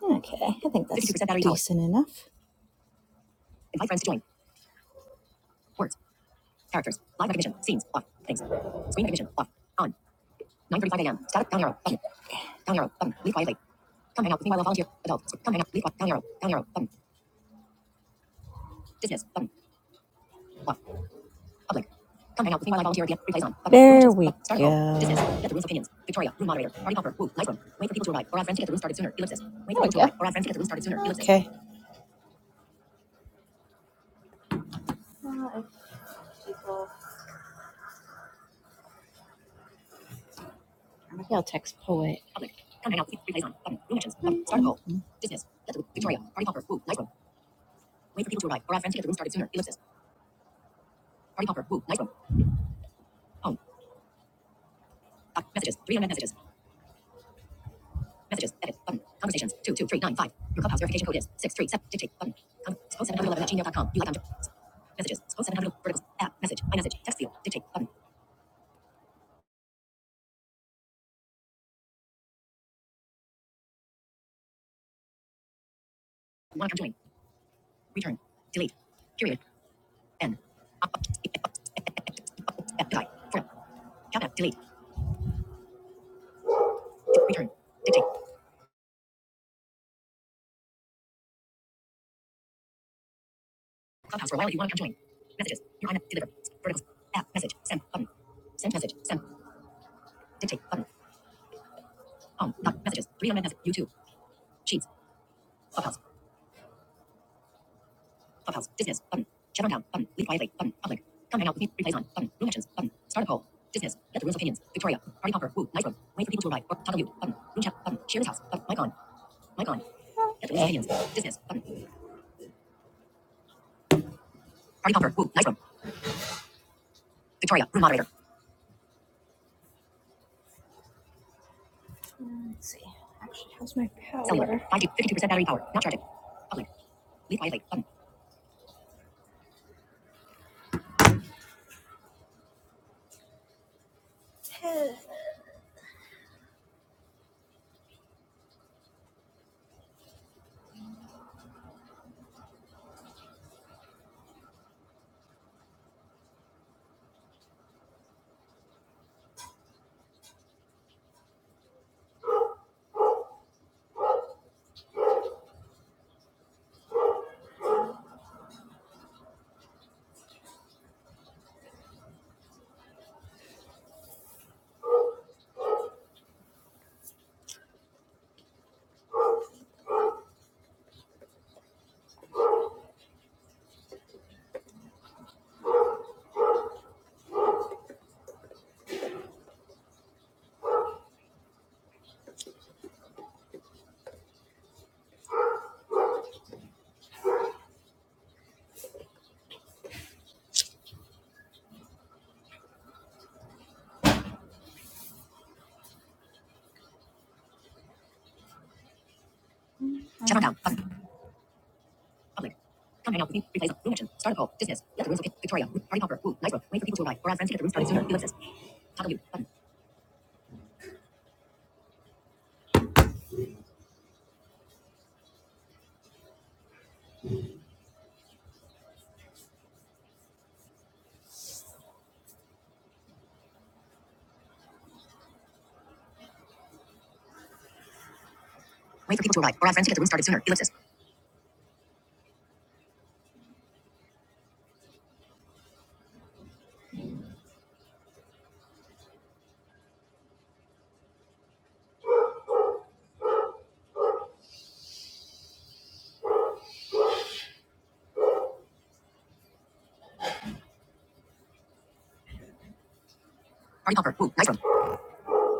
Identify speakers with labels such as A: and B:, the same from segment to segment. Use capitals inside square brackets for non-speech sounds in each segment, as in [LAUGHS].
A: Okay, I think decent enough. Okay. Maybe I'll text poet. Let's see. Actually, how's my power?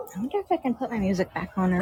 A: I wonder if I can put my music back on or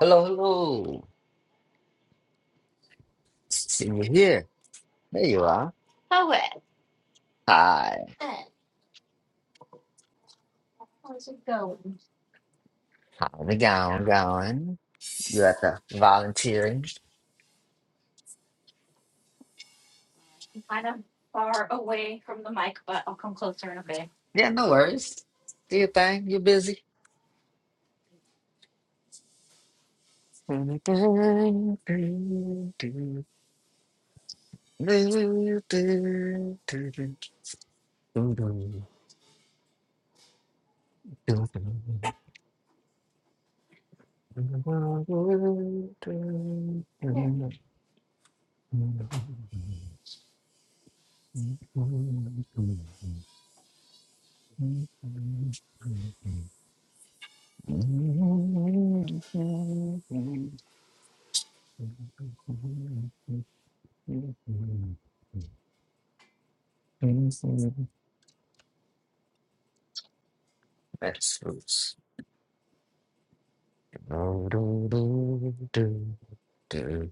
B: Hello, hello. See you here. There you are.
A: Oh,
B: Hi.
A: hey, how's it going?
B: How's it going? Going? You at the volunteering?
A: I'm Kind of far away from the mic, but I'll come closer in a bit.
B: Yeah, no worries. Do your thing. You're busy.
A: Here.
B: [LAUGHS] That's loose. Do, do, do, do, do.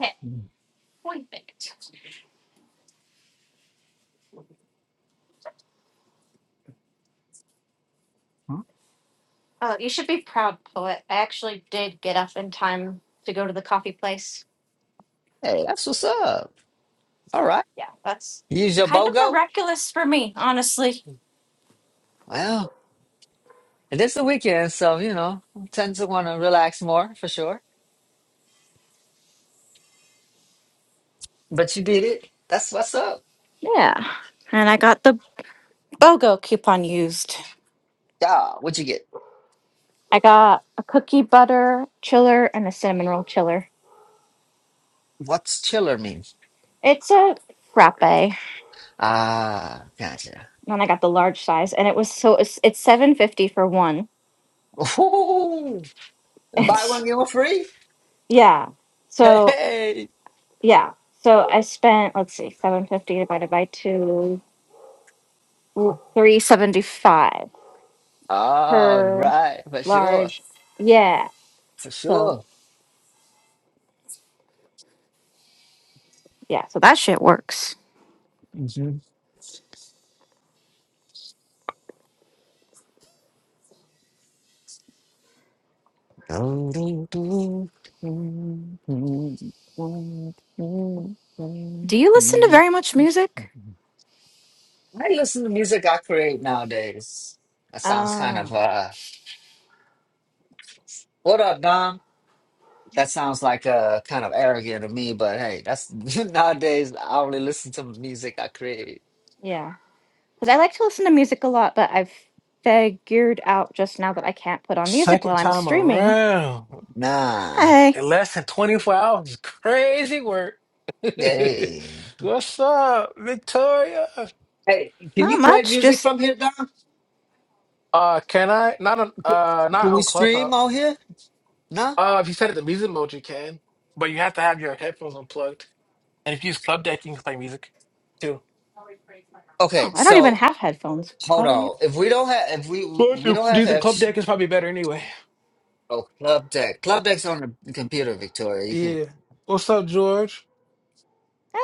A: Okay. Appointment. Oh, you should be proud, poet. I actually did get up in time to go to the coffee place.
B: Hey, that's what's up. All right.
A: Yeah, that's
B: Use your
A: kind of
B: BOGO?
A: miraculous for me, honestly.
B: Well, it is the weekend, so, you know, I tend to want to relax more for sure. But you did it. That's what's up.
A: Yeah. And I got the BOGO coupon used.
B: Yeah, what'd you get?
A: I got a cookie butter chiller and a cinnamon roll chiller.
B: What's chiller mean?
A: It's a frappe. And
B: Ah, gotcha.
A: I got the large size and it was so it's, it's 750 for one. [LAUGHS]
B: Ooh, buy one
A: It's
B: get one free.
A: yeah. So,
B: Hey,
A: yeah. So I spent let's see 750 divided by 2. three seventy five
B: all
A: per
B: right, for sure,
A: large. Yeah.
B: for
A: So
B: sure.
A: yeah, so that shit works.
B: Mhm.
A: Do you listen to very much music?
B: I listen to music I create nowadays. That sounds kind
A: Ah.
B: of uh, what up, Dom? That sounds like uh, kind of arrogant to me, but hey, that's [LAUGHS] nowadays I only listen to music I create.
A: Yeah, because I like to listen to music a lot, but I've figured out just now that I can't put on music while
C: Second
A: I'm
C: time
A: streaming.
C: around
B: Nah,
A: Hey,
C: in less than 24 hours. is Crazy work. [LAUGHS]
B: hey.
C: What's up, Victoria?
B: Hey, can
A: not
B: you play
A: much.
B: music
A: Just
B: from here, Dom?
C: Uh, can I? Not on,
B: Can
C: uh,
B: can
C: not
B: we
C: on Clubhouse.
B: stream out here? No.
C: Uh, if you set it to music mode, you can, but you have to have your headphones unplugged. And if you use Club Deck, you can play music too.
A: oh,
B: Okay,
A: I don't even
B: so
A: have headphones.
B: hold
A: How do you?
B: on. If we don't have, if we
C: But
B: we
C: you-
B: don't have
C: using Club
B: F.
C: Deck is probably better anyway.
B: Oh, Club Deck. Club Deck's on the computer, Victoria. You can.
C: Yeah. What's up, George?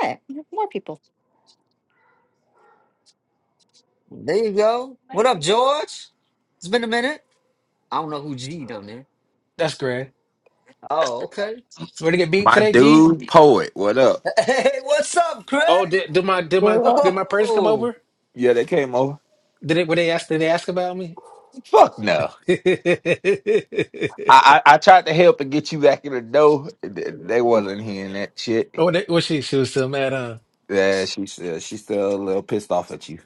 A: Hey, there's more people.
B: There you go. What up, George? It's been a minute. I don't know who G down there.
C: That's great.
B: Oh, okay.
C: Ready to get beat
D: My
C: today, G?
D: dude, poet, what up?
B: [LAUGHS] Hey, what's up, Craig?
C: Oh, did, did my did my
D: What up?
C: did my person come
B: Whoa.
C: over?
D: Yeah, they came over.
C: Did it? Were they ask? Did they ask about me?
D: Fuck no.
C: [LAUGHS] oh,
D: I, I I tried to help and get you back in the door. Th- They wasn't hearing that shit.
C: that, was she? She was still mad, huh?
D: Yeah, she said she's still a little pissed off at you.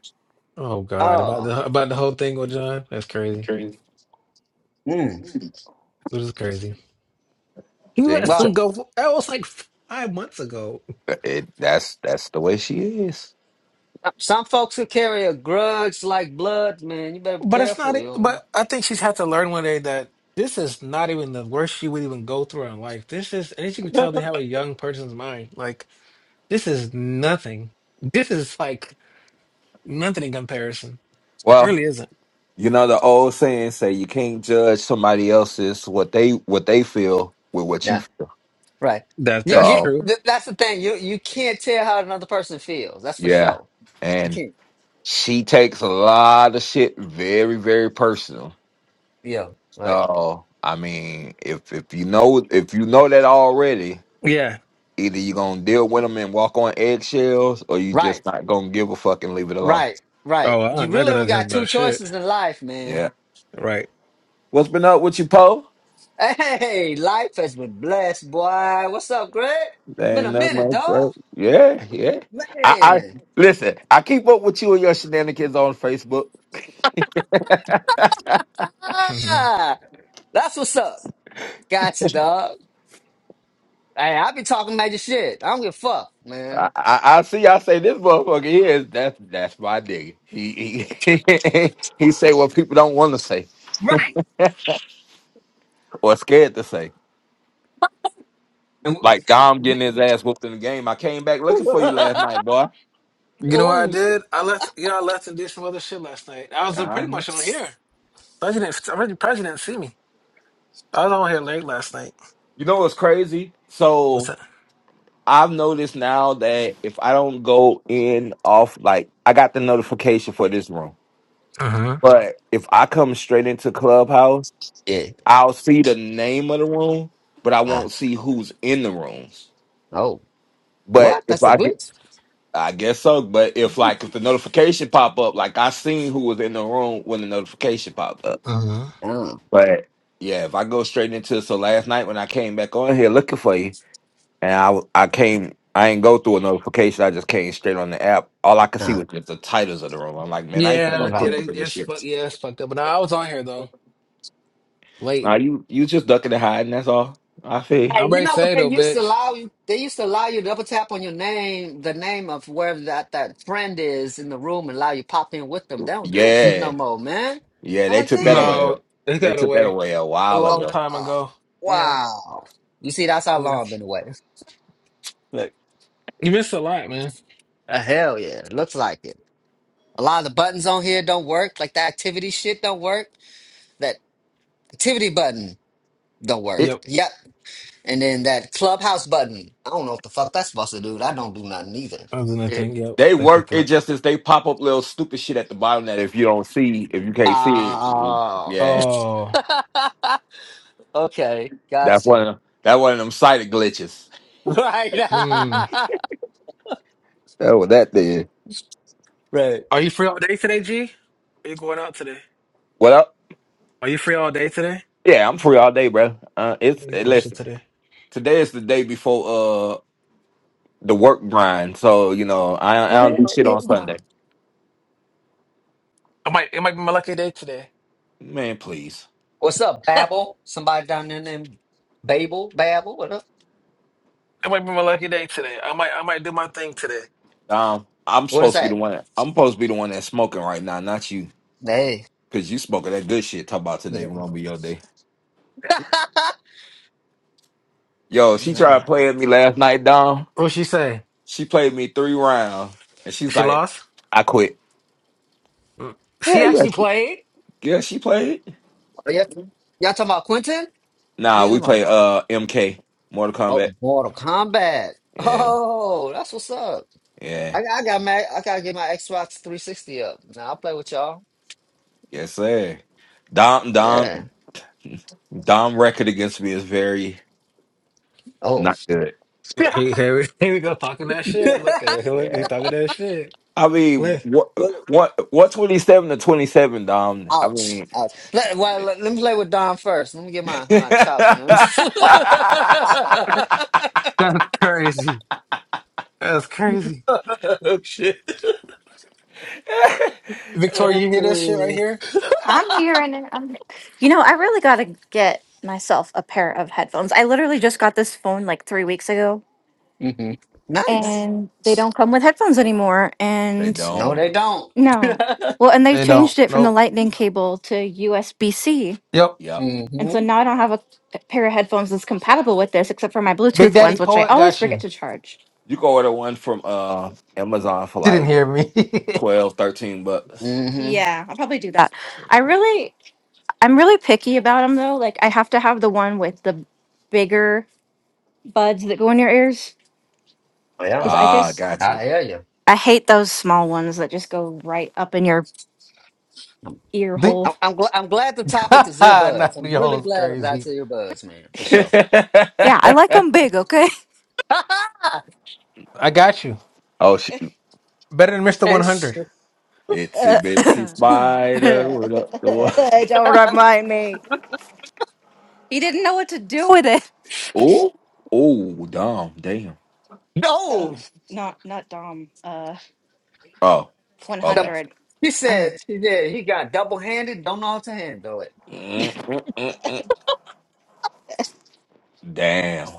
C: Oh God, about
B: Oh.
C: the about the whole thing with John. That's crazy.
B: Mm.
C: This is crazy. You
D: She
C: let
D: ain't
C: him
D: so-
B: Well,
C: go. For, that was like five months ago.
D: it, that's that's the way she is.
B: some folks will carry a grudge like blood, man. You better be
C: But it's not.
B: careful,
C: e,
B: yo.
C: But I think she's had to learn one day that this is not even the worst she would even go through in life. This is, and as you can tell, they have a young person's mind. Like this is nothing. This is like nothing in comparison. It really
D: Well,
C: isn't.
D: you know the old saying say you can't judge somebody else's what they what they feel with what
B: Nah,
D: you feel.
B: Right.
C: That
B: You,
C: that's
B: you
D: So
C: true.
B: th- that's the thing. You you can't tell how another person feels. That's for
D: yeah,
B: sure. You
D: and
B: can't.
D: she takes a lot of shit very very personal
B: Yeah. Right.
D: So I mean, if if you know if you know that already,
C: Yeah.
D: either you're gonna deal with them and walk on eggshells, or you
B: Right.
D: just not gonna give a fuck and leave it alone.
B: Right. Right.
C: Oh,
B: You
C: I'm not
B: really only
C: gonna
B: got two
C: about shit.
B: choices in life, man.
D: Yeah.
C: Right.
D: What's been up with you, Poe?
B: Hey, life has been blessed, boy. What's up, Greg? Been
D: Ain't
B: a
D: nothing
B: minute,
D: much,
B: dog.
D: bro. Yeah, yeah. I, I
B: Man.
D: listen. I keep up with you and your shenanigans on Facebook.
C: Mhm.
B: Ah, that's what's up. Gotcha, dog. Hey, I be talking major shit. I don't give a fuck, man.
D: I, I, I see. I say this motherfucker he is that's that's my nigga. He he [LAUGHS] he say what people don't want to say
B: Right.
D: or scared to say.
B: And-
D: Like Dom getting his ass whooped in the game. I came back looking for you
B: [LAUGHS]
D: last night, boy.
C: You know what I
B: oh, shit.
C: did? I left. You know, I left and did some other shit last night. I was uh, pretty
D: Alright.
C: much on here. Thought you didn't. I really probably didn't see me. I was on here late last night.
D: You know what's crazy?
C: What's
D: So
C: that?
D: I've noticed now that if I don't go in off, like I got the notification for this room,
C: Uh huh.
D: but if I come straight into Clubhouse,
B: Yeah.
D: I'll see the name of the room, but I
B: Ah.
D: won't see who's in the rooms.
B: oh.
D: But
B: What?
D: if
B: That's a
D: I get,
B: glitch?
D: I guess so. But if like if the notification pop up, like I seen who was in the room when the notification popped up.
C: Uh huh.
B: Uh,
D: But yeah, if I go straight into so last night when I came back on here looking for you, and I w- I came I ain't go through a notification. I just came straight on the app. All I could see
B: uh,
D: was just the titles of the room. I'm like, man, I ain't gonna
C: Yeah,
D: go
C: yeah,
D: click
B: like,
C: they,
D: for this
C: it's
D: shit.
C: fuck. Yeah, it's fucked up. But nah, I was on here though. Late.
D: Nah, you you just ducking and hiding. That's all. I feel.
B: hey,
C: I'm
B: you
C: ready to
B: know what
C: say
B: they
C: though,
B: used to
C: bitch.
B: allow you? They used to allow you to double tap on your name, the name of wherever that, that friend is in the room, and allow you pop in with them. They don't do that shit no
D: Yeah,
B: more, man.
D: yeah.
B: I'm
D: They
B: like,
D: took that away.
B: damn.
C: No, it
D: They
C: got
D: took that
C: away
D: away a
C: a
D: while
C: long
D: ago.
C: time
B: Oh,
C: ago. Yeah,
B: wow. You see, that's how
C: yeah.
B: long I've been away. Look,
C: You missed a lot, man.
B: uh, hell yeah, looks like it. A lot of the buttons on here don't work. Like the activity shit don't work. That activity button don't work.
D: It
C: Yep.
B: Yep, And then that clubhouse button. I don't know what the fuck that's supposed to do. I don't do nothing either.
C: That was another
D: it
C: thing. Yep.
D: they
C: They
D: work.
C: fucked it
D: It
C: up.
D: just is they pop up little stupid shit at the bottom that if you don't see, if you can't see it, it-
B: Oh.
D: yeah,
C: Oh.
B: [LAUGHS] okay. Got
D: that's
B: you.
D: one of
B: [LAUGHS]
D: them, that one of them sighted glitches.
B: Right.
C: Hmm.
D: Oh, that then.
B: [LAUGHS] right.
C: Are you free all day today, G? Are you going out today?
D: Well, I-
C: Are you free all day today?
D: yeah, I'm free all day, bro. Uh,
C: How
D: it's
C: you
D: eh,
C: doing shit
D: listen.
C: today?
D: Today is the day before uh the work grind, so you know I,
C: [LAUGHS]
D: I don't do shit on Sunday.
C: I might it might be my lucky day today.
D: Man, please.
B: What's up, Babel? Somebody down there named Babel? Babel? What up?
C: It might be my lucky day today. I might I might do my thing today.
D: Um, I'm
B: What is
D: supposed to be the
B: that?
D: one. I'm supposed to be the one that's smoking right now, not you,
B: Hey.
D: because you smoking that good shit. Talk about
B: You
D: today
B: know.
D: gonna be your day.
B: [LAUGHS]
D: Yo,
B: you
D: she
B: don't know.
D: tried playing me last night, Dom.
C: What she say?
D: She played me three rounds, and she's
C: She
D: like,
C: lost?
D: "I quit."
C: Mm. She
D: Yeah,
C: actually
D: yes,
C: played?
D: yeah. She played.
B: Oh, yeah. Y'all talking about Quentin? What
D: Nah,
B: you
D: we
B: talking about?
D: play uh MK Mortal
B: Oh,
D: Kombat.
B: Mortal Kombat. [LAUGHS]
D: Yeah,
B: Oh, that's what's up.
D: yeah.
B: I, I got my I gotta get my Xbox 360 up. Now I'll play with y'all.
D: Yes, sir. Dom Dom
B: Yeah.
D: Dom record against me is very
B: Oh.
D: not good.
B: [LAUGHS]
C: Here, here we [LAUGHS] here we go talking that shit. Look at her. Look, he
D: Yeah.
C: talking that shit.
D: I mean,
C: Look.
D: what
B: well,
D: what what twenty seven to twenty seven, Dom? I
B: ouch,
D: mean,
B: ouch. Let, well, let, let me play with Don first. Let me get my my chops in him. [LAUGHS]
D: [LAUGHS]
C: That's crazy. That's crazy.
B: oh shit.
C: Victoria, you hear this shit right
B: hmm
C: here?
A: I'm here and then I'm. You know, I really gotta get myself a pair of headphones. I literally just got this phone like three weeks ago
B: [LAUGHS] Nice.
A: and they don't come with headphones anymore.
D: they
A: And
B: No, they
D: don't.
B: don't. [LAUGHS]
A: no, well, and they've
C: They don't.
A: changed it from the
C: Nope.
A: lightning cable to USB C.
C: Yep.
D: Yep.
A: And so
B: mm-hmm.
A: now I don't have a pair of headphones that's compatible with this, except for my
C: Big
A: Bluetooth
C: Daddy
A: ones, which I
C: Poet
A: always
C: got
A: forget
C: you.
A: to charge.
D: You can order one from uh Amazon for
C: She didn't
D: like
C: hear me. [LAUGHS]
D: 12, 13 bucks.
B: Mm-hmm.
A: Yeah, I'll probably do that. I really, I'm really picky about them though. Like I have to have the one with the bigger buds that go in your ears
B: Yeah,
A: because I
D: Ah,
A: just
D: gotcha.
B: I hear you.
A: I hate those small ones that just go right up in your ear
C: Big
B: I'm
A: hole.
B: I'm, gl- I'm glad the topic is
C: [LAUGHS]
B: earbuds. I'm really
C: Nadiola's
B: glad about
C: crazy.
B: earbuds, man,
D: [LAUGHS]
B: for sure.
A: Yeah, I like them big. Okay. [LAUGHS]
B: [LAUGHS]
C: I got you.
D: oh, she,
C: Better than Mr.
B: and
C: 100.
D: itsy bitsy spider. What up, the one?
B: [LAUGHS]
A: Hey, He didn't know what to do with it.
D: Oh, oh, damn, damn.
B: no, [LAUGHS]
D: Oh,
B: The-
D: okay.
B: She
A: Oh,
B: said she did. He got double handed, don't know how to handle it.
D: Mm, mm, mm, mm. Damn,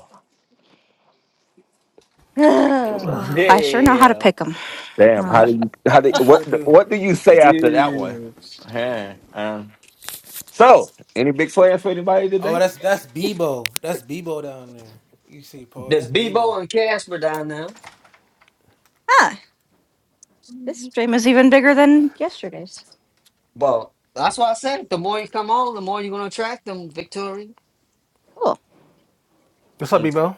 A: [SIGHS] ugh, I sure know how to
B: Damn,
A: pick them.
D: damn.
A: ah,
D: How
C: You
D: do you? How do?
C: you
D: What?
C: sure do.
D: What do you say after that one?
B: dude.
D: Huh, um, so, any big plans for anybody
C: Oh,
D: today?
C: that's that's Bebo. That's Bebo down there. You see, Paul.
B: There's
C: That's Bebo.
B: Bebo and Casper down there.
A: this
E: Mm,
A: stream is even bigger than yesterday's.
B: Well, that's why I said the more you come on, the more you're gonna attract them, Victoria.
A: Cool.
C: What's up,
D: Mm,
C: Bebo?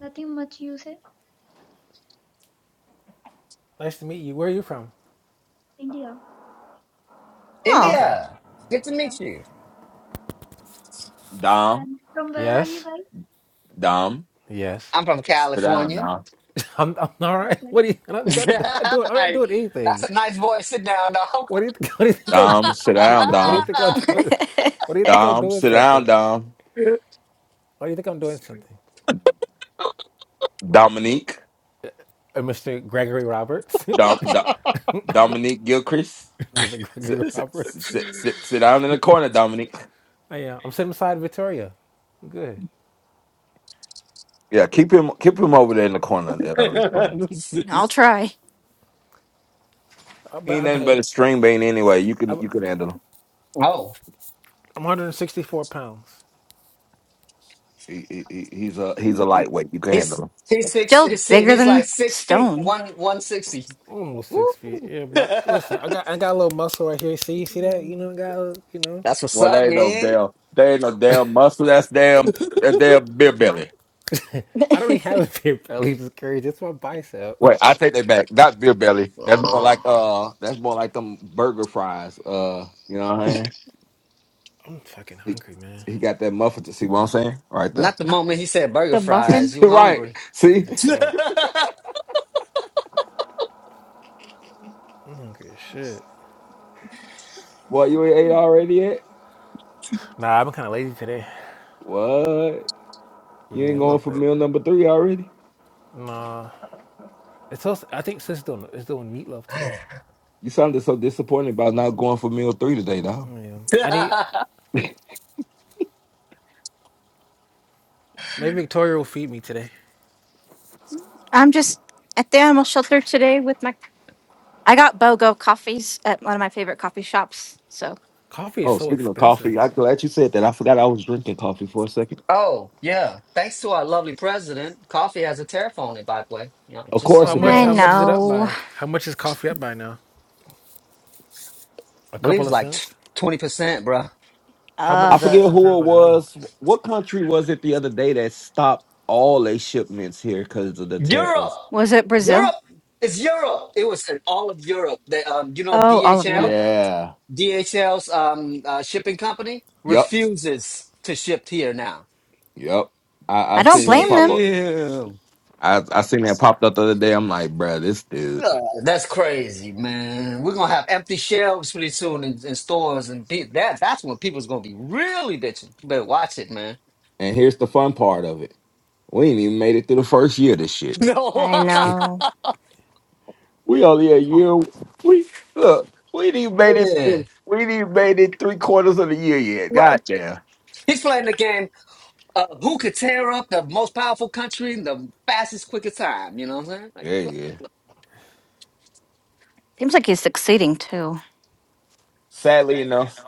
E: nothing much you said.
C: Nice to meet you. Where are you from?
E: India.
A: Oh,
C: Okay.
B: India. Good to
E: Yeah.
B: meet you.
D: Dom,
E: And from where are you
C: Yes.
E: guys?
D: Dom,
C: Yes.
B: I'm from
D: sit down,
B: California. [LAUGHS]
D: Dom.
C: [LAUGHS] I'm, I'm all right.
E: Okay.
C: What do you? I'm not, not doing. I'm not
B: Like,
C: doing
B: that's
C: anything.
B: a nice voice. Sit down, dog.
C: What do you? Think, [LAUGHS] what do you think I'm?
D: Dom,
C: do-
D: sit
C: What,
D: down,
C: what do you
D: Dom.
C: think I'm doing? What do you think I'm
D: Dom,
C: doing?
D: sit down,
C: Something.
D: Dom.
C: Why do you think I'm doing something?
D: Dominique,
C: Uh, Mr. Gregory Roberts.
D: Dom, Dom Dominique Gilchrist.
C: [LAUGHS] Mr. Gregory
D: Sit, sit, sit,
C: Roberts.
D: sit, sit, sit down in the corner, Dominique.
C: I am. I'm sitting beside Victoria. I'm good.
D: Yeah, keep him, keep him over there in the corner. uh, in other
B: [LAUGHS]
D: corner.
A: I'll try.
C: I,
D: He
C: but
D: ain't
C: I
D: nothing
C: pay.
D: but a string bean anyway. You
C: I,
D: can, you can
C: I'm
D: handle him.
B: oh.
C: 164 pounds.
D: He, he, he- he's a, he's a lightweight. You can
B: He's
D: handle him.
B: he's
A: It's
B: six
A: still
B: he's, six-
A: bigger
B: he's like
A: than
B: six feet,
A: Stone.
B: one one sixty.
C: Almost six feet.
B: Woo!
C: Yeah, but
B: [LAUGHS]
C: listen, I got I got a little muscle right here. See, see that? You know, I got a little- you know.
B: That's what's
D: Well,
B: up,
D: there ain't no
B: man.
D: damn, there ain't no damn muscle. That's damn, that damn beer belly.
A: [LAUGHS]
C: I don't even have a big belly. It's crazy. It's my bicep.
D: Wait,
C: [LAUGHS]
D: I take that back. Not beer belly. That's more
B: Uh,
D: like, uh, that's more like them burger fries. Uh, you know what I mean?
C: I'm fucking
D: He,
C: hungry, man.
D: he got that muffin to see what I'm saying? Right there.
B: not the moment he said burger
A: Muffin.
B: fries.
D: [LAUGHS]
B: You
D: right.
B: hungry?
D: See?
C: Hungry as
B: [LAUGHS]
C: fuck. I'm hungry as shit.
D: What you ain't ate already yet?
C: Nah, I've been kind of lazy today.
D: What?
C: Yeah,
D: You ain't
C: a little
D: going for
C: bit.
D: meal number three already?
C: Nah, it's also. I think sis doing is doing meatloaf today.
D: You sounded so disappointed about not going for meal three today, dog.
C: Yeah, I need.
D: [LAUGHS]
C: Maybe Victoria will feed me today.
A: I'm just at the animal shelter today with my. I got BOGO coffees at one of my favorite coffee shops. So
C: Coffee is
D: oh,
C: so
D: speaking of
C: expensive.
D: coffee, I'm glad you said that. I forgot I was drinking coffee for a second.
B: oh, yeah. Thanks to our lovely president, coffee has a tariff on it, by the way. You know,
D: Of
B: just
D: course
C: How
B: so
D: it
B: you
C: much?
B: know.
A: I
C: How
D: does.
C: much is it up
A: know.
C: by? How much is coffee up by now? A
B: I believe
C: couple
B: it's
C: of
B: like
C: cents.
B: 20%, bro.
C: How much
A: Uh,
D: I
C: is that
D: forget
C: in terms
D: who
C: of
D: it
C: like money?
D: was. What country was it the other day that stopped all their shipments here because of the
B: Europe!
D: tariffs?
A: was it Brazil?
B: Europe! It's Europe! It was in all of Europe. That um, You know
A: Oh, all of
B: DHL?
A: Europe.
D: Yeah.
B: DHL's um, uh, shipping company
D: Yep.
B: refuses to ship here now.
D: Yep. I,
A: I
D: I
A: don't
D: seen that
A: blame
D: pop
A: them.
D: up.
B: Damn.
D: I I seen that popped up the other day. I'm like, bruh, this dude.
B: God, that's crazy, man. We're gonna have empty shelves pretty soon in, in stores, and pe- that that's when people's gonna be really bitching. You better watch it, man. [LAUGHS]
D: And here's the fun part of it: we ain't even made it through the first year. of This shit.
B: No,
A: I
D: [LAUGHS]
A: know.
D: We only a year. We look. We ain't even
B: [LAUGHS]
D: made it. We
B: man.
D: ain't even made it three quarters of the year yet.
B: right?
D: Goddamn.
B: He's playing the game. Uh, who could tear up the most powerful country in the fastest, quickest time? You know what I'm saying? Like,
D: Yeah, yeah.
A: Seems like he's succeeding too.
D: Sadly enough,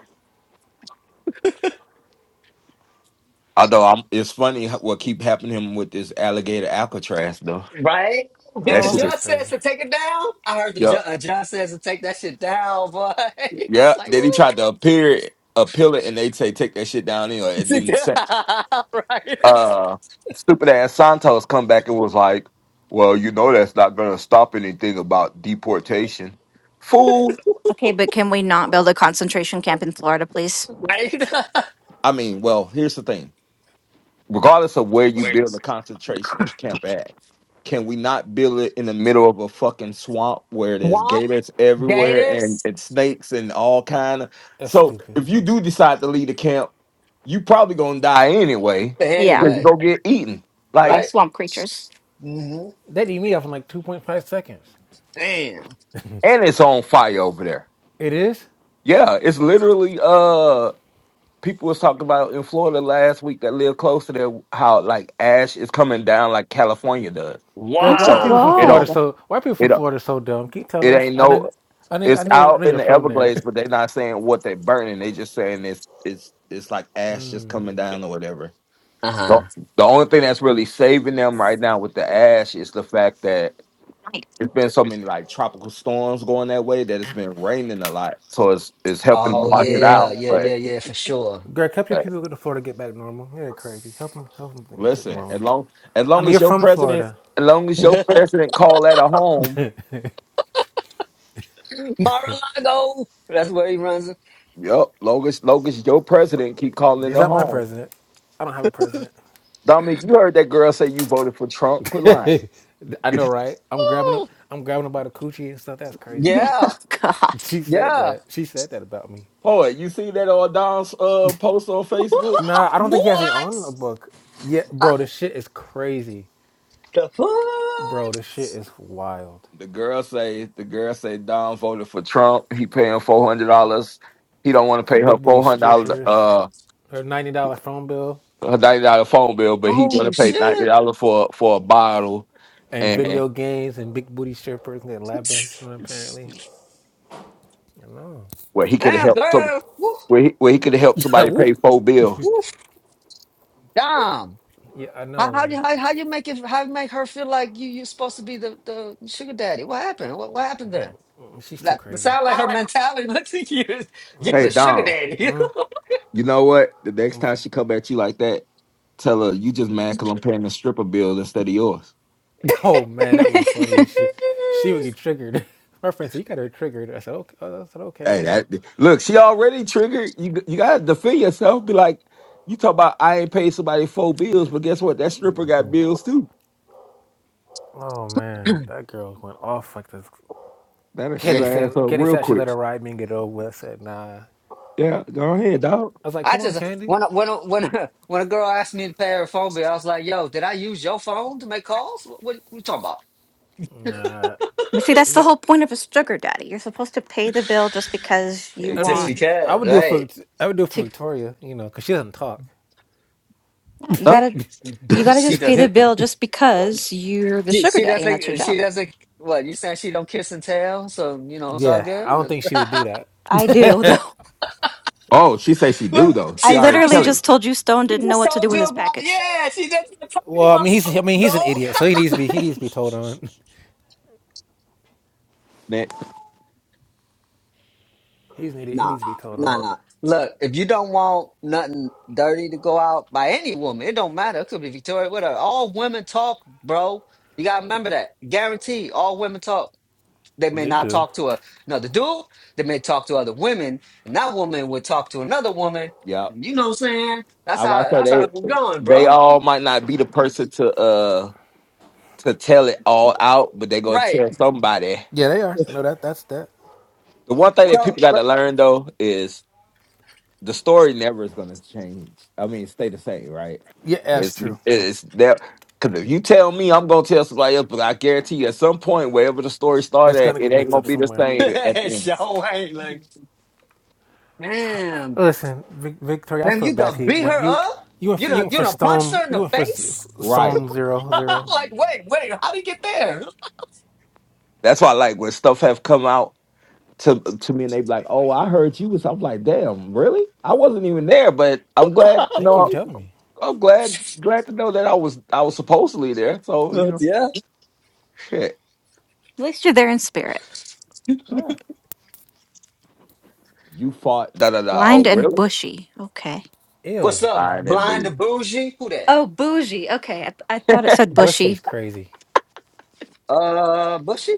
D: although I'm, it's funny how- what keep happening with this alligator Alcatraz though.
B: right? [LAUGHS] Then
D: That
B: the
C: Yeah,
D: shit is.
C: that's
B: judge says
C: crazy.
B: to take it down. I heard the ju-
D: Yeah,
B: uh, judge says to take that shit down, boy. [LAUGHS] I was
D: yeah.
B: like,
D: Then he
B: ooh,
D: tried to appear appeal it, and they say take that shit down. Anyway, it didn't. uh stupid ass Santos come back and was like, Well, you know that's not gonna stop anything about deportation. Fool.
A: Okay, but can we not build a concentration camp in Florida, please?
B: [LAUGHS] right, [LAUGHS] right.
D: I mean, well, here's the thing. Regardless of where you build a concentration
B: [LAUGHS]
D: camp at, can we not build it in the middle of a fucking swamp where there's
B: Womp,
D: gators everywhere and,
B: Gators.
D: and snakes and all kind of
C: That's
D: so
C: stupid.
D: if you do decide to leave the camp, you probably gonna die anyway.
B: But
A: Yeah,
D: Because you
B: anyway,
D: go get eaten.
A: by
D: Like
B: right?
A: swamp creatures.
B: hmm
C: That eat me off in like two point five seconds.
B: Damn.
D: and it's on fire over there.
C: It is.
D: Yeah, it's literally uh people was talking about in Florida last week that live close to there how like ash is coming down like California does.
C: Greg, why are
D: So
C: people from
D: it
C: Florida
D: don't
B: Wow.
C: so? Why are people from
D: it don't-
C: Florida so dumb? Can you tell
D: it
C: us?
D: ain't
C: I know.
D: no
C: I know. I
D: it's
C: know. I
D: out
C: know
D: in
C: you're
D: the
C: from there.
D: Everglades, but they're not saying what they're burning. They just saying it's it's it's like ash just coming down or whatever.
B: Uh huh.
D: So the only thing that's really saving them right now with the ash is the fact that it's been so many like tropical storms going that way that it's been raining a lot. So it's it's helping to
B: Oh
D: wash it
B: yeah,
D: out.
B: yeah, yeah,
D: But
B: yeah, for sure.
C: [LAUGHS] Greg, help your people go to Florida get back normal. They're crazy. Help them. Help them get
D: Listen, as
C: normal.
D: long as
C: I
D: long
C: mean,
D: as
C: you're
D: your
C: from
D: president,
C: Florida.
D: as long
B: [LAUGHS]
D: as your president call that a home,
B: Mar-a-Lago. That's where he runs.
D: yep. Long as long as your president keep calling it
C: He's
D: a
C: not my
D: home.
C: president. I don't have a president.
D: Dominic, you heard that girl say you voted for Trump. Quit lying. [LAUGHS]
C: [LAUGHS] I know, right? I'm grabbing. him-
B: Ooh,
C: I'm grabbing him by the coochie and stuff. That's crazy
A: [LAUGHS]
C: work.
B: yeah,
A: oh,
C: [LAUGHS]
A: God.
C: She said
B: yeah.
C: that. She said that about me.
D: Boy, you see that on Don's uh, post on
B: [LAUGHS] what?
D: Facebook?
C: Nah, I don't think he has it on the book. Yeah,
B: Uh,
C: bro, the shit is crazy.
B: The
C: Bro,
B: fuck?
C: the shit is wild.
D: The girl say the girl say Don voted for Trump. He paying four hundred dollars. He don't want to
C: For
D: pay her
C: big booty
D: four hundred dollars
C: strippers,
D: uh
C: her ninety dollar phone bill
D: her ninety dollar phone bill, but he want
B: Oh
D: to pay ninety
B: shit!
D: dollars for for a bottle
C: and
D: and.
C: video games and big booty strippers and lap dance from
D: it's-
C: apparently. I know.
D: Well, he could have
B: Damn,
D: helped. So
B: girl. Woof,
D: where he, where he could help
C: [LAUGHS]
D: somebody
C: Woo.
D: pay four bills.
B: woof. Damn.
C: Yeah, I
B: How,
C: know,
B: how you
C: man.
B: how, how you make it? How you make her feel like you you supposed to be the, the sugar daddy? What happened? What what happened there?
C: Mm, She's too
B: That
C: crazy.
B: sound like her mentality. [LAUGHS] Look at you. You
D: Hey
B: the sugar
D: Dom,
B: daddy.
D: you know what? The next
C: What's
D: time
C: up?
D: she
C: [LAUGHS]
D: come at you like that, tell her you just mad because I'm paying the stripper bill instead of yours.
C: Oh man, that would be funny as shit. She would get triggered. [LAUGHS] My friend said you got her triggered. I said okay. I said okay. Oh
D: Hey, that
C: well.
D: look, she already triggered. You you gotta defend yourself. Be like, you talk about I ain't paid somebody four bills, but guess what? That stripper got bills too.
C: Oh man, that girl went off like this.
D: That'll
B: [LAUGHS]
D: shut
C: Candy
D: her
B: Man.
C: said,
D: ass up
C: Candy
D: real
C: said she let
D: quick.
C: her ride me and get it over with. I said, nah. I
D: Yeah, go ahead, dog.
C: was like,
B: I
C: come on,
B: just
C: Candy.
B: when a- when a- when a- when a girl asked me to pay her phone bill, I was like, "Yo, did I use your phone to make calls? What, what, you talking about?"
C: Nah.
A: But see, that's
C: You
A: the
C: get,
A: whole point of a sugar daddy. You're supposed to pay the bill just because you
D: Eh,
C: I
B: Just
A: want
C: mean, I
B: because,
C: would do it for,
B: right?
C: I would do it for
A: to.
C: Victoria, you know, because she doesn't talk.
A: yeah, You
C: [LAUGHS]
D: uh,
A: gotta, you gotta
B: She
A: just pay the
B: doesn't. Huh?
A: bill just because you're the
B: She,
A: sugar
B: she
A: daddy and that's your
B: doesn't.
A: job.
B: She doesn't. What you saying? She don't kiss and tell, so you know it's all
C: yeah, I don't
B: good.
C: think
B: [LAUGHS]
C: she would do
A: I do, [LAUGHS]
C: that.
A: though.
D: oh, she say she
B: what
D: do though.
A: I
D: She
B: she
D: already
B: do?
A: literally
D: tell
B: She,
D: him.
A: just told you Stone
B: she
A: didn't know
B: just
A: what to do
B: told
A: with
B: you
A: his
B: about.
A: package.
B: Yeah, she just
C: [LAUGHS]
B: told you
C: well, I
B: about
C: mean, he's, I mean,
B: phone
C: he's an
B: dog.
C: idiot, so he needs to be, he needs to be told on. [LAUGHS]
D: Next.
C: He's an idiot. He
B: Nah,
C: needs to be told
B: nah,
C: on.
B: nah. Look, if you don't want nothing dirty to go out by any woman, it don't matter. It could be Victoria, whatever. All women talk, bro. You gotta remember that. Guaranteed, all women talk. They may
C: They
B: not
C: do.
B: talk to a- another dude. They may talk to other women, and that woman would talk to another woman.
D: Yep.
B: And you know what I'm saying? That's
D: I
B: how
D: was about
B: that's how
D: to
B: we're
D: say they
B: going,
D: they
B: bro.
D: all might not be the person to uh to tell it all out, but they gonna
B: Right.
D: tell somebody.
C: Yeah, they are. No, that, that's that.
D: The one thing that
B: So,
D: people got to
B: but
D: learn though is the story never is gonna change. I mean, stay the same, right?
C: Yeah, that's
D: It's
C: true.
D: it's that because if you tell me, I'm gonna tell somebody else, but I guarantee you, at some point, wherever the story
C: It's
D: started, at,
C: gonna get
D: it ain't
C: mixed
D: gonna
C: up
D: be the
C: somewhere.
D: same at
B: [LAUGHS]
D: the end.
B: so ain't like, damn,
C: Listen, Vic- Victoria, I
B: damn,
C: feel
B: you
C: bad
B: done
C: for you.
B: beat
C: When
B: her
C: you
B: up.
C: you went
B: You
C: for, you
B: done
C: went
B: you
C: for
B: done punched
C: stone,
B: her in
C: you
B: the
C: went for s-
B: face.
D: Right.
C: stone zero
B: [LAUGHS]
C: zero.
B: like, wait, wait, how'd he get there?
D: That's why, like when stuff have come out to to me, and they be like, "Oh, I heard you was." I'm like, "Damn, really? I wasn't even there, but I'm
B: [LAUGHS]
D: glad. You
C: Thank you for
D: know,
C: telling me.
D: I'm glad glad to know that I was I was supposedly there. So you
B: But
D: know,
B: yeah.
D: shit.
A: At least you're there in spirit.
D: Yeah. You fought da da da. Oh,
A: Lined and
D: really?
A: bushy. Okay.
B: What's
C: Ew,
B: up,
D: Fine and
B: blind to
D: boo.
B: bougie? Who that?
A: Oh, bougie. Okay. I, th- I thought it said
C: Bushy is
A: bushy.
C: crazy.
B: Uh, Bushy?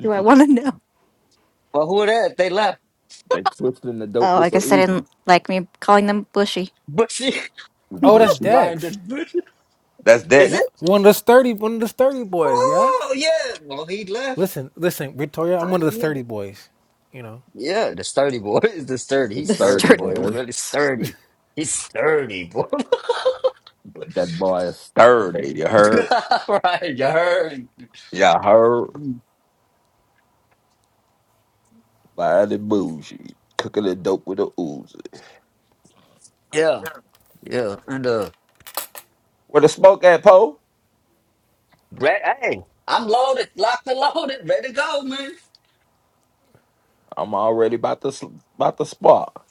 A: Do I want to know?
B: Well, who that? They left.
D: They twisting the dope
A: Oh, I
D: with the
A: guess I
D: Uzi.
A: didn't like me calling them bushy.
B: Bushy,
C: Oh, that's
B: [LAUGHS]
D: Bushy.
B: blind to
C: Dex.
B: bougie.
D: That's
B: Is
D: Dex.
B: it?
C: What one of the sturdy one of the sturdy boys? Yeah.
B: Oh, yeah. Well, he left.
C: Listen, listen, Victoria,
B: I
C: I'm one of the
B: didn't know.
C: sturdy boys. You know,
B: Yeah, the sturdy boy [LAUGHS] is the sturdy. He's
D: It's thirty,
B: sturdy, boy. He's
D: boy.
B: really sturdy. He's sturdy, boy. [LAUGHS]
D: That boy is thirty. You heard?
B: [LAUGHS] right, you heard.
D: Yeah, I heard.
B: Mm,
D: Fine and bougie. Cooking the dope with the Uzi.
B: Yeah, yeah. And uh,
D: Where the smoke at, Poe?
B: Re- hey, I'm loaded, locked and loaded, ready to go, man.
D: I'm already about to sl- about to spark.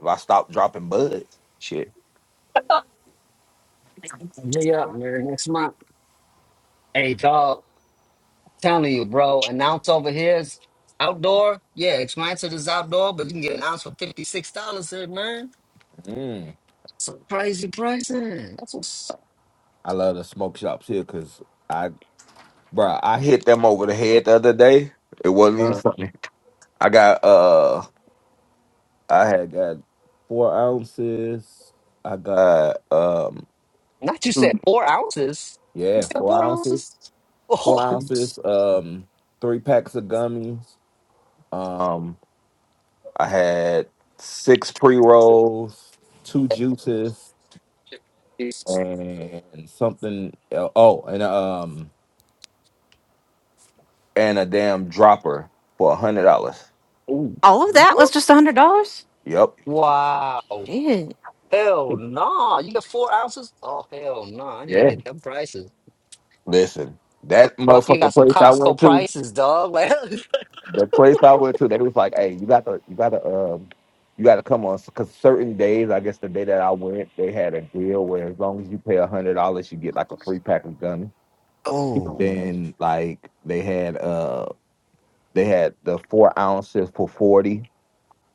D: If I stop dropping buds, shit.
B: me up, man. Next month. Hey, dog. Telling you, bro. Announce over here is outdoor. Yeah, expansion is outdoor, but you can get an ounce for fifty six dollars here, man.
D: Mm.
B: Some crazy pricing. That's what's up.
D: I love the smoke shops here because I, bruh, I hit them over the head the other day. It wasn't even
B: Uh,
D: funny. I got uh, I had got four ounces. I got um,
B: not you said
D: Mm.
B: four ounces. You
D: yeah,
B: said
D: four
B: four
D: ounces,
B: ounces. [LAUGHS]
D: four
B: Oh,
D: ounces, um, three packs of gummies. Um, I had six pre rolls, two juices,
B: Jesus.
D: and something. el- Oh, and um, and a damn dropper for a hundred dollars.
B: Ooh.
A: All of that was just a hundred dollars.
D: Yep.
B: Wow.
A: Shit.
B: Hell no. You get four ounces? Oh hell no. I need to
D: Yeah.
B: get them prices.
D: Listen,
B: What
D: that
B: fuck? You got
D: motherfucking
B: some
D: place I
B: Costco
D: went to,
B: prices, dog. Like,
D: the place I went to, they was like, "Hey, you got to, you got to, um, you got to come on." Because certain days, I guess the day that I went, they had a deal where as long as you pay a hundred dollars, you get like a free pack of gum.
B: [LAUGHS] oh,
D: Then like they had, uh, they had the four ounces for forty.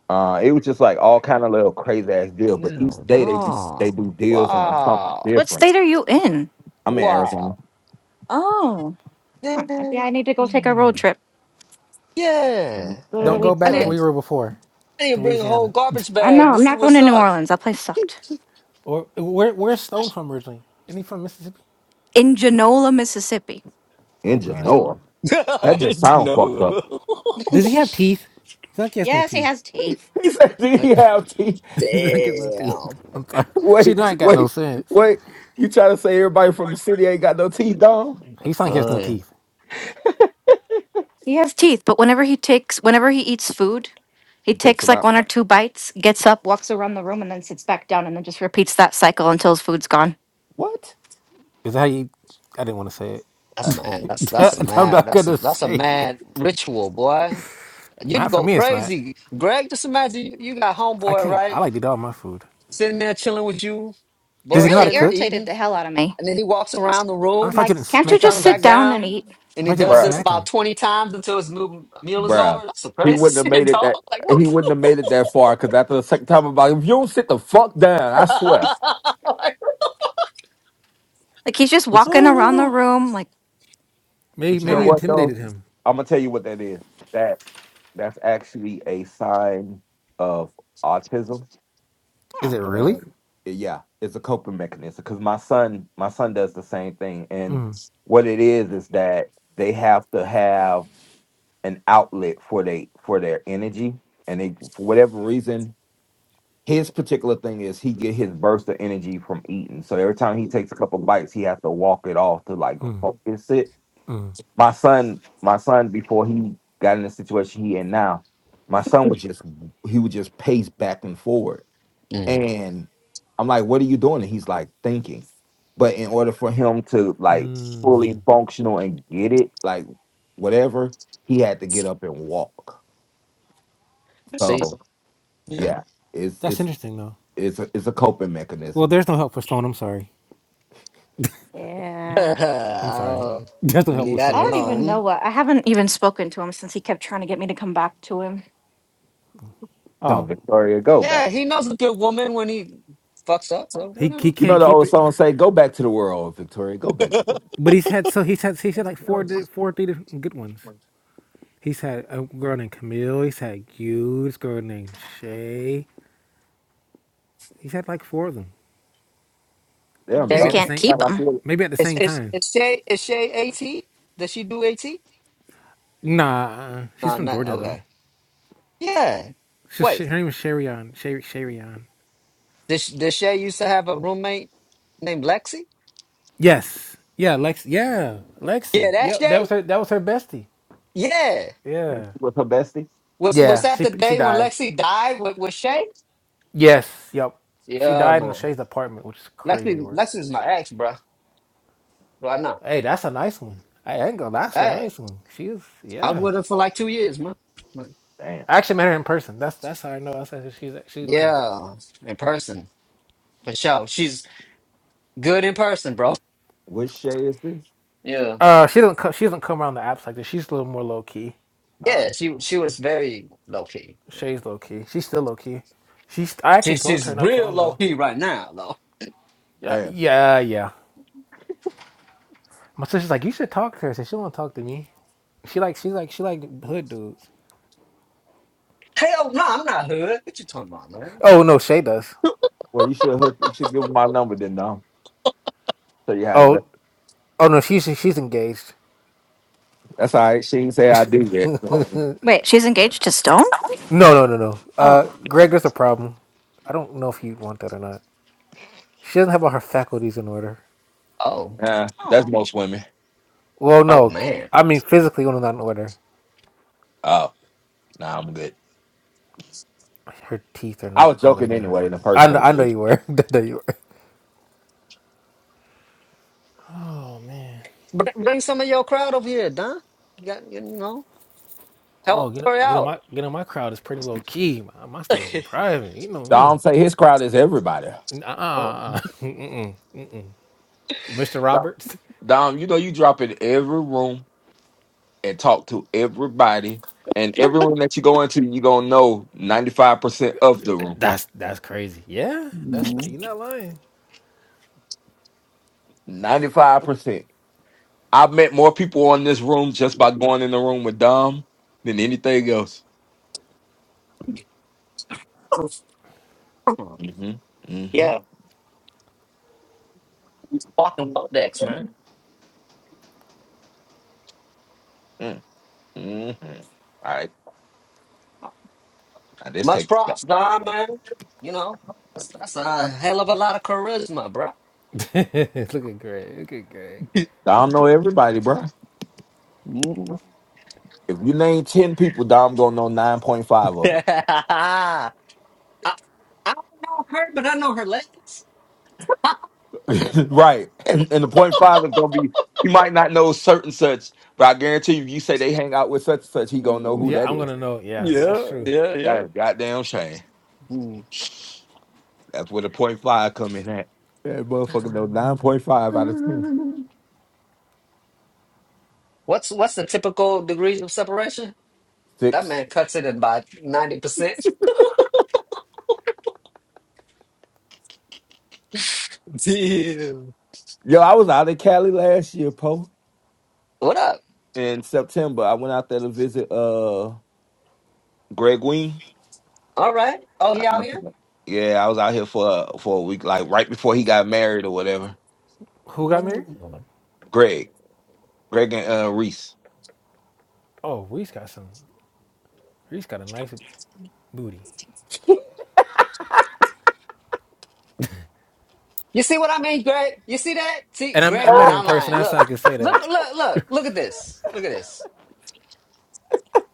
D: Uh, it was just like all kind of little crazy ass deal. But each
B: hell
D: day they just they
B: no.
D: do deals on something
B: Wow.
A: What
D: different.
A: state are you in?
D: I'm in
B: Wow.
D: Arizona,
A: Oh, maybe
B: Mm.
A: I need to go take a road trip.
D: Mhm.
B: Yeah.
A: Go to the
C: don't go
A: weed
B: I
C: back
B: need,
C: to
A: store.
C: where
D: Arizona.
C: you were before,
B: I need to
C: to
B: bring a whole
C: Louisiana,
B: garbage
A: I
B: bag
A: know.
B: to
A: I'm
B: see
A: not going
B: what's
A: to New
B: up.
A: Orleans. That place sucked.
C: [LAUGHS] or where where's Stone from originally? Isn't he from Mississippi?
A: In Genola, Mississippi.
C: Oh
D: in
C: God,
B: Oh.
D: Genoa.
B: [LAUGHS] I
D: That just
B: didn't
D: sound fucked
B: know. [LAUGHS]
D: up.
C: does he have teeth? It's not like he has no
A: Yes, he
C: teeth.
A: has teeth.
D: [LAUGHS] He said, "Do
B: Like,
D: you have teeth?
C: [LAUGHS] He think he has no teeth.
B: Damn.
C: [LAUGHS] I'm sorry.
D: [LAUGHS]
C: She don't
D: Wait,
C: ain't got no
D: wait,
C: sense.
D: wait. You try to say everybody from the city ain't got no teeth, dog?
C: He think he has no
B: Uh,
C: teeth.
A: He has teeth, but whenever he takes, whenever he eats food, he
D: He takes
A: takes
D: them
A: like
D: out.
A: one or two bites, gets up, walks around the room, and then sits back down, and then just repeats that cycle until his food's gone.
D: What,
C: Is that how you? I didn't want to say
B: that's
D: uh,
B: mad. That's
C: it.
B: that's a
C: [LAUGHS] I'm
B: mad.
C: not
B: That's a,
C: gonna
B: that's a
C: say it.
B: mad ritual, boy. You'd
C: Not for
B: go
C: me. It's not.
B: crazy, Greg. Just imagine you, you got
C: I
B: homeboy,
C: can't. I
B: right?
C: like to eat all my food.
B: sitting there chilling with you,
A: It
C: Does he know how to
A: really
B: bullshitting,
C: cook?
A: irritated
B: eating,
A: the hell out of me.
B: and then he walks around the
C: I'm
B: room
A: I'm
C: surprised
A: like,
C: you didn't
A: can't
B: and
A: you
B: he
C: smack. I'm
A: just
B: comes
C: surprised you
A: sit
B: back
C: didn't, I'm
A: down and
B: down
A: eat?
B: and he
C: surprised you didn't
B: does this
D: bruh,
C: smack
B: about
C: him.
B: 20 times until his mo- meal is
D: bruh?
B: over. That's some
D: He wouldn't have
B: crazy [LAUGHS] shit,
D: made it that.
B: dog. Like,
D: He
B: what?
D: wouldn't have made it that far because after the second time, I'm like, if you don't sit the fuck down, I swear.
B: the- [LAUGHS] like,
A: Like he's just
D: But you,
A: walking around the
B: oh
A: room, like
C: Maybe
D: but you
C: maybe
D: know
C: you
A: God.
D: what, though?
C: intimidated him.
D: I'm gonna tell you what that is. That that's actually a sign of autism,
C: Is
A: Huh.
C: it really?
D: and yeah, it's a coping mechanism. Because my son, my son does the same thing, and what it is is that they have to have an outlet for they for their energy, and they for whatever reason. His particular thing is he get his burst of energy from eating. So every time he takes a couple bites, he has to walk it off to like
C: Mm,
D: focus it
C: mm,
D: my son, my son, before he got in the situation he in now, my son was just he would just pace back and forward,
B: no. Mm,
D: and I'm like, "What are you doing?" And he's like, "Thinking." But in order for him to like
C: mm.
D: fully functional and get it, like whatever, he had to get up and walk.
B: see?
D: So
B: Yeah.
D: yeah, it's
C: That's
D: it's
C: interesting though.
D: it's a, it's a coping
C: Well,
D: mechanism.
C: there's no help for Stone. I'm sorry.
B: [LAUGHS]
A: Yeah,
C: I'm sorry.
B: I'll
C: [LAUGHS] There's no help
B: leave
C: with
B: that
A: I
C: Stone. I'm
A: don't
C: sorry.
A: even know
B: alone.
A: what. I haven't even spoken to him since he kept trying to get me to come back to him.
D: Oh,
C: Don't.
D: Victoria, go back.
B: Yeah, he knows a good woman when he fucks up, so
C: He
B: whatever.
C: he
D: You
C: can't
D: know the
C: keep
D: old
C: it.
D: song say, "Go back to the world, Victoria. Go back to the world."
C: But he's had so he's had he's had like four di- four three different good ones. He's had a girl named Camille. He's had you. This girl named Shay. He's had like four of them.
A: And he
D: Damn,
A: just
C: Maybe at
B: Okay.
C: the
D: dog.
A: can't
C: same,
D: Sound
A: keep
D: like
A: him.
D: you-
C: maybe at the
B: Is,
C: same
B: is,
C: time.
B: is, Shay, is Shay AT? Does she do AT?
C: Nah, uh, she's
B: No,
C: from
B: not.
C: Georgia though.
B: Okay. Yeah.
C: She's,
B: Wait.
C: she- her name is Sharion. Sher- Sharion.
B: Did, sh- did Shay used to have a roommate named Lexi?
C: Yes. Yeah, Lex. Yeah,
B: Yeah,
C: Lexi.
B: that
C: Yep. That was
B: Shay?
C: her. That was her bestie.
B: Yeah.
D: like
C: Yeah.
D: she was her bestie.
B: Was was
C: Yeah.
B: that
C: She
B: the
C: she
B: day when
C: died.
B: Lexi died with, with Shay?
C: Yes. Yep. She
B: Yeah,
C: died in
B: man.
C: Shay's apartment, which is crazy
B: Lexi
C: work.
B: Lexi's my ex, bro. Why not?
C: Hey, that's a nice one. I ain't gonna. That's a
B: Hey.
C: nice one. She's
B: I was
C: yeah.
B: with her for like two years, man. Like,
D: Damn.
C: I actually met her in person. That's that's how I know. I said she's she's nice.
B: Yeah. In person. For sure. She's good in person, bro.
D: Which Shay is this?
B: Yeah.
C: Uh, she doesn't co- she doesn't come around the apps like this. She's a little more low key.
D: Ah,
B: Yeah, she she was very low key.
C: Shay's low key. She's still low key. She's I actually
B: She,
C: spoke to
B: she's
C: her not so
B: real
C: long
B: low
C: ago.
B: key right now, though.
C: Yeah,
D: damn.
C: yeah, yeah. My sister's like, you should talk to her. I said, she won't talk to me. She like she's like she like hood dudes.
B: Hell no, I'm not hood. What you talking about, man?
C: Oh no, Shay does.
D: Well, you should hook. You should give him my number then, though. So you how it's
C: Oh
D: done.
C: oh no, she's she's engaged.
D: That's all right. She didn't say I do that.
A: Wait, she's engaged to Stone?
C: No no no no. Uh,
A: Oh,
C: Greg, there's a problem. I don't know if you want that or not. She doesn't have all her faculties in order.
B: Oh.
D: Yeah,
A: Oh.
D: that's
A: all
D: most women.
C: Well,
B: Oh
C: no,
B: man.
C: I mean physically when i not in order.
D: Oh, nah, I'm good.
C: Her teeth are
D: I
C: not
D: was
C: all the way
D: joking
C: there.
D: anyway in the
C: I
D: first
C: know,
D: place.
C: I know
D: bitch.
C: you were. [LAUGHS] I know you were. Oh man.
B: Br- bring some of your crowd over here, Don. You got you know, help
C: Oh, you know,
B: her
C: you know
B: out.
C: my, you know my crowd is pretty low key. My, my
B: [LAUGHS]
C: stuff was in private. You know me.
D: Dom say his crowd is everybody.
B: Oh,
C: Uh-uh. [LAUGHS] Mm-mm. Mm-mm. Mr. [LAUGHS]
D: Dom,
C: Roberts.
D: Dom, you know you drop in every room and talk to everybody, and every room that you go into, you gonna know ninety five percent of the room.
C: That's that's crazy. Yeah, that's
B: mm.
C: you're not lying.
D: Ninety five percent. I've met more people on this room just by going in the room with Dom than anything else. Mm-hmm.
B: yeah,
D: Mm-hmm.
B: fucking Lodex, man.
D: Mm-hmm. All right. Now this
B: Much
D: takes back.
B: props, Don, man. You know, that's that's a hell of a lot of charisma, bro.
C: [LAUGHS] look at Greg. Look at Greg.
B: [LAUGHS]
D: Dom know everybody, bro.
B: Mm.
D: If you name ten people, Dom gonna know nine point five
B: [LAUGHS]
D: of
B: I, I don't know her, but I know her legs. [LAUGHS]
D: them. [LAUGHS] right. And, and the point five is gonna be he might not know certain such, but I guarantee you, you say they hang out with such and such, he gonna know who
C: Yeah,
B: Mm.
D: that
C: I'm
D: is.
C: gonna know. Yeah, that's
B: yeah,
C: true.
B: yeah,
D: That is goddamn shame.
B: yeah.
D: That's where the point five come in at. That motherfucker know
B: [LAUGHS]
D: nine point five out of ten.
B: Mm. What's what's the typical degrees of separation? That man cuts it in by ninety percent. [LAUGHS] Damn.
D: Yo, I was out in Cali last year, Po,
B: What up?
D: in September. I went out there to visit uh Greg Ween.
B: All right. Oh,
D: I
B: he
D: don't
B: out
D: know if you
B: here?
D: know. Yeah, I was out here for uh, for a week, like right before he got married or whatever.
C: Who got married?
B: Mm.
D: Greg, Greg and uh, Reese.
C: Oh, Reese got some. Reese got a nice booty.
B: You see what I mean, Greg? You see that? See,
C: And I,
B: Greg
C: I
D: [LAUGHS]
B: was
C: met her in
B: not
C: person.
B: lying.
C: That's how
B: Look,
C: I could say
B: look,
C: that.
B: look, look, look at this. Look at this.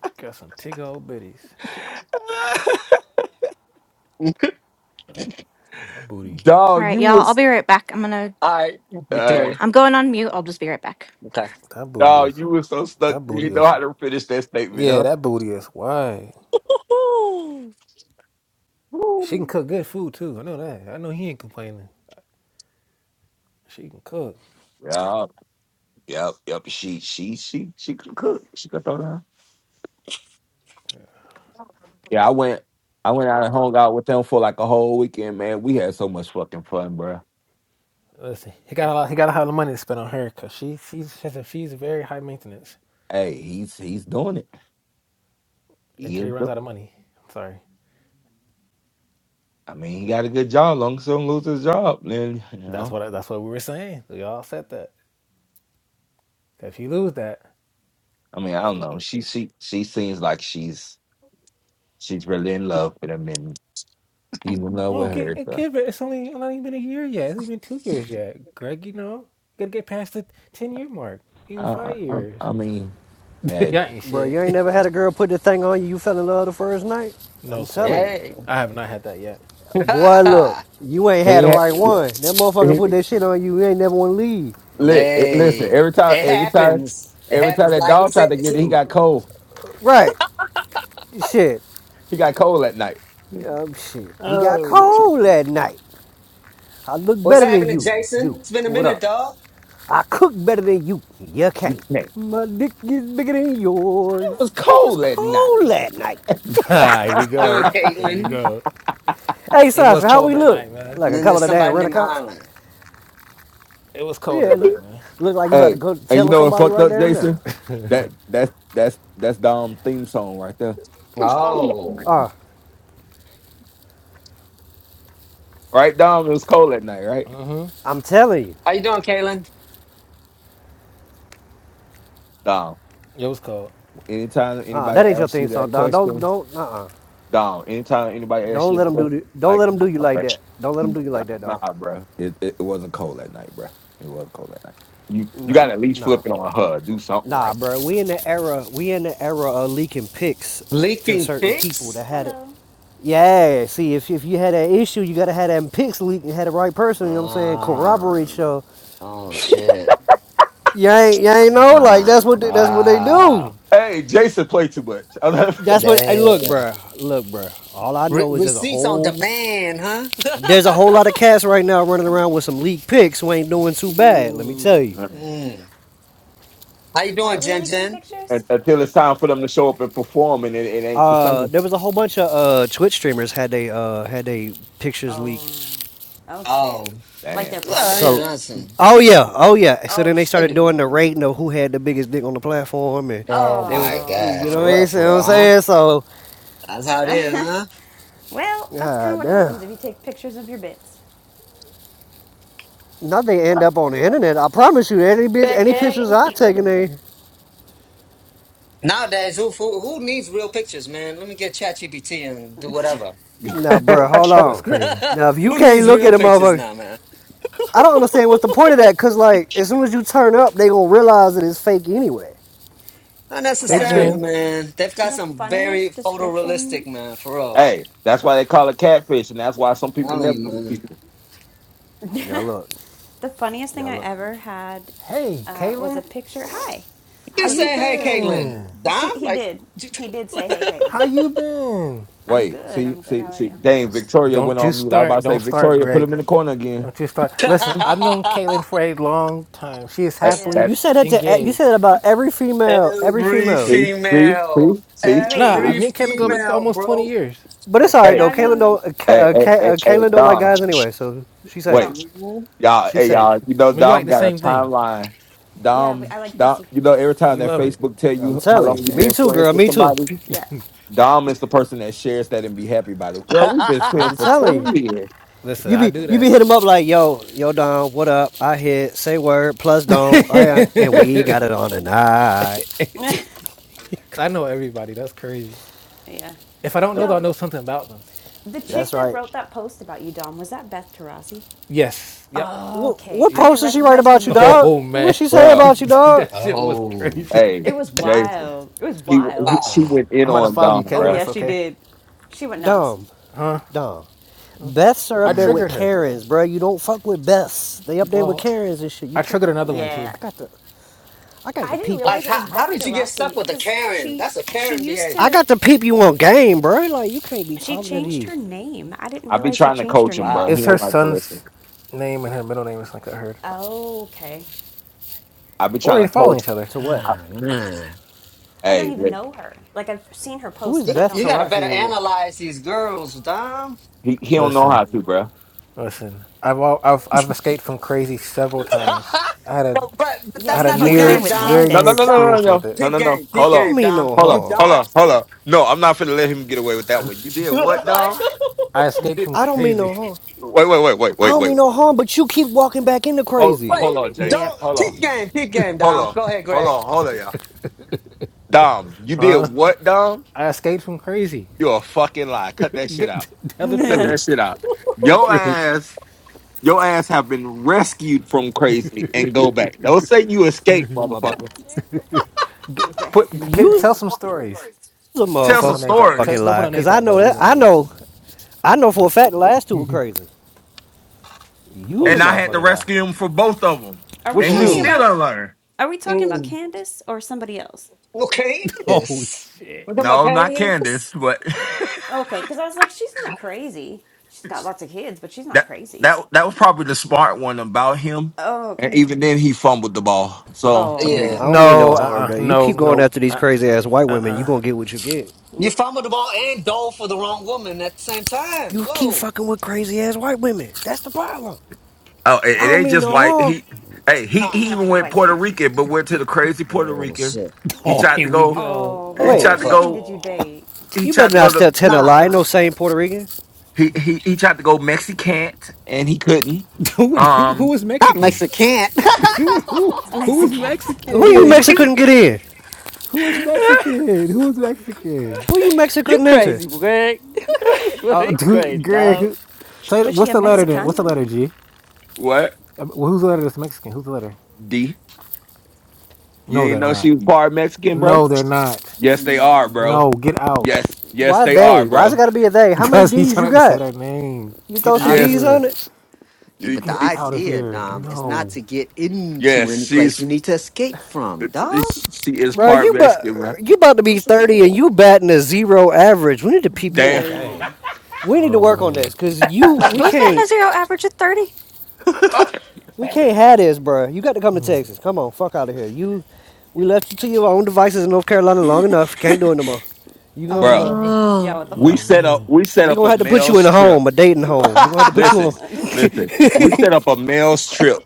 C: She got some tick old bitties.
B: [LAUGHS] All
C: That booty.
D: dog,
A: right,
D: you
A: y'all. I'll
D: was
A: be right back. I'm gonna.
B: right,
D: all
A: Yeah,
D: right.
B: Victoria.
A: I'm going on mute. I'll just be right back.
B: Okay.
C: That booty
D: Dog,
C: is
D: you was so
C: that
D: stuck. You
C: booty
D: know
C: is
D: how to finish that statement,
C: yeah,
D: huh?
C: that booty is wide.
B: Woo-hoo.
C: She can
B: Woo.
C: cook good food too. I know that. I know he ain't complaining. She can cook.
D: Yeah, yep, yep. She, she, she, she could cook. She could throw down. Yeah, I went. I went out and hung out with them for like a whole weekend, man. We had so much fucking fun, bro.
C: Listen, he got a lot. He got a lot of money to spend on her because she she's she's, a, she's very high maintenance
D: Hey, he's he's doing it. He
C: until he
D: is
C: runs
D: doing.
C: out of money. I'm Sorry,
D: I mean, he got a good job. Long as he don't lose his job, then [LAUGHS] you
C: that's
D: know.
C: what I, that's what we were saying. We all said that. If you lose that,
D: I mean, I
C: it's
D: don't know. She she she seems like she's she's really in love with him, and he's in love
C: oh
D: with
C: get
D: her. So
C: give it. It's only not even been a year yet. It's even two years yet. Greg, you know, you gotta get past the ten year mark. Even
D: I I,
C: five
D: I
C: years.
D: I mean,
C: [LAUGHS]
D: hey,
C: Y'all ain't
F: Bro,
C: shit.
F: you ain't
C: [LAUGHS]
F: never had a girl put the thing on you. You fell in love the first night. I'm
C: No, sir.
F: telling you,
B: Hey.
C: I have not had that yet.
B: [LAUGHS]
F: boy. Look, you ain't had
D: he,
F: the
D: had-
F: right one. That motherfucker
D: he
F: put that shit on you. You ain't never want to leave.
D: li- eh, listen.
B: hey.
D: Every time,
B: It
D: every time,
B: happens. It
D: every time
B: happens
D: that
B: like he
D: dog
B: said
D: tried to get it, he
B: too.
D: got cold.
F: Right? Shit.
D: He got cold at night.
F: Um, shit. He got
B: Oh, shit.
F: cold that night. I look
B: What's
F: better than
B: happening,
F: you.
B: Jason?
F: You.
B: It's been a
F: What
B: minute,
F: up?
B: dog.
F: I cook better than you. You
D: [LAUGHS]
F: can't. My dick is bigger than
D: It
F: yours.
D: was
F: It was
D: cold at night.
F: cold that night.
C: [LAUGHS] Ah, here we
B: Doing
C: go. Here we
B: Caitlin.
C: go.
F: Hey,
C: It was
F: Sasha, how
C: cold
F: we
C: that
F: look?
C: night, man.
F: Like
B: And
F: a
B: then there's
F: couple of damn
B: somebody
F: rent a
B: named
F: cops?
B: Island.
C: It was
F: Yeah,
C: cold that
D: [LAUGHS]
F: l-
C: night, man.
F: look like you about to
D: Hey,
F: go
D: and you
F: tell
D: know what
F: somebody
D: fucked
F: right
D: up,
F: damn now.
D: Jason? That that's that's that's Dom theme song right there. It was cold, at night.
B: Oh.
F: Uh,
D: right, Dom? It was cold at night, right?
C: Mm-hmm.
F: I'm telling you,
B: How you doing, Kaylin?
D: Dom.
C: It was cold.
D: Anytime
F: uh,
D: anybody
F: that ain't your
D: asks
F: theme
D: you
F: song,
D: that
F: Don. Don't,
D: question,
F: don't, uh-uh.
D: Dom. Anytime anybody asks
F: Don't
D: you
F: let
D: a
F: them do, the-
D: question,
F: don't
D: like
F: let let them
D: nah,
F: do you like
D: bro.
F: that. Don't let them do you like that, Don.
D: Nah, bro. It, it it wasn't cold at night, bro. It wasn't cold at night. You you got
F: No,
D: to at least flip
F: no,
D: it on her. Do something
F: nah,
D: right.
F: bro. We in the era, we in the era of leaking pics to
B: Leaking
F: certain people that
B: pics?
F: had it.
G: Hello.
F: Yeah, see, if, if you had that issue, you gotta have that pics leak and had the right person. You know what I'm saying?
B: Ah,
F: Corroborate your.
B: oh
D: [LAUGHS]
B: shit!
F: You ain't, you ain't know. Like
B: Ah,
F: that's what, they, that's what they do.
B: wow,
D: Hey, Jason, play too much. [LAUGHS]
F: That's
D: Un-
F: what. Hey,
B: damn.
F: look, bro. Look, bro. All I
B: Re-
F: know is there's a
B: receipts on
F: whole
B: demand, huh?
F: There's a
B: [LAUGHS]
F: whole lot of cats right now running around with some league picks who ain't doing too bad. Let me
B: Ooh,
F: tell you.
B: mm. How you
G: Why
B: doing,
G: are we
B: Jen
G: leaking
B: Jen?
G: pictures?
D: Until it's time for them to show up and perform, and it, it ain't the
F: Uh,
D: same.
F: there was a whole bunch of uh, Twitch streamers had they uh, had they pictures leaked.
G: Oh, oh shit.
B: Oh,
G: Like
D: Damn.
G: their private
B: well, you
F: So
B: know, that's
G: pictures?
B: some.
F: oh yeah, oh yeah. So
G: Oh
F: then they
B: They
F: started
B: do.
F: doing
G: shit.
F: the rating of who had the biggest dick on the platform, and
B: Oh
F: they
B: my
F: was
G: Oh
F: you
B: god,
F: know what
B: for
G: lord.
B: real,
F: I'm saying.
B: for
F: what I'm
B: real, huh?
F: saying? So
B: That's how it is, huh?
G: Well, that's kind of
F: god
G: what
F: damn,
G: happens if you take pictures of your bits.
F: now they end up on the internet. I promise you, any bitch,
H: Good
F: any
H: day.
F: pictures I taken, they
B: Nowadays, who who, who needs real pictures, man? Let me get ChatGPT and do whatever.
D: [LAUGHS]
F: now bruh, hold
C: That's
B: [LAUGHS]
F: on.
C: crazy.
F: Now if you
B: who
F: can't
B: needs
F: look
B: real
F: at a
B: pictures
F: motherfucker,
B: now, man?
F: I don't understand what's the point of that, cause like as soon as you turn up, they gonna realize that it's fake anyway.
B: Not
C: Hey,
G: I
D: catfish.
B: necessarily,
C: Jen.
G: think
B: man. They've got
G: the
B: some very
G: funniest description,
B: photorealistic, man, for real.
D: Hey, that's why they call it catfish, and that's why some
B: I'm
D: people
B: telling
D: never.
B: you, man.
F: Now look,
G: the funniest thing
F: now
G: I
F: look.
G: ever had
C: Hey,
G: uh, was a
C: Caitlin,
G: picture. Hi,
C: how
B: Just
G: was a
C: you
B: saying, hey,
G: picture.
B: Caitlin,
C: been?
B: Dom,
G: She he
B: like,
G: did he did
B: [LAUGHS]
G: say, "Hey, Caitlin,
C: How you been?
G: I'm
D: Wait,
G: good.
D: see,
G: I'm good.
D: see,
G: How are
D: see.
G: you?"
D: Dang, Victoria went
C: Don't you
D: on mute. I was about
C: start.
D: to say,
C: Don't start,
D: Victoria, put him
C: Greg.
D: in the corner again.
C: Don't you start. Listen, I've known Caitlin for a long time. She is
D: That,
G: Yeah.
C: happily
D: that,
F: You said that to eh, you said that
C: engaged.
F: about every female, every
B: every
F: female.
D: see, see, see,
B: female,
D: see,
G: Wait.
C: Nah,
D: see.
B: every
C: me and Caitlin go
D: see.
C: back to
B: female,
C: almost 20
B: bro.
C: years.
F: But it's
B: Like,
F: all right
G: Yeah,
F: though.
D: Hey,
G: I've
F: Kaylin
G: known.
F: don't, uh,
D: hey,
F: uh,
D: hey,
F: Ka-
D: hey,
F: uh,
D: hey,
F: Kaylin don't like
D: Dom.
F: guys anyway, so she's
G: I
F: safe.
G: don't.
D: Wait,
B: mhm.
D: y'all,
F: She's
D: hey, y'all.
F: safe.
D: You know,
C: I mean, we
D: Dom
C: like the
D: got a
C: same thing.
D: timeline.
G: Yeah,
D: Dom,
G: I like
D: Dom.
G: pussy.
D: You know, every time
C: We
D: that
C: love it.
D: Facebook tell
F: I'm
D: you how long
F: telling
G: Pussy's
D: you
F: you.
G: good.
F: Me
D: been
F: too,
D: friends
F: girl.
D: with
F: Me too.
D: somebody,
G: Yeah.
D: Dom is the person that shares that and be happy about it.
B: [LAUGHS]
D: Girl, we've been
F: I'm
D: friends for
F: telling you.
D: twenty
C: Listen,
F: You
C: I
F: be
C: do
F: you be
C: that.
F: hit him up like yo yo Dom, what up? I hit say word plus Dom, all right, and
D: years.
F: we
C: [LAUGHS]
F: got it on tonight.
G: [LAUGHS]
C: Cause I know everybody. That's crazy.
G: yeah.
C: If I don't
D: [LAUGHS]
C: know them, I
G: Yo,
C: know something about them.
G: the
F: That's
G: chick that
F: right.
G: wrote that post about you, Dom, was that Beth Tarasi?
C: Yes. Yep.
G: Oh,
F: What,
G: okay.
F: what
G: I
C: Yep.
G: didn't
F: post
C: [LAUGHS]
F: did she write
G: recognize her
F: about you,
G: name.
F: dog?
C: Oh
F: What
C: man.
F: she say
D: Bruh,
F: about you,
C: [LAUGHS]
F: dog?
C: that shit was
B: oh,
C: crazy. [LAUGHS]
D: hey,
G: It was
D: Jason.
G: wild. It was
D: He, he
G: wild.
D: she
B: wow.
D: went in
C: I'm about to
D: on
C: follow you,
D: Don,
G: Oh,
C: Caitlin.
D: bruh.
G: yeah,
C: That's
G: she
C: okay.
G: did. She went nuts.
F: Dumb, dumb. Beths are
C: I
F: up there with
C: triggered
B: Mm.
C: her.
F: Karens, bro. You don't fuck with Beths. They up there with
C: Well,
F: Karens and shit. You
C: I
F: can't,
C: triggered another
F: man.
C: one
F: Look,
C: too.
G: Yeah.
F: I got the, I got the
G: I didn't
F: peep you.
B: Like,
G: realize it
B: how,
G: was
B: how
G: Beth
B: did you get stuck
G: Tarasi
B: with a
G: because
B: Karen?
G: she
B: That's a
G: she
B: Karen
G: used
F: I
B: behavior.
G: to
F: got the peep you on game, bro. Like you can't be
G: she
F: talking to
G: changed her
F: these.
G: name. I didn't
D: I be
G: realize she
D: trying to
G: changed her
D: coach him, bruh.
G: name.
D: He
C: It's
B: Wow.
C: her
D: don't like to listen.
C: son's name and her middle name is like I heard.
G: Oh, okay.
D: I be
C: We're already
D: trying to
C: following
D: coach.
C: each other.
F: To what?
D: I,
B: Ah, man.
G: I don't
D: hey,
G: even
D: look,
G: know her. Like I've seen her
F: Who
G: post,
F: is
G: but
B: You,
G: I
F: Beth
G: don't
B: you
G: know
B: gotta
G: her.
B: better
F: Tarazzi and what?
B: analyze these girls, Dom.
D: he he don't know how
C: Listen,
D: to, bruh.
C: listen. I've al- I've I've escaped from crazy several times. I had a
B: but, but but
G: Yeah,
C: I
B: that's
C: had
G: you
C: a
B: not the
F: You
G: fucked
F: keep
G: around
C: near,
B: game,
G: with
F: talking.
B: Dom.
C: very
D: No,
C: near
D: no, no,
G: Candace.
D: no,
B: Dom,
D: no,
C: experience with
D: no,
C: it.
D: no,
B: peep
D: no, no.
B: game,
F: I
B: peep
D: Hold on,
F: don't
B: game,
F: mean
B: Dom.
F: no
D: hold
B: You
D: on,
F: harm.
D: hold
B: don't
D: on, hold on. No, I'm not finna let him get away with that one. You
B: [LAUGHS]
D: did what,
B: like
D: Don?
C: I
D: You
C: escaped
D: did.
C: from
F: I don't mean no
C: crazy.
F: harm.
D: Wait, wait, wait, wait,
F: I
D: wait,
F: don't
D: wait.
F: mean no harm, but you keep walking back into
D: Hold,
F: crazy.
D: hold
B: wait.
D: on,
G: Yeah,
D: Jason.
B: Don't
D: Hold on,
B: peep game, peep game,
D: hold
B: Dom.
D: on,
B: Go ahead,
D: hold
B: Greg.
D: on, hold on, y'all. Dom, you did
C: Huh?
D: what, Dom?
C: I escaped from crazy.
D: you a fucking lie. Cut that
C: G-
D: shit out.
C: Tell the
D: Cut
G: [LAUGHS]
D: that
C: truth.
D: shit out.
C: Tell the
D: Yo
C: truth.
D: ass Your ass have been rescued from crazy and go back. Don't say you escaped,
F: Oh my bad.
D: motherfucker.
C: G- Put
G: Rescued from
C: k-
F: You's
C: tell
G: crazy.
C: some stories.
F: a
C: Don't
D: Tell
C: put no
D: some
C: names out. Tell,
F: motherfucking
D: stories.
C: don't put
F: lie,
C: no
F: cause
C: names
F: I
C: out
F: know
C: though. You
F: that.
C: know what I
F: I
C: mean.
F: know. I know for a fact the last two were crazy. Use
C: Oh,
F: a
D: And I
C: stop
D: had to
C: it.
F: motherfucking lie.
D: rescue him for both of them.
G: Are we
D: And
C: Which
D: he
G: talking
C: two?
B: Mm,
D: still
G: about
D: done learn.
G: are we talking about
B: mm.
G: Candace or somebody else?
B: Okay,
C: Oh
B: this. We're
C: shit.
B: talking about
D: No, not Candace,
B: Candace.
D: but [LAUGHS]
G: Okay, because I was like, she's not crazy. She's got lots of kids, but she's not
D: that
G: crazy.
D: that that was probably the smart one about him.
G: Oh,
D: And
G: okay.
D: even then, he fumbled the ball. So I
F: I
D: mean,
B: Yeah,
G: Oh.
F: don't mean no
C: No, uh,
F: harm.
C: uh
F: That you
C: no,
F: keep going
C: no.
F: after these
C: Uh,
F: crazy ass white women, you gonna get what you get.
B: you
G: Oof.
B: fumbled the ball and dove for the wrong woman at the same time.
F: You keep
B: Whoa,
F: fucking with crazy ass white women. That's the problem.
D: oh,
F: I
D: it, it
F: don't
D: ain't
F: mean
D: just
F: no
D: white.
F: harm.
D: He, hey, he,
B: nah.
G: It's
D: he
G: not
D: even
G: just
D: went
G: white
D: Puerto
G: chicks.
D: Rican, but went to the crazy Puerto
B: Oh
D: Rican.
B: shit.
D: He
C: Oh,
D: tried
C: here
D: to
C: we
D: go.
C: go.
G: Oh,
D: He
G: which
F: Wait,
B: Oh
D: tried
G: Puerto
D: to
B: fuck.
G: Rican
D: go.
G: did you
C: Oh.
G: date?
D: He
F: you
D: tried
F: better
D: to go
F: not step
D: to.
F: ten a
B: Nah.
F: lie. Ain't No same Puerto Rican.
D: He he he tried to go Mexicant and he couldn't.
C: [LAUGHS] Who,
G: Oh.
C: who, who
D: Um,
C: was
B: Not
C: Mexican?
B: Mexican.
C: [LAUGHS] Who was who? Who was
G: Mexican.
F: Who you
D: Okay.
C: Mexican?
F: Mexican couldn't get in?
C: Who was
D: [LAUGHS]
C: Mexican? Who was Mexican?
F: Who you Mexican
B: [LAUGHS] you
F: couldn't enter?
B: crazy, Greg. [LAUGHS]
C: Oh,
B: you
C: dude, [LAUGHS]
B: crazy,
C: Greg,
B: dog.
C: say,
G: Was she
C: what's
G: a
C: the letter then?
G: Mexican?
C: What's the letter G?
D: what
C: Uh, Well, whose letter is Mexican? Who's the letter?
D: D? You
C: No,
D: didn't
C: they're
D: know she
C: not.
D: was bar Mexican, bro?
C: No, they're not.
D: Yes, they
B: Mm.
D: are, bro.
C: No, get out. [LAUGHS]
D: Yes, yes,
F: Why
D: they are,
F: they? Why's it
D: bro.
F: gotta be a they? How many
C: Because he's
F: D's
C: trying
F: you
C: not to say
F: got?
C: their name.
F: You
C: Get
F: throw some
C: out of
D: Yes,
F: D's on
C: here.
F: it?
B: Yeah, but
D: it-
B: the
C: Get out
D: it's-
C: of
B: idea,
C: here.
B: Dom, is not
C: No.
B: to get into
D: yes,
B: any place
D: she's
B: you need to escape from, dog.
D: it's- she is
F: Bro,
D: part
F: you but
D: Mexican, bro.
F: you about to be
B: Mm.
F: thirty and you batting a zero average. We need to peep you
D: Damn,
F: on game.
G: Damn.
F: We need to
C: Oh
F: work on this
C: man.
F: because you
A: Wait,
F: we
A: who's betting a
F: can't
A: zero average at thirty?
D: [LAUGHS]
F: we can't have this, bro. You got to come to Texas. Come on, fuck out of here. You we left you to your own devices in North Carolina long enough. Can't do it no more. You gonna
D: bro.
F: uh,
G: Yeah,
A: Oh,
G: what the
D: We
C: Oh
G: fuck?
D: set up
C: man.
D: we set
F: we
D: up
F: gonna
D: a
F: have to put you in
D: male's
F: a
D: trip.
F: home, a dating home. We gonna have to put you on.
D: Listen, listen. We
F: [LAUGHS]
D: set up a male's trip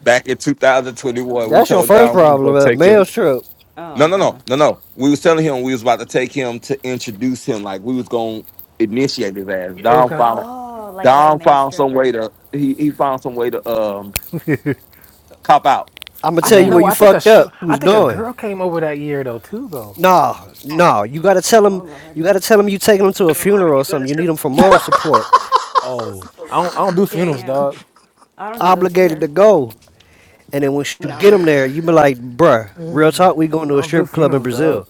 D: back in 2021. We
F: That's your
D: told
F: first
D: Don we was gonna
F: problem, a
D: take him.
F: male trip.
G: Oh,
D: No, no, no,
G: God.
D: no, no. We was telling him we was about to take him to introduce him, like we was gonna initiate his ass.
C: Yeah, It was
D: Don
C: gonna.
D: found
G: Oh, like as a
D: Don
G: male
D: found some
G: stripper.
D: way to he, he found some way to um
C: [LAUGHS]
D: cop out.
F: I'm gonna
C: I
F: tell
C: th-
F: you
G: Yeah.
F: where
C: no.
F: you
C: I
B: Mm.
C: think a
F: fucked
C: sh-
F: up. You
C: I
F: was
C: think a
F: doing.
C: girl came over that year though too though.
F: No, no. You gotta tell
G: Oh,
F: him.
G: Lord.
F: You gotta tell him you taking him to a funeral or something. You need him for moral support.
C: Oh, I don't. I don't do funerals,
G: Damn.
C: dog.
G: I don't do those
F: Obligated to
G: either.
F: go. And then once you get
G: No.
F: him there, you be like, bruh, real talk. We going
C: I
F: to a
C: don't do
F: strip club in
C: funerals, dog.
F: Brazil.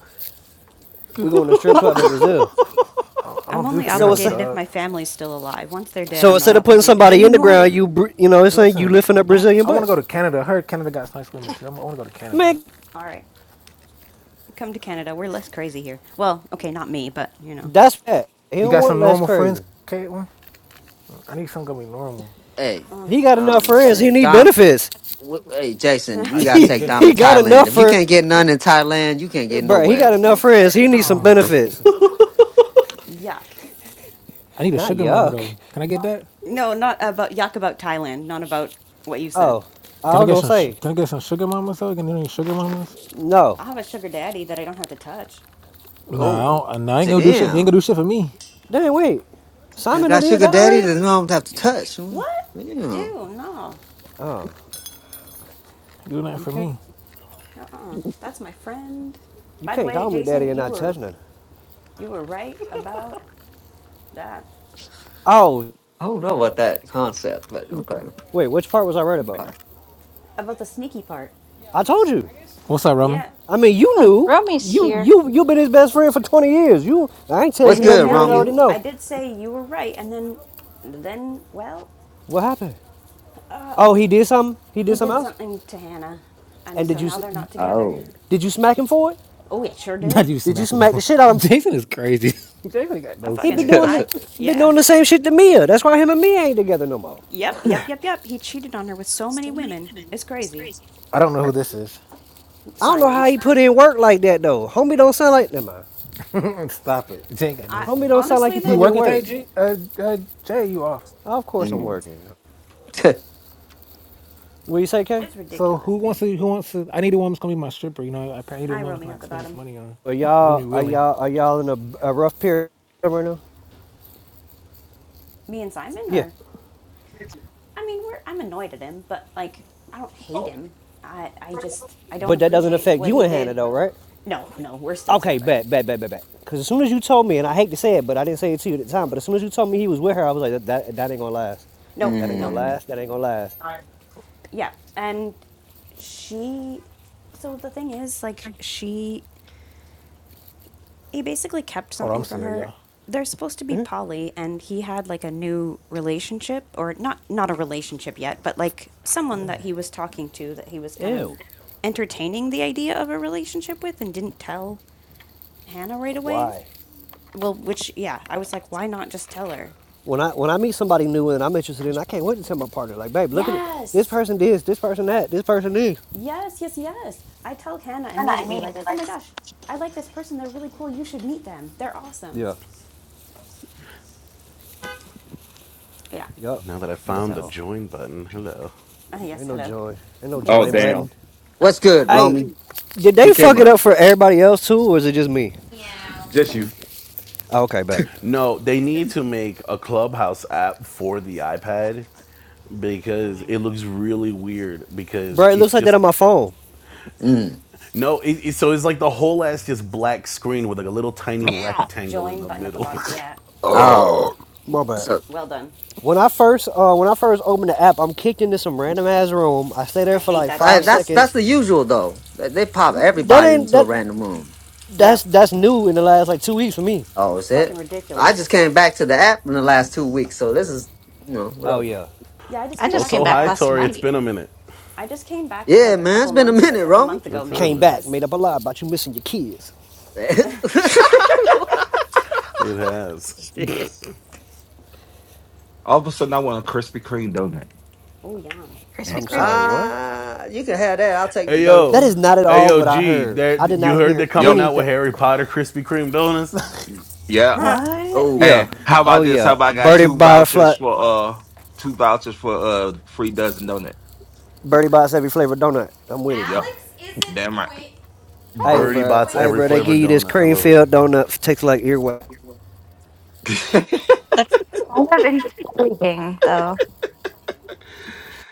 F: We going to a
A: [LAUGHS]
F: strip club in
A: oh,
F: Brazil.
C: I don't, I
G: I'm
C: don't do
G: only
F: So
C: funerals,
F: it's
G: obligated if
C: dog.
G: my family's still alive. Once they're dead,
F: so
G: I'm not
F: instead of putting
G: obligated
F: somebody in the
G: anymore.
F: ground, you br- you know, it's like you
C: Listen,
F: lifting up
C: I'm.
F: Brazilian
C: I want to go
F: butts.
C: to Canada. I heard Canada got nice women too. I'm, I want to go to Canada.
F: Man,
G: All right. Come to Canada. We're less crazy here. Well, okay, not me, but you know.
F: that's that. He
C: You
F: don't
C: got
F: want
C: some
F: less
C: normal friends,
F: crazy.
C: Caitlin? I need something gonna be normal.
B: Hey,
F: He got enough
B: I'm just
F: friends. He
B: saying,
F: need
B: Dom.
F: benefits.
B: W- hey, Jason,
F: [LAUGHS]
C: I
B: we
C: do
B: gotta
F: he,
C: need
B: take Dom to
F: he
C: benefits though.
F: got
B: Thailand.
F: enough
B: If you
F: for,
B: can't get none in Thailand, you can't get
F: bruh. He
B: nowhere.
F: got enough
B: Well,
F: friends. He need some
G: Oh,
F: benefits.
G: yuck.
C: I need a
F: Not
C: sugar mama
F: yuck.
C: though. Can I get that?
G: No, not about yuck about Thailand, not about what you said.
F: Oh, I
C: Can I
F: was
C: get
F: gonna
C: some? sh-
F: say
C: Can I get some sugar mamas though? Can you do any sugar mamas?
F: no.
G: I'll have a sugar daddy that I don't have to touch.
C: No, I,
B: Oh,
C: don't, I- no, I ain't gonna do shit. Ain't gonna
B: damn!
C: do shit for me. Ain't
F: Dang, wait,
B: I
F: Simon done
B: got
F: did
B: sugar
F: that
B: daddy
F: already?
B: that I don't have to touch. Mm,
G: What?
B: Damn.
G: Ew, no.
F: Oh,
C: gonna do nothing
F: you
C: for
F: can't,
C: me.
G: Uh-uh. That's my friend.
F: you
G: By the
F: can't
G: way,
F: call me daddy
G: Jason,
F: and
G: you
F: not touch
G: were
F: nothing.
G: you were right about that.
F: Oh,
B: I don't know about that concept, but okay.
F: wait, which part was I right about?
G: About the sneaky part.
F: I told you.
C: What's up, Romy?
G: Yeah,
F: I mean, you knew.
A: Romy's
F: You,
A: here.
F: you, you been his best friend for twenty years. You, I ain't tell
G: I
B: What's
F: you
G: did
F: nothing
B: good,
F: you
G: tell
F: ain't
B: Romy?
F: already
G: you. I
F: know.
G: did say you were right, and then, then, well,
F: What happened? Oh, he did something. He did
G: he
F: something
G: did
F: else.
G: something to Hannah, and
F: And did
G: so
F: you,
G: now they're not together.
B: Oh.
F: did you smack him for it?
G: Oh, it sure
C: [LAUGHS]
G: did.
C: Not you
F: Did you
C: smack him.
F: smack the shit out
C: [LAUGHS]
F: of him?
C: Jason is crazy. [LAUGHS] Jason ain't got
G: I
C: no
F: He been
G: fucking,
B: [LAUGHS]
C: sense.
F: doing the,
G: I,
F: been
G: yeah,
F: doing the same shit to Mia. That's why him and Mia ain't together no more.
G: yep, yep, yep, yep. He cheated on her with so many women. It's crazy,
C: I don't know who this is.
F: I don't know how
G: Simon.
F: he put in work like that though. Homie don't sound like never mind.
C: [LAUGHS] Stop it. Jason ain't got no
G: I
F: Homie
C: sense.
F: don't sound like he
G: honestly
C: You
F: putting in
G: though,
C: working
F: work.
C: today, G? Uh, uh, Jay, you off?
F: Of course I'm
B: Mm.
F: working.
B: [LAUGHS]
F: What do you say, Kay?
G: it's
C: So
G: ridiculous.
C: who wants to? Who wants to? I need a woman who's gonna be my stripper. You know, I, I need a
G: Hi,
C: woman who's gonna
G: Romeo at
C: like,
G: the
C: spend this
G: bottom.
C: money on.
F: Are
C: Who's gonna be
F: y'all are
C: willing?
F: y'all are y'all in a, a rough period right now?
G: Me and Simon
F: Yeah,
G: are. I mean, we're. I'm annoyed at him, but like, I don't hate him. I, I just, I don't
F: but that doesn't
G: appreciate
F: affect
G: what
F: you
G: he
F: and Hannah
G: did
F: though, right?
G: no, no, we're still
F: Okay,
G: together.
F: bet, bet, bet, bet, bet. Because as soon as you told me, and I hate to say it, but I didn't say it to you at the time. But as soon as you told me he was with her, I was like, that that, that ain't gonna last.
G: No,
F: That ain't gonna
G: no.
B: Mm.
F: last. That ain't gonna last.
G: Yeah. And she so the thing is like she he basically kept
C: Hold on, I'm
G: something from
C: serious,
G: her.
C: y'all.
G: They're supposed to be poly and he had like a new relationship or not not a relationship yet, but like someone that he was talking to that he was kind of
F: Ew.
G: entertaining the idea of a relationship with and didn't tell Hannah right away.
F: Why?
G: Well, which yeah, I was like why not just tell her?
F: when I when I meet somebody new and I'm interested in, I can't wait to tell my partner, like, babe, look at it. This
G: Yes.
F: person this, this person that, this person this.
G: Yes, yes, yes. I tell Hannah immediately, like, oh my gosh, I like this person. They're really cool. You should meet them. They're awesome.
F: Yeah,
G: Yeah.
F: yup.
I: Now that I found the
G: So,
I: join button, hello.
G: uh,
F: Ain't
G: yes,
F: no
G: hello.
F: join, ain't no
G: Yeah,
D: Oh
F: join
G: so
D: damn,
F: button.
G: I
B: What's
G: was mad.
B: good,
F: Hey,
B: Romy?
F: did
B: You
F: they
B: came
F: fuck it
B: up.
F: up for everybody else too, or is it just me?
D: just you.
F: Oh, okay, bet.
I: No, they need to make a Clubhouse app for the iPad because it looks really weird because
F: Bro, it looks
I: it's
F: like that on
I: just
F: my phone.
B: Mm.
I: no it, it- so it's like the whole ass just black screen with like a little tiny
D: Meow.
I: rectangle in
G: Join
I: the
G: button at the
I: middle
G: bottom. Yeah.
B: Oh,
F: My bad.
B: so
G: Well done.
F: When I first uh, when I first opened the app, I'm kicked into some random ass room. I stay
G: I
F: there for
G: hate
F: like
G: that
B: uh,
F: five
G: shit.
B: that's that's
F: seconds.
B: the usual though. They they pop
F: That
B: everybody
F: ain't
B: into a
F: that
B: random room.
G: Yep.
F: that's that's new in the last like two weeks for me.
B: Oh, is
G: Fucking
B: it? I just
G: ridiculous.
B: came back to the app in the last two weeks, so this is you know
F: Oh
B: whatever.
F: yeah.
G: Yeah, I just
A: I
I: [LAUGHS]
G: came
A: just
G: back to
A: came
I: also
G: the
A: back
I: hi
G: app.
A: last
I: tori it's
A: night.
I: been a minute
G: I just came back
B: Yeah,
G: like a
B: man, it's
G: couple
B: been a
G: months ago,
B: minute,
G: like a
B: Romy.
G: month
B: [LAUGHS]
G: ago
I: what's up
G: maybe,
F: Came
I: man
F: back,
G: because,
F: made up a lie about you missing your kids.
D: [LAUGHS]
I: it has
B: Shit.
D: All of a sudden I want a Krispy Kreme donut.
G: oh, yeah.
D: Eh.
A: Krispy
F: I'm
A: Kreme.
F: sorry, what?
B: Ah, you can have that. I'll take the
I: hey
F: That
I: yo
F: is
B: Duncan.
F: not at
I: hey
F: all
I: yo
F: what I
I: g
F: heard.
I: there
F: I did
I: you
F: not
I: heard
F: hear
I: they're
D: Yep,
I: coming out
F: anything.
I: with harry potter krispy kreme donuts
D: yeah.
A: What?
B: Oh,
D: And
F: Yeah.
D: how
F: Oh
D: about this?
F: yeah.
D: How about I got
F: Birdie
D: two
F: by
D: vouchers
F: flat
D: for uh two vouchers for uh free dozen donut.
F: Birdie buys every flavor donut. I'm with it.
D: Yep, damn right.
I: [LAUGHS]
F: Hey
A: Oh,
I: birdie
F: bro.
I: bots
F: Hey
I: every
F: bro, they give
I: flavored
F: you this
I: donut i
F: cream
I: love it
F: filled donut tastes like earwax.
D: [LAUGHS]
A: that's I kind of intriguing, though.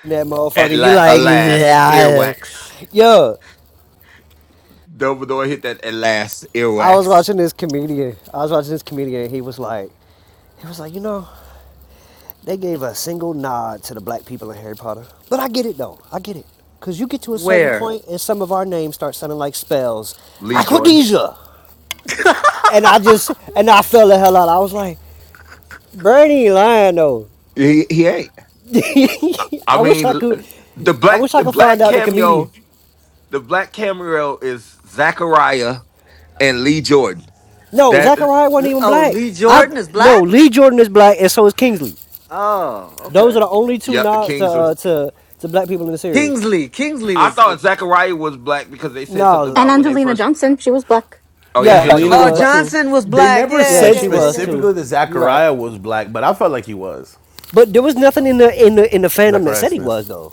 F: That
D: At
F: motherfucker, you
D: la-
F: like [LAUGHS]
D: alas,
F: Yeah.
D: earwax.
F: Yo,
D: Dumbledore hit that at last
F: I was
D: earwax.
F: watching this comedian. I was watching this comedian he was like he was like, you know, They gave a single nod to the black people in Harry Potter. But I get it though. I get it. Cause you get to a certain
B: where?
F: point and some of our names start sounding like spells.
D: Lee Jordan.
F: Aquadesia.
B: [LAUGHS]
F: And I just and I fell the hell out. I was like, Bernie lying though.
D: He he ain't.
F: [LAUGHS]
D: I, I
F: I wish
D: mean
F: I
D: l-
F: could
D: the
F: I
D: black
F: wish I
D: the
F: could find
D: black
F: out the comedian.
D: cameo the black cameo is Zachariah and Lee Jordan.
F: No,
D: That
F: Zachariah wasn't even
B: oh,
F: black.
B: Lee
F: I
B: Jordan is
F: no
B: black.
F: Lee Jordan is black and so is Kingsley.
B: Oh,
F: Those
B: okay.
F: are the only two
D: yeah,
F: nods to
D: Kings of-
F: uh, to to black people in the series.
B: Kingsley. Kingsley
D: I
B: was.
D: thought Zachariah was black because they said something
F: No,
A: And
D: about when they
A: Angelina
D: first
A: Johnson. She was black.
D: Oh yeah,
F: yeah, she
I: Angelina
B: Oh,
I: was
D: Angelina.
F: was
I: black.
F: too.
B: Johnson was
I: They
B: black.
I: never
B: Yeah,
F: Yeah,
I: said
B: yeah,
F: she
B: yeah,
F: was too.
I: specifically
B: yeah.
I: that
F: You right.
I: Zachariah was black, but I felt like he was.
F: But there was nothing in the in the in the fandom that
I: Zachariah
F: said he
I: Smith.
F: was though.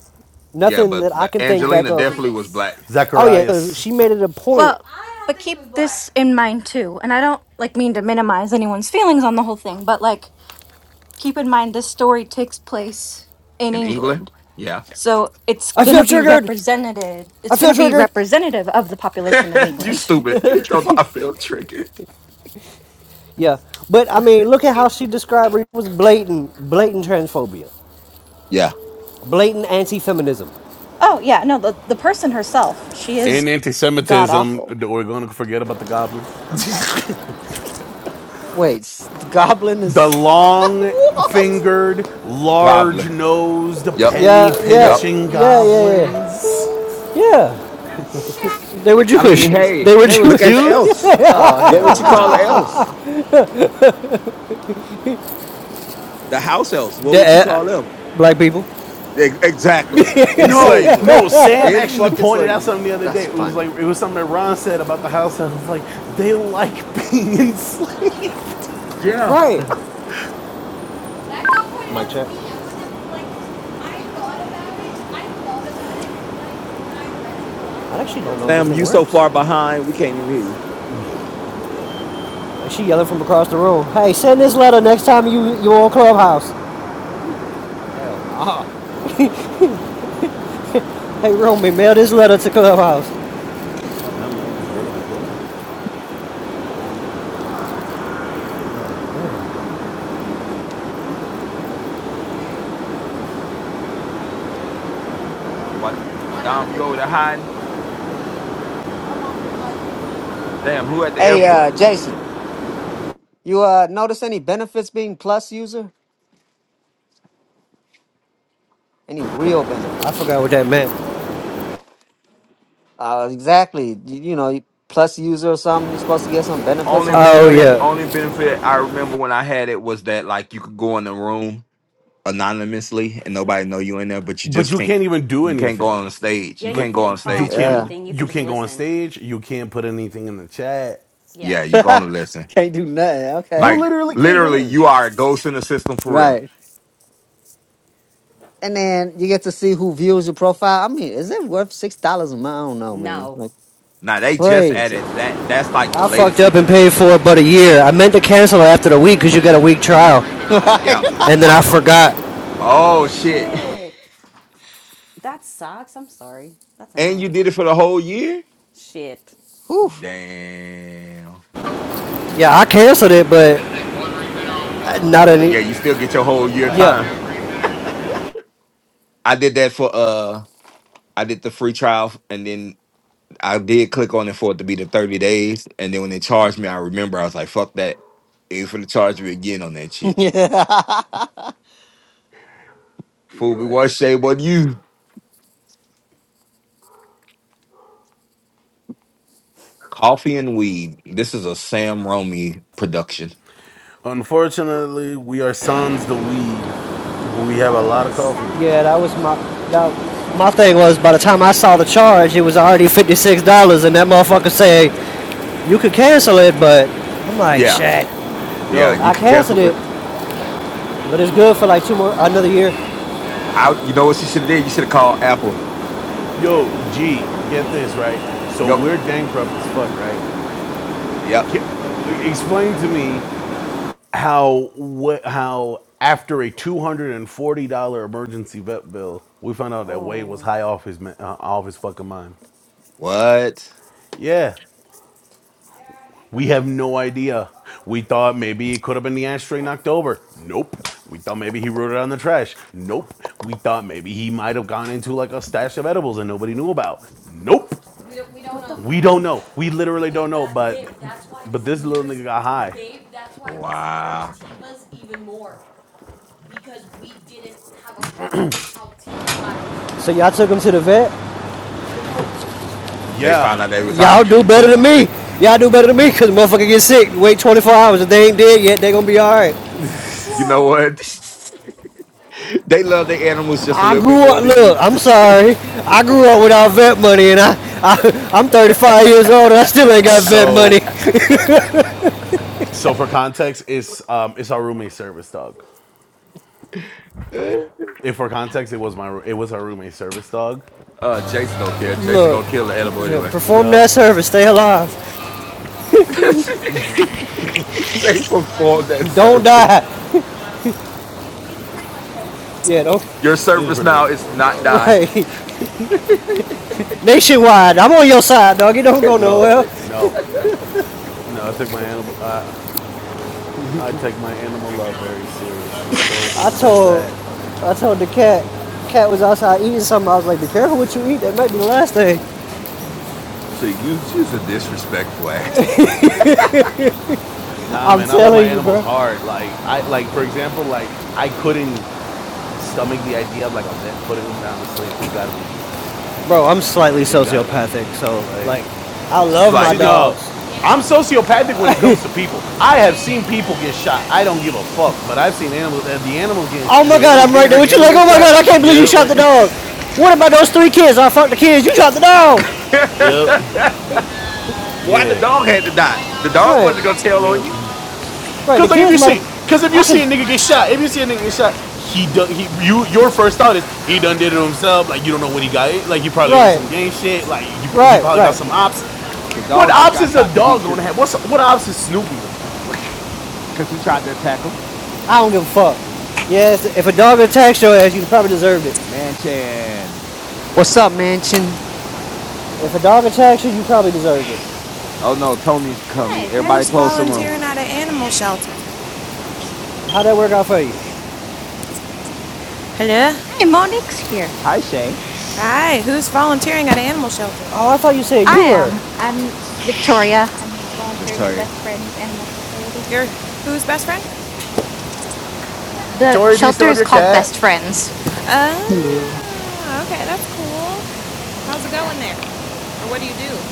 D: Yeah,
F: Nothing
D: but,
F: that I
D: but
F: can think back
D: Angelina
F: of.
D: definitely was black
F: Oh yeah, 'cause
I: Zacharias.
F: she made it a point.
A: Well, but keep this in mind too. And I don't like mean to minimize anyone's feelings on the whole thing, but like keep in mind this story takes place in
D: in England.
A: England.
D: Yeah.
A: So it's
F: I
A: going to
F: feel
A: be
F: triggered.
A: represented
F: I
A: it's going
F: feel
A: to be
F: triggered.
A: representative of the population
D: [LAUGHS]
A: of
D: you
A: England. [LAUGHS]
D: stupid.
B: yeah.
D: [LAUGHS] Don't I feel triggered.
F: Yeah, but I mean, look at how she described her. it was blatant, blatant transphobia,
D: Yeah.
F: blatant anti-feminism.
A: Oh, yeah, no, the the person herself, she is
I: In anti
A: god
I: Semitism,
A: awful.
I: we're going to forget about the goblins.
B: [LAUGHS] Wait, s- the Goblin
I: The
B: is. [LAUGHS]
I: long
B: what?
I: fingered, large
D: Goblin.
I: nosed,
D: Yep.
F: Yeah,
I: penny
F: yeah,
D: Yep.
I: pinching
F: yeah, yeah, yeah.
I: goblins.
F: Yeah, they were
D: I mean,
F: Jewish.
D: hey,
F: They were
B: They were
D: look at the
F: Jewish. [LAUGHS]
B: Jews?
D: elves.
B: Oh
D: What would
B: hell
D: you
A: That's
D: call the
A: awful.
B: nah.
D: elves? The house elves. What
F: The-
D: would you
F: uh,
D: call them?
F: black people.
D: Ex- Exactly. In
I: No,
D: slavery.
I: no. Sam
D: In
I: actually
D: fucking
I: pointed out
D: slavery.
I: something the other
B: That's
I: day. It was like
B: funny.
I: it was something that Ron said about the house. I was like, they like being [LAUGHS] enslaved.
D: Yeah.
B: [LAUGHS]
F: Right. Mic check. I actually don't know if this
D: Sam,
F: thing
D: you so
F: works.
D: far behind, we can't even hear you.
F: She yelling from across the room. Hey, send this letter next time you you on Clubhouse.
B: hell nah.
F: Hey, Romy, mail this letter to Clubhouse.
I: My mother's lit at the clubhouse.
D: Dude, dude. What? Dom, you over there hiding? Damn, who at the
B: Hey, uh,
D: airport?
B: Jason, you uh notice any benefits being Plus user? Any
D: What?
B: real
F: I
B: benefits?
F: forgot what that meant.
B: Uh, exactly. You, you know, you Plus user or something. You're supposed to get some benefits
D: Only
B: on this
F: Oh,
B: club.
D: benefit,
F: yeah.
D: only benefit I remember when I had it was that like you could go in the room anonymously and nobody know you in there, but you
I: But
D: just
I: you
D: can't
I: can't even do
D: you can't go
I: anything.
D: on the stage.
G: Yeah,
D: You
G: you
I: Like
D: can't go
G: can't
D: on
I: you
D: stage
G: talk
D: or
G: or
I: can't
D: nothing.
B: Yeah.
G: anything. You can
I: you
G: just
I: can't go on
G: listen.
I: stage. You can't put anything in the chat.
G: Yeah.
D: Yeah,
B: [LAUGHS]
D: you can only listen.
B: Can't do nothing.
I: You
B: Okay.
D: Like
I: literally can't do
D: literally
I: anything.
D: you are a ghost in the system for real.
B: Right. And then you get to see who views your profile. I mean, is it worth six dollars a month? I don't know, man.
G: No.
B: Like
D: Now they just
B: crazy. [LAUGHS]
D: added that. That's like the
F: I fucked
D: latest
F: up
D: feature
F: and
D: today.
F: paid for it but a year. I meant to cancel it after the week because you got a week
G: Oh
F: trial.
D: they.
B: Right?
D: Yep.
G: no.
F: And then I forgot.
G: Oh
D: Oh shit! [LAUGHS]
G: shit. That sucks. I'm sorry. That's
D: And you
G: annoying.
D: did it for the whole year.
G: Shit.
B: [LAUGHS] Whew.
D: Damn.
F: Yeah, I canceled it, but not any.
D: Yeah, you still get your whole year time.
F: Yeah.
D: [LAUGHS] I did that for uh, I did the free trial, and then I did click on it for it to be the thirty days, and then when they charged me, I remember I was like, "Fuck that!" They was gonna charge me again on that
B: [LAUGHS]
D: shit.
B: Yeah. yeah.
D: Fool me
B: that-
D: one shade, what you? Coffee and weed. This is a Sam Romy production.
I: Unfortunately, we are sans the weed, but we have a lot
G: Oh,
I: of coffee though.
F: Yeah,
G: sad.
F: that was my. That, my thing was by the time I saw the charge, it was already $56, and that motherfucker said, you could cancel it, but I'm like,
D: Yeah,
F: shit.
D: yeah.
I: Yo,
D: You
F: I
D: can
F: canceled
D: cancel.
F: it, but it's good for like two more, another year.
D: I,
B: Oh.
D: you know what she should have did? You should have called Apple.
G: Yep.
I: yo,
G: Get
I: G,
G: them to
I: get
G: cancel it.
I: this right. So
D: Yep.
I: we're bankrupt as fuck, right?
D: Yep.
I: Ca explain to me how what how after a two hundred and forty dollar emergency vet bill, we found out that Wade was
G: Oh,
I: high off his ma- uh, off his fucking mind.
D: What?
I: Yeah. We have no idea. We thought maybe it could have been the ashtray knocked over. Nope. We thought maybe he wrote it on the trash. Nope. We thought maybe he might have gone into like a stash of edibles and nobody knew about. Nope.
G: what the
I: We don't know.
G: fuck?
I: We literally don't know. But but this little nigga got high. Dave,
D: Wow.
F: So y'all took him to the vet.
D: They
I: Yeah.
D: found out they was
F: Y'all
D: high. [LAUGHS]
F: do
I: So
F: better than me. Y'all do better than me because motherfucker get sick. Wait 24 hours. If they ain't dead yet, they going to be all right.
D: You know
G: Whoa.
D: what? [LAUGHS] they love their animals just a
F: I
D: little bit
F: grew
D: more
F: up,
D: than
F: look,
D: you.
F: I'm sorry. I grew up without vet money and I, I, I'm 35 years old and I still ain't got vet money.
I: so
F: [LAUGHS]
I: so for context, it's um it's our roommate service dog. If for context, it was my it was our roommate's service dog.
D: [LAUGHS] uh, Jason don't care. Jason
F: look,
D: gonna kill the animal
F: yeah,
D: anyway.
F: perform
I: No.
F: that service. Stay alive.
D: [LAUGHS] they perform that
F: Don't
D: service.
F: die. Yeah, don't. [LAUGHS]
D: Your
I: He was
D: service
I: pretty
D: now
I: much
D: is to
I: everyone's
D: not
I: dog.
D: die.
F: Right. Nationwide. I'm on your side, dog. You don't go
I: No,
F: nowhere.
I: no, no. I took my animal. I I take my animal love very seriously. So
F: I
I: such
F: told,
I: that
F: I told the cat. Cat was outside eating something. I was like, "Be careful what you eat. That might be the last thing."
D: So you just a disrespectful ass,
I: nah,
F: I'm
I: man, I love my
F: telling you,
I: animals
F: bro.
I: hard. Like I like for example, like I couldn't stomach the idea of like a vet putting them down to sleep. It's got to be me.
F: Bro, I'm slightly
I: It's got to be me,
F: sociopathic,
I: bro.
F: so like,
I: Like
F: I love my
I: See,
D: slightly.
F: dogs.
I: no, I'm sociopathic when it comes to people. I have seen people get shot. I don't give a fuck, Yeah. but I've seen animals. uh, The animals getting
F: Oh my
I: the
F: god,
I: animals
F: I'm right
I: getting
F: there
I: hurt. The
F: with you.
I: animals
F: Like, oh
I: getting
F: my
I: shot.
F: god, I can't
I: Yeah,
F: believe you shot
I: like,
F: the
I: [LAUGHS]
F: dog. What about those three kids? I fucked the kids. You shot the dog.
D: [LAUGHS]
I: yep,
D: Why the
I: yeah,
D: dog had to die? The dog
F: Right.
D: wasn't gonna tell on
I: yep.
D: you.
F: Right, the
I: Cause like if
F: kids
I: you
F: might.
I: see, cause
F: have,
I: if you
F: I could.
I: see a nigga get shot, if you see a nigga get shot, he done he you your first thought is he done did it to himself. Like you don't know what he got. in- Like he probably on
F: Right,
I: some gang shit. Like he, pr- he
F: right,
I: probably got
F: right.
I: some ops.
D: The
I: What
D: dog just
I: ops
D: got
I: is a
D: shot because he
I: dog
D: was
I: gonna
D: just
I: have? What's what ops is Snoopy gonna have? [LAUGHS]
D: because he tried to attack him.
F: I don't give a fuck. Yes, if a dog attacks your ass, you probably deserved it.
D: Manchin.
B: What's up, Mansion?
F: If a dog attacks you, you probably deserved it.
D: Oh no, Tony's coming.
A: Hi,
D: Everybody
A: there's
J: Who's
A: the
D: close the room.
A: stool.
J: volunteering at an animal shelter?
F: How'd that work out for you?
J: Hello?
A: Hey, Monique's here.
D: Hi Shay.
J: Hi, who's volunteering at an animal shelter?
F: Oh, I thought you said
A: I
F: you were.
A: am. I'm Victoria. I'm volunteering at
D: Victoria.
A: Best Friends Animal Society.
J: Your who's best friend?
I: Like,
A: The
I: Tori, do you still
A: shelter
I: have
A: is
I: your
A: called Best
I: cat?
A: Friends.
K: Hello.
J: Ah, okay, that's cool. How's it going there? Or what do you do?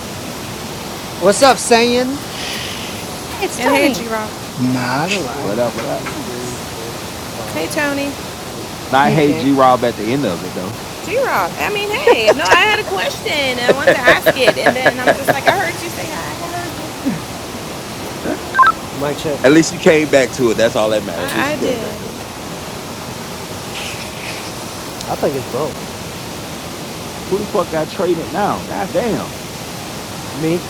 B: What's up, Saying?
A: Hey, it's
J: And hey,
A: Tony.
J: G Rock.
K: Not a lot.
D: What up? What up?
A: Hmm.
J: Hey, Tony.
D: Not
K: Hey
D: hey
K: Shay.
D: G Rob at the end of it though.
J: G Rock. I mean, hey, no, I had a question and I wanted
D: [LAUGHS]
J: to ask it, and then I'm just like, I heard you say hi. I heard you.
F: Mike check.
D: At least you came back to it. That's all that matters. At least
J: I, I
D: you came back
J: did.
D: to it.
F: I think it's both.
D: Who the fuck got traded now? God damn.
F: Me?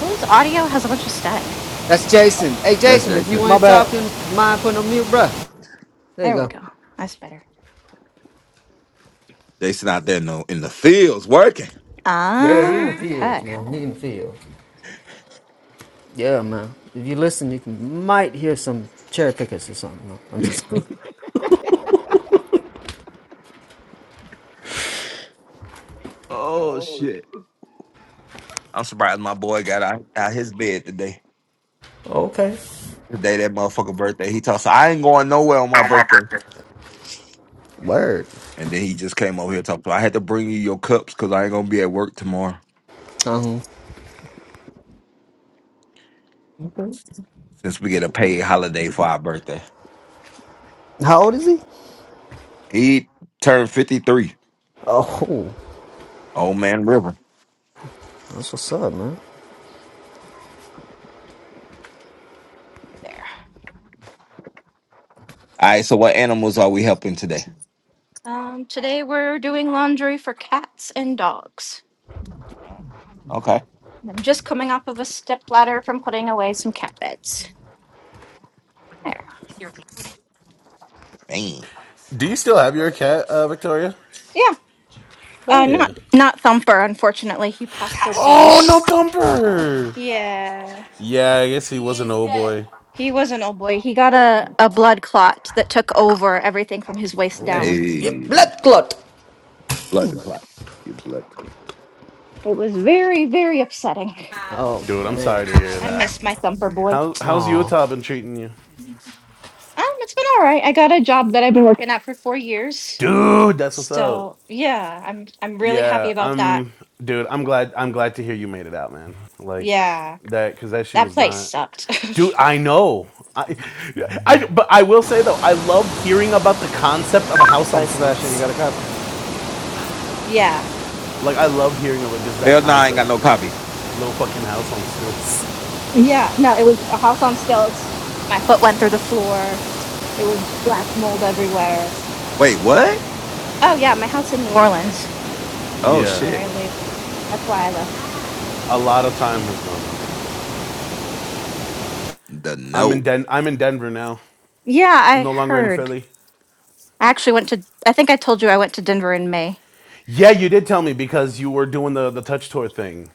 A: Whose audio has a bunch of static?
B: That's Jason. Hey,
D: That's
B: Jason, if you
D: Jason.
F: My
B: ain't
F: bad.
B: talking, mind putting on mute, bruh. There you
A: There we go.
B: go.
A: That's better.
D: Jason out there no in the fields working.
B: Yeah, he in the
A: Ah,
B: fields,
A: okay.
B: man. He in the fields. Yeah, man. If you listen, you can, might hear some cherry pickers or something. man. I'm just
D: Oh shit. I'm surprised my boy got out, out his bed today.
B: [LAUGHS] okay.
D: The day that motherfucker birthday. He told us, I ain't going nowhere on my birthday.
B: Word.
D: And then he just came over here talking. "Well, I had to bring you your cups because I ain't gonna be at work tomorrow
B: Um,
D: since we get a paid holiday for our birthday.
B: how old is he?
D: He turned fifty three.
B: Oh,
D: Old man River.
B: that's what's up, man.
A: There.
D: All right. So what animals are we helping today?
A: Um, today we're doing laundry for cats and dogs.
D: Okay.
A: I'm just coming off of a step ladder from putting away some cat beds. There.
D: Man.
I: Do you still have your cat, uh, Victoria?
A: Yeah.
I: Hell
A: Uh,
I: yeah.
A: not not Thumper. Unfortunately, he passed away.
I: oh no, Thumper,
A: Yeah.
I: Yeah, I guess he was an old boy.
A: He was an old boy. He got a, a blood clot that took over everything from his waist down.
B: You
D: Hey,
B: blood clot.
D: blood the clock. You blood the clock.
A: It was very, very upsetting.
B: Oh
I: dude, I'm
B: man.
I: sorry to hear
A: I
I: that,
A: miss my Thumper boy.
I: How how's
B: Oh,
I: Utah been treating you?
A: Um, it's been all right. I got a job that I've been working at for four years.
I: dude. That's what's up.
A: So yeah, I'm I'm really happy
I: Yeah,
A: about that.
I: I'm, dude. I'm glad. I'm glad to hear you made it out, man. Like
A: Yeah,
I: that, because that shit
A: that
I: was
A: place
I: not,
A: sucked.
I: dude. I know. I, I, but I will say though, I loved hearing about the concept of a house on
F: Hey, Sebastian. You got
I: stilts.
F: a copy.
A: [LAUGHS] yeah,
I: Like I loved hearing about just that
D: Hell no, I ain't got
I: concept,
D: no copy.
I: little fucking house on stilts.
A: yeah. No, it was a house on stilts. My foot went through the floor. There was black mold everywhere.
D: Wait, what?
A: Oh yeah, my house in New Orleans,
I: [LAUGHS]
D: Oh
I: yeah,
A: where
D: shit.
A: I live. That's why I left.
I: a lot of time has gone by.
D: The
I: I'm in
D: note.
I: Den. I'm in Denver now.
A: Yeah,
I: I'm
A: I
I: no longer in
A: heard.
I: Philly.
A: I actually went to. I think I told you I went to Denver in May.
I: Yeah, you did tell me because you were doing the the touch tour thing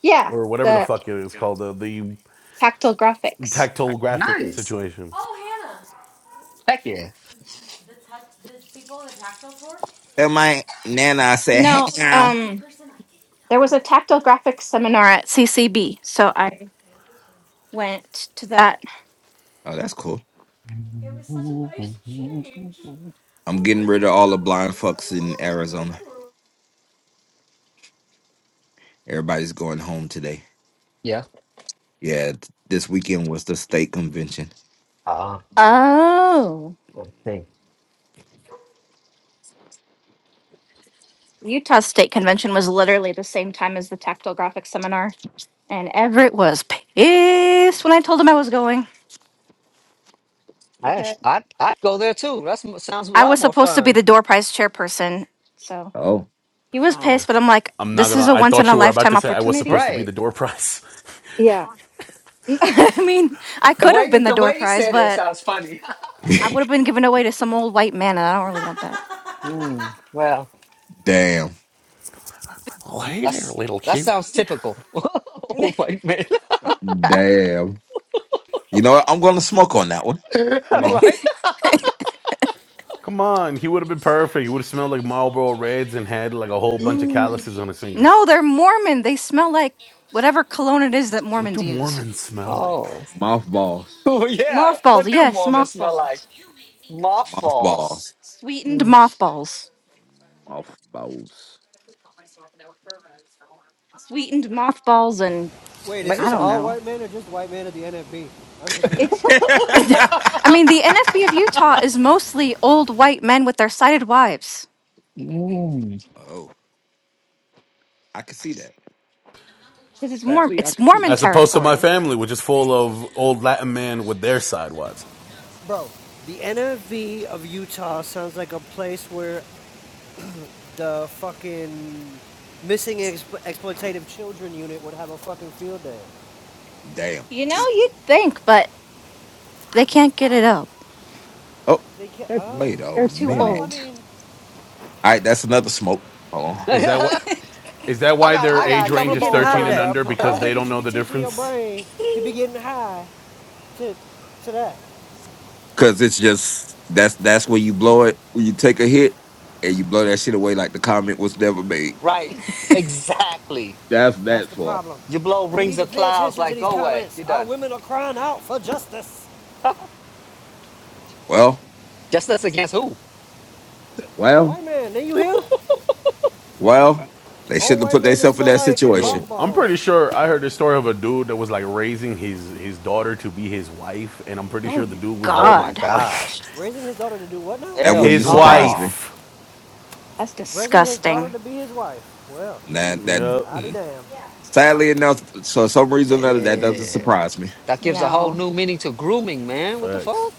A: Yeah,
I: or whatever the
A: the
I: fuck it is called the the
A: tactile graphics.
I: tactile graphic
B: nice.
I: situation.
B: Thank
D: Tell my nana I said, hang
A: No,
D: on.
A: um, there was a tactile graphics seminar at CCB, so I went to that.
D: Oh, that's cool.
B: you.
D: I'm getting rid of all the blind fucks in Arizona. Everybody's going home today.
B: Yeah.
D: Yeah, th- this weekend was the state convention.
B: Ah,
A: Oh,
B: let's Hey,
A: Utah State Convention was literally the same time as the tactile graphics seminar, and Everett was pissed when I told him I was going
B: Hey,
A: because
B: I I'd go there too. That sounds a
A: I was
B: lot more
A: supposed to be
B: fun.
A: the door prize chairperson. So
D: Oh,
A: he was pissed,
B: Oh,
A: but I'm like,
I: I'm not
A: this is
I: gonna.
A: a
I: I
A: once in
I: thought
A: a
I: you were about
A: lifetime
I: to say I was
A: opportunity.
I: supposed to be
B: right.
I: the door prize. [LAUGHS]
A: [LAUGHS] I mean, I
B: The
A: could have
B: way you
A: been the
B: the
A: door
B: way you
A: prize,
B: said it
A: but
B: sounds funny. [LAUGHS]
D: [LAUGHS]
A: I
D: damn,
A: would have been given away to some old white man, and I don't really want that.
B: Mm, well, that's that sounds typical. [LAUGHS] Old white man,
D: damn. You know what? I'm going to smoke on that one.
B: [LAUGHS]
D: Hold on,
B: right?
I: Come on, he would have been perfect. He would have smelled like Marlboro Reds and had like a whole bunch of
B: Mm.
I: calluses on his fingers.
A: No, they're Mormon. They smell like whatever cologne it is that
I: What
A: Mormons
I: do
A: use.
I: Mormons smell like?
B: Oh, [LAUGHS]
D: Mothballs.
B: oh yeah.
A: Mothballs,
B: What do
A: yes,
B: Mormons smell like?
A: mothballs.
B: Mothballs.
D: mothballs.
A: Sweetened mothballs.
D: Mothballs.
A: Sweetened mothballs, and
F: Wait,
B: Ba-
F: is
A: I
F: this
A: don't
F: all
A: know.
F: white men or just white men at the NFB? I'm confused.
A: It's. [LAUGHS]
D: [LAUGHS]
A: I mean, the NFB of Utah is mostly old white men with their sighted wives
B: Mm.
D: oh, I can see that.
A: because it's Mormon.
D: Sadly, I
A: It's
D: can see
A: Mormon
D: that.
I: As opposed to my
A: territory.
I: family, which is full of old Latin men with their sidewads.
F: Bro, the NFB of Utah sounds like a place where the fucking missing exp- exploitative children unit would have a fucking field day.
D: Damn.
A: You know, you'd think, but they can't get it up.
D: Oh,
F: They can't. Oh.
D: wait a
A: They're too
F: Well,
D: minute.
F: I
A: old.
F: mean,
D: All right, that's another smoke. Hold
B: [LAUGHS]
D: on,
I: Is that
B: I
I: what? Is that why
F: I
B: got
I: their
B: I
F: don't
B: got
F: think
B: a
I: age
F: you should
B: couple
I: range
F: be
B: of
I: is
F: getting
B: bowls
F: high to
I: 13 and
B: lined
F: that.
B: up
I: under?
B: for
F: I don't
I: Because
B: that.
I: they
F: think you
I: don't
F: should
I: know
F: be
I: the
F: teaching your
I: difference.
F: brain to be getting high to, to that.
D: because it's just that's that's where you blow it when you take a hit and you blow that shit away like the comment was never made.
B: Right. Exactly.
D: That's
F: That's
D: that
F: the
D: for.
F: problem.
B: You blow
F: We
B: rings
F: need to
B: of
F: pay
B: clouds
F: attention to
B: like
F: these
B: go away.
F: comments.
B: You're
F: Our
B: done.
F: women are crying out for justice.
D: well.
B: Just that's against who?
F: The
D: Well,
F: white man, did you hear?
D: well, they
F: Old
D: shouldn't have
F: white
D: put
F: man that
D: themselves in
F: smell
D: that
F: like
D: situation.
I: Yo, I'm
F: mothballs.
I: pretty sure I heard the story of a dude that was like raising his his daughter to be his wife, and I'm pretty sure the dude was
B: Oh my
A: God,
I: Mormon. [LAUGHS] Like
B: gosh.
F: Raising his daughter to do what now?
D: That
B: Hell
I: his
D: wouldn't surprise me.
B: no.
I: wife.
A: that's
F: Raising his daughter
A: disgusting.
F: to be his wife. Well,
D: That that
I: Yep.
F: I'll be
D: mm,
F: damned.
D: sadly enough, for some reason or another, that doesn't
B: Damn.
D: surprise me.
B: That gives a whole
A: No,
B: new meaning to grooming, man. What the fuck?
I: Facts.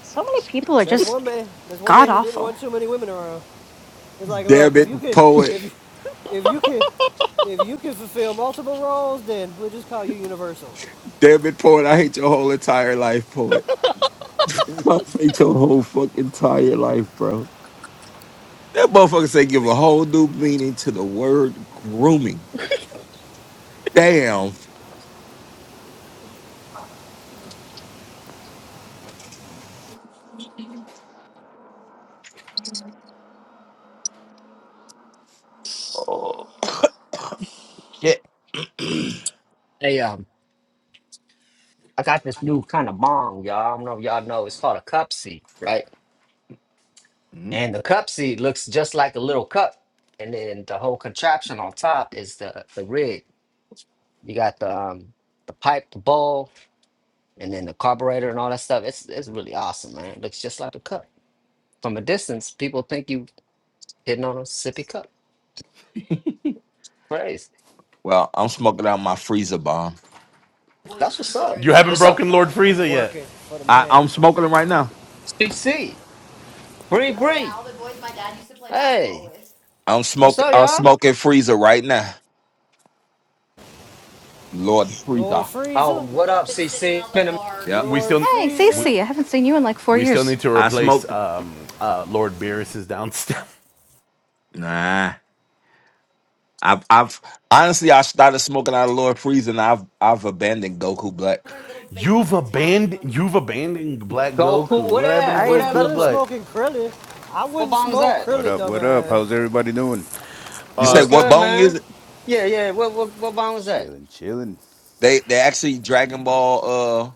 A: so many people are
F: That's
A: just
F: one man. That's one man
A: god
F: who didn't
A: awful.
F: want too many women around. It's like,
D: Damn
F: look, if you
D: it,
F: can,
D: poet.
F: if you, if you can, if you can fulfill multiple roles, then we'll just call you universal.
D: Damn it, poet. I hate your whole entire life, poet. [LAUGHS] I hate your whole fucking entire life, bro. That motherfucker say give a whole new meaning to the word grooming. Damn shit.
B: Hey, um, I got this new kind of bong, y'all. I don't know if y'all know. It's called a cup seat, right?
D: Mhm.
B: And the cup seat looks just like a little cup. And then the whole contraption on top is the, the rig. You got the um the pipe, the bowl, and then the carburetor and all that stuff. It's it's really awesome, man. It looks just like a cup. From a distance, people think you hitting on a sippy cup. Crazy.
D: Well, I'm smoking out my freezer bomb.
B: That's what's up.
I: You haven't
B: What's up,
I: broken Lord
F: I'm
I: Frieza yet.
F: working for the
D: I,
F: man.
D: I'm smoking it right now.
B: CC? Bree Bree. Hey,
D: I'm
B: what's
D: smoke.
B: up,
D: I'm
B: y'all?
D: smoking freezer right now. Lord
F: Lord
D: freezer.
B: Oh,
F: Freezer,
B: what up, CC? Been a
D: Yep.
I: We
F: Lord
I: still
A: Hey,
I: we
F: Freezer,
A: Cece, I haven't seen you in like four
I: we still
A: years.
I: need to
D: I
I: replace
D: smoked.
I: um uh Lord Beerus's downstep.
D: Nah. I've. I've honestly. I started smoking out of Lord freezer, and I've. I've abandoned Goku Black.
I: [LAUGHS] You've abandoned you've abandoned Black
B: go cool.
I: Goku.
B: What
I: What happened to
B: that? What
F: Hey, it's
B: that
I: Goku
F: better
B: look
F: than
B: look?
I: Black?
F: smoking Krillin. I
B: What
F: wouldn't
B: bomb was
F: smoke
B: that?
L: What
F: Krillin,
L: up? What up?
F: dumbass.
L: How's everybody doing?
D: You
B: Uh,
D: say
B: What's
I: Uh
D: what
B: good,
D: bone
B: man?
D: is it?
B: Yeah, yeah. What what what bomb was that?
L: Chilling, chilling.
D: They. They
L: Just
D: actually
L: hanging
D: Dragon
L: out.
D: Ball. Uh,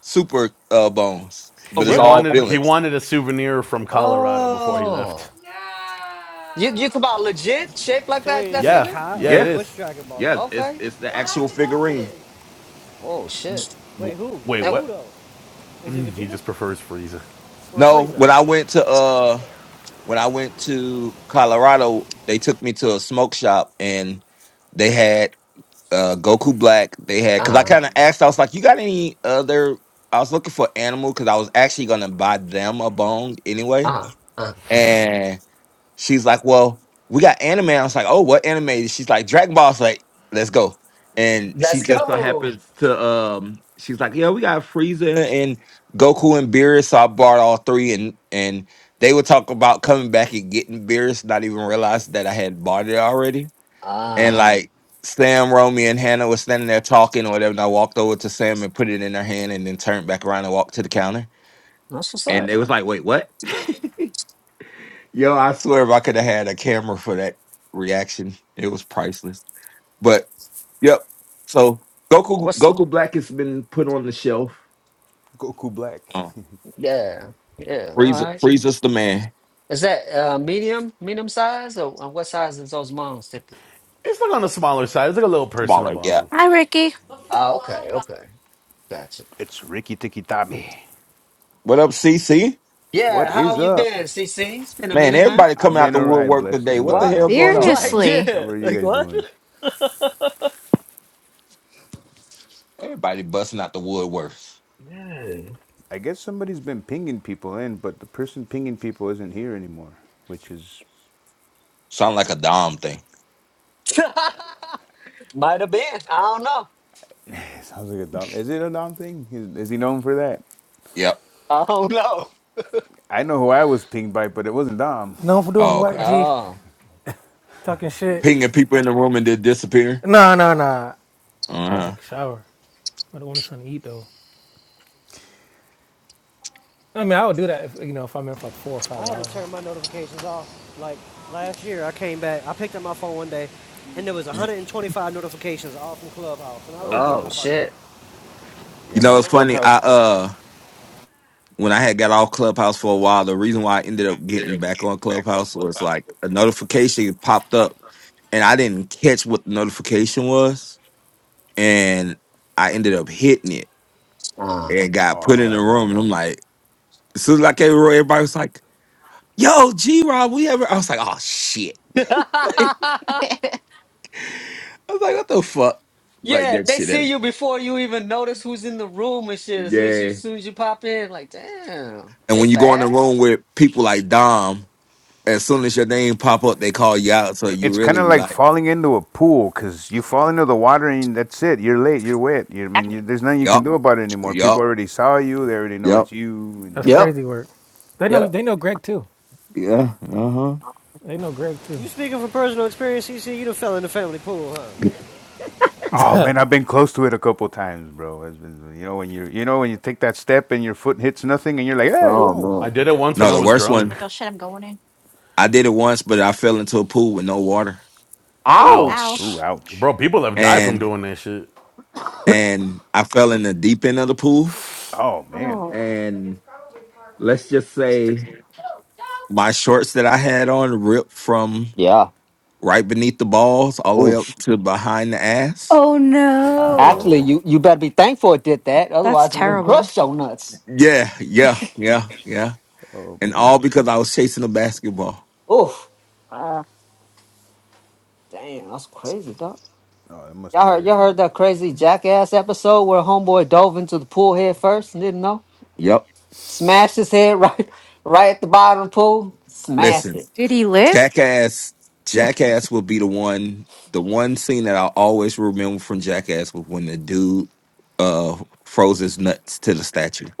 D: Super. Uh, bones.
B: For
D: But
I: he
D: it's
B: real?
D: all
I: wanted he
D: villains.
I: wanted a souvenir from Colorado before he left.
B: Oh, you you talking about legit shape like
F: So
B: that?
F: wait,
B: That
F: is it
B: figure?
I: Yeah,
F: Kai?
I: yeah it
F: Wait,
D: Yeah.
F: which
I: is.
F: Dragon Ball
D: Yeah.
F: though?
D: It's.
B: Okay.
D: It's the actual figurine.
B: Oh shit.
F: Wait,
I: W-
F: who?
I: wait,
B: And
F: Who
I: what?
F: though? Is it
I: He
F: Vegeta
I: just prefers Frieza.
F: or
D: No.
F: Frieza?
D: When I went to. Uh. When I went to Colorado, they took me to a smoke shop and. They had uh Goku Black they had because I
B: uh
D: kind of asked I was like you got any other I was looking for animal because I was actually gonna buy them a bone anyway
B: uh uh.
D: and she's like well we got anime I was like oh what anime she's like Dragon Ball I was like let's go and she
B: Let's
D: just so
B: go.
D: happens to um she's like yeah we got Frieza and Goku and Beerus so I bought all three and and they would talk about coming back and getting Beerus not even realize that I had bought it already and
B: Ah,
D: like Sam, Romy, and Hannah were standing there talking or whatever. And I walked over to Sam and put it in her hand, and then turned back around and walked to the counter.
B: that's what's
D: And
B: up.
D: they was like, "Wait, what?" [LAUGHS] Yo, I swear, if I could have had a camera for that reaction, it was priceless. But yep. So Goku,
B: What's
D: Goku Black has been put on the shelf.
L: Goku Black.
D: Uh,
L: [LAUGHS]
B: yeah yeah. All
D: Frieza,
B: right.
D: Frieza's the man.
B: Is that uh medium medium size or uh, what size is those moms typically?
I: It's like on the smaller side. It's like a little personal
D: Smaller, yeah.
I: bong.
A: Hi, Ricky.
B: Oh, okay, okay, gotcha.
L: it's Ricky Tiki Tabi.
D: What up, CC?
B: Yeah,
L: What is
B: how you
L: up?
B: been, CC? It's been a
D: Man,
B: minute, man.
D: everybody
L: I've
D: coming out
L: been
D: the
L: alright,
D: woodwork
L: blessed
D: today.
L: and
D: What
L: well,
D: the
B: What?
L: my
D: hell going
B: [LAUGHS]
L: friend.
D: on?
B: Like
L: How
A: Seriously.
L: how
B: yeah,
L: are you
B: like
L: guys
B: what?
L: doing?
D: Everybody busting out the woodwork.
B: Yeah.
L: I guess somebody's been pinging people in, but the person pinging people isn't here anymore, which is [LAUGHS]
D: Sound like a Dom thing.
B: [LAUGHS] Might have been. I don't know.
L: [SIGHS] sounds like a Dom. Is it a Dom thing? Is, is he known for that?
D: Yep.
B: I don't know.
L: I know who I was pinged by, but it wasn't Dom.
C: Known for doing
D: Oh,
C: what?
D: okay.
C: G
B: Oh.
C: talking shit.
D: Pinging people in the room and then disappear.
C: Nah, nah, nah.
D: Uh
C: I would
D: huh.
C: take a shower. I don't want something to eat though. I mean, I would do that if you know if I'm in for like four or
F: I
C: five
F: had to
C: hours.
F: turn my notifications off. Like last year, I came back. I picked up my phone one day, and there was 125 notifications all from Clubhouse, and I was
L: Oh
F: like, yeah, no,
B: Oh
L: man,
F: fuck that.
B: shit.
D: You
L: yeah,
D: know,
L: my
D: it's
F: No.
D: funny.
L: clubhouse.
D: I uh, when I had got off Clubhouse for a while, the reason why I ended up getting back on Clubhouse was like a notification popped up, and I didn't catch what the notification was, and I ended up hitting it
B: Uh-huh.
D: and got
L: Oh,
D: put
L: I've
D: in the
L: done that.
D: room, and I'm like, as soon as I came over, everybody was like, "Yo, G Rob, we ever?" I was like, "Oh shit!"
B: [LAUGHS]
D: [LAUGHS] Like, I was like, "What the fuck?" Like
B: yeah,
D: that
B: they
D: shit.
B: see
D: happened.
B: you before you even notice who's in the room and shit. As least you,
D: Yeah.
B: as soon as you pop in, like, damn,
D: And
B: they
D: when you go in the room
B: fast.
D: with people like Dom, as soon as your name pop up, they call you out. So
L: i-
D: you
L: it's kind
D: really
L: of
D: be
L: like
D: like,
L: falling into a pool because you fall into the water and that's it. You're late. You're wet. You I mean, you, there's nothing you can
D: yup,
L: do about it anymore. People
D: yup,
L: already saw you. They already know it's
D: yup,
L: you.
C: That's
L: And
B: Yep.
C: crazy work. They know.
B: Yep.
C: They know Greg too.
D: yeah, uh huh.
C: They know Greg
F: You
C: too.
F: speaking from personal experience, CC? You done fell in the family pool, huh?
C: [LAUGHS]
L: oh
C: oh
L: man, I've been close to it a couple times, bro. It's been, you know when you you know when you take that step and your foot hits nothing and you're like, hey,
B: Oh
L: whoa,
I: I
B: man.
I: did it once when
D: No,
I: I
D: the
I: was
D: worst
I: drunk.
D: one.
A: Like, oh shit, I'm going in.
D: I did it once, but I fell into a pool with no water,
A: Oh,
I: Ow.
A: ow.
L: ooh,
B: Ouch.
L: ouch.
I: Bro, people have died from
D: and
I: doing that shit.
D: and I fell in the deep end of the pool,
L: Oh man,
D: and let's just say my shorts that I had on ripped from
B: Yeah.
D: right beneath the balls all the way up
B: Oof.
D: to behind the ass.
A: Oh no.
B: Actually,
I: Ow.
B: you you better be thankful it did that.
A: That's
B: Otherwise, it would have
A: terrible.
B: crushed your nuts.
D: Yeah, yeah, yeah, yeah,
L: oh
D: and all
L: man,
D: because I was chasing a basketball.
B: Oof. Damn, that's crazy, dog.
L: oh that must
B: Y'all
L: have
B: heard y'all
L: hurt.
B: heard that
L: Oh
B: crazy
L: man,
B: jackass episode where homeboy dove into the pool head first and didn't know?
D: Yep.
B: Smashed his head [LAUGHS] right right at the bottom of the pool. Smashed it.
D: Listen,
A: Did he live?
D: Jackass, Jackass will be the one. The one scene that I always remember from Jackass was when the dude uh froze his nuts to the statue.
B: [LAUGHS]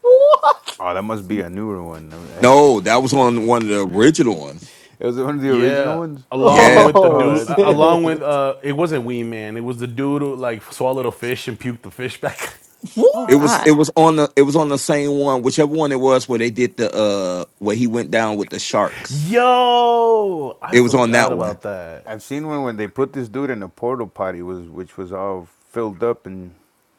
B: what?
L: oh that must be a newer one.
D: No, that was on one of the original ones.
L: [LAUGHS] it was one of the original
I: Yeah.
L: ones.
I: Along
D: Yeah.
I: with the
L: Oh,
B: Oh
I: dude,
L: that's
I: uh,
L: funny.
I: along
B: shit!
I: with, uh, it wasn't Wee Man. It was the dude who, like, swallowed a fish and puked the fish back.
A: Oh
D: It was
B: What?
D: it
A: god.
D: was on the it was on the same one, whichever one it was where they did the uh where he went down with the
I: [LAUGHS]
D: sharks.
I: Yo! I
D: It was on
I: forgot
D: that one.
I: about that.
L: I've seen one when they put this dude in a portal potty was which was all filled up and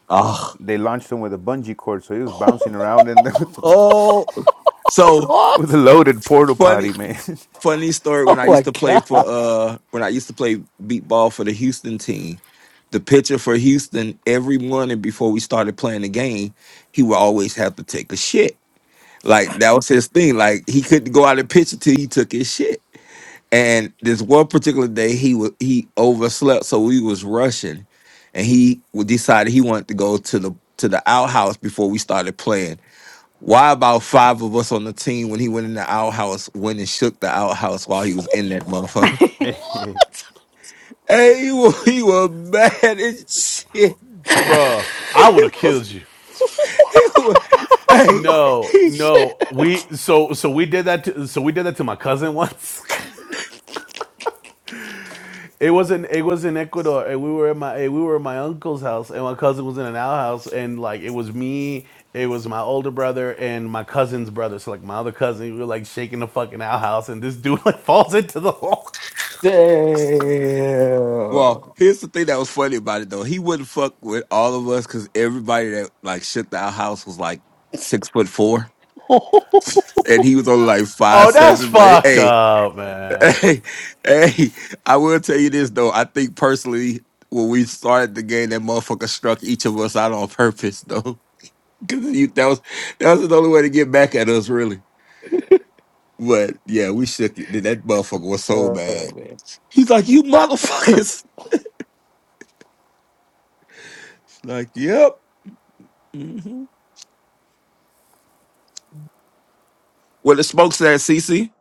D: Oh,
L: they launched him with a bungee cord so he was
B: [LAUGHS]
L: bouncing around in there [LAUGHS] with, the,
D: oh so
L: with
B: What?
L: a loaded portal potty
D: funny
L: man. [LAUGHS]
D: funny story
B: Oh
D: when I used
B: my
D: to play
B: god!
D: for uh when I used to play beat ball for the Houston team, the pitcher for Houston every morning before we started playing the game, he would always have to take a shit. Like that was his thing. Like he couldn't go out and pitch until he took his shit. And this one particular day he was he overslept, so we was rushing, and he w- decided he wanted to go to the to the outhouse before we started playing. Why about five of us on the team when he went in the outhouse, went and shook the outhouse while he was in that motherfucker? [LAUGHS] Hey, he was, he was mad as shit.
I: bro. I
D: [LAUGHS] He
I: would have
D: was,
I: killed you.
D: he was, hey,
I: No,
D: he,
I: no. We, so, so we did that to, so we did that to my cousin once. [LAUGHS] It was in it was in Ecuador, and we were at my eh, we were at my uncle's house, and my cousin was in an outhouse, and like it was me, it was my older brother, and my cousin's brother. So like my other cousin, we were like shaking the fucking outhouse, and this dude [LAUGHS] like falls into the hole.
B: Damn!
D: well, here's the thing that was funny about it though. He wouldn't fuck with all of us because everybody that like shook the outhouse was like six foot four.
B: [LAUGHS]
D: And he was only like five
I: Oh, that's
D: seven, but
I: fucked
D: hey,
I: up,
D: [LAUGHS]
I: man.
D: Hey, hey, I will tell you this though. I think personally, when we started the game, that motherfucker struck each of us out on purpose though. [LAUGHS] Cause you, that was that was the only way to get back at us, really. But yeah, we shook it. Then That motherfucker was so
B: Oh
D: mad.
B: man!
D: He's like, "You motherfuckers!" [LAUGHS] Like, "Yep." Mm-hmm. Well, the smoke's at CC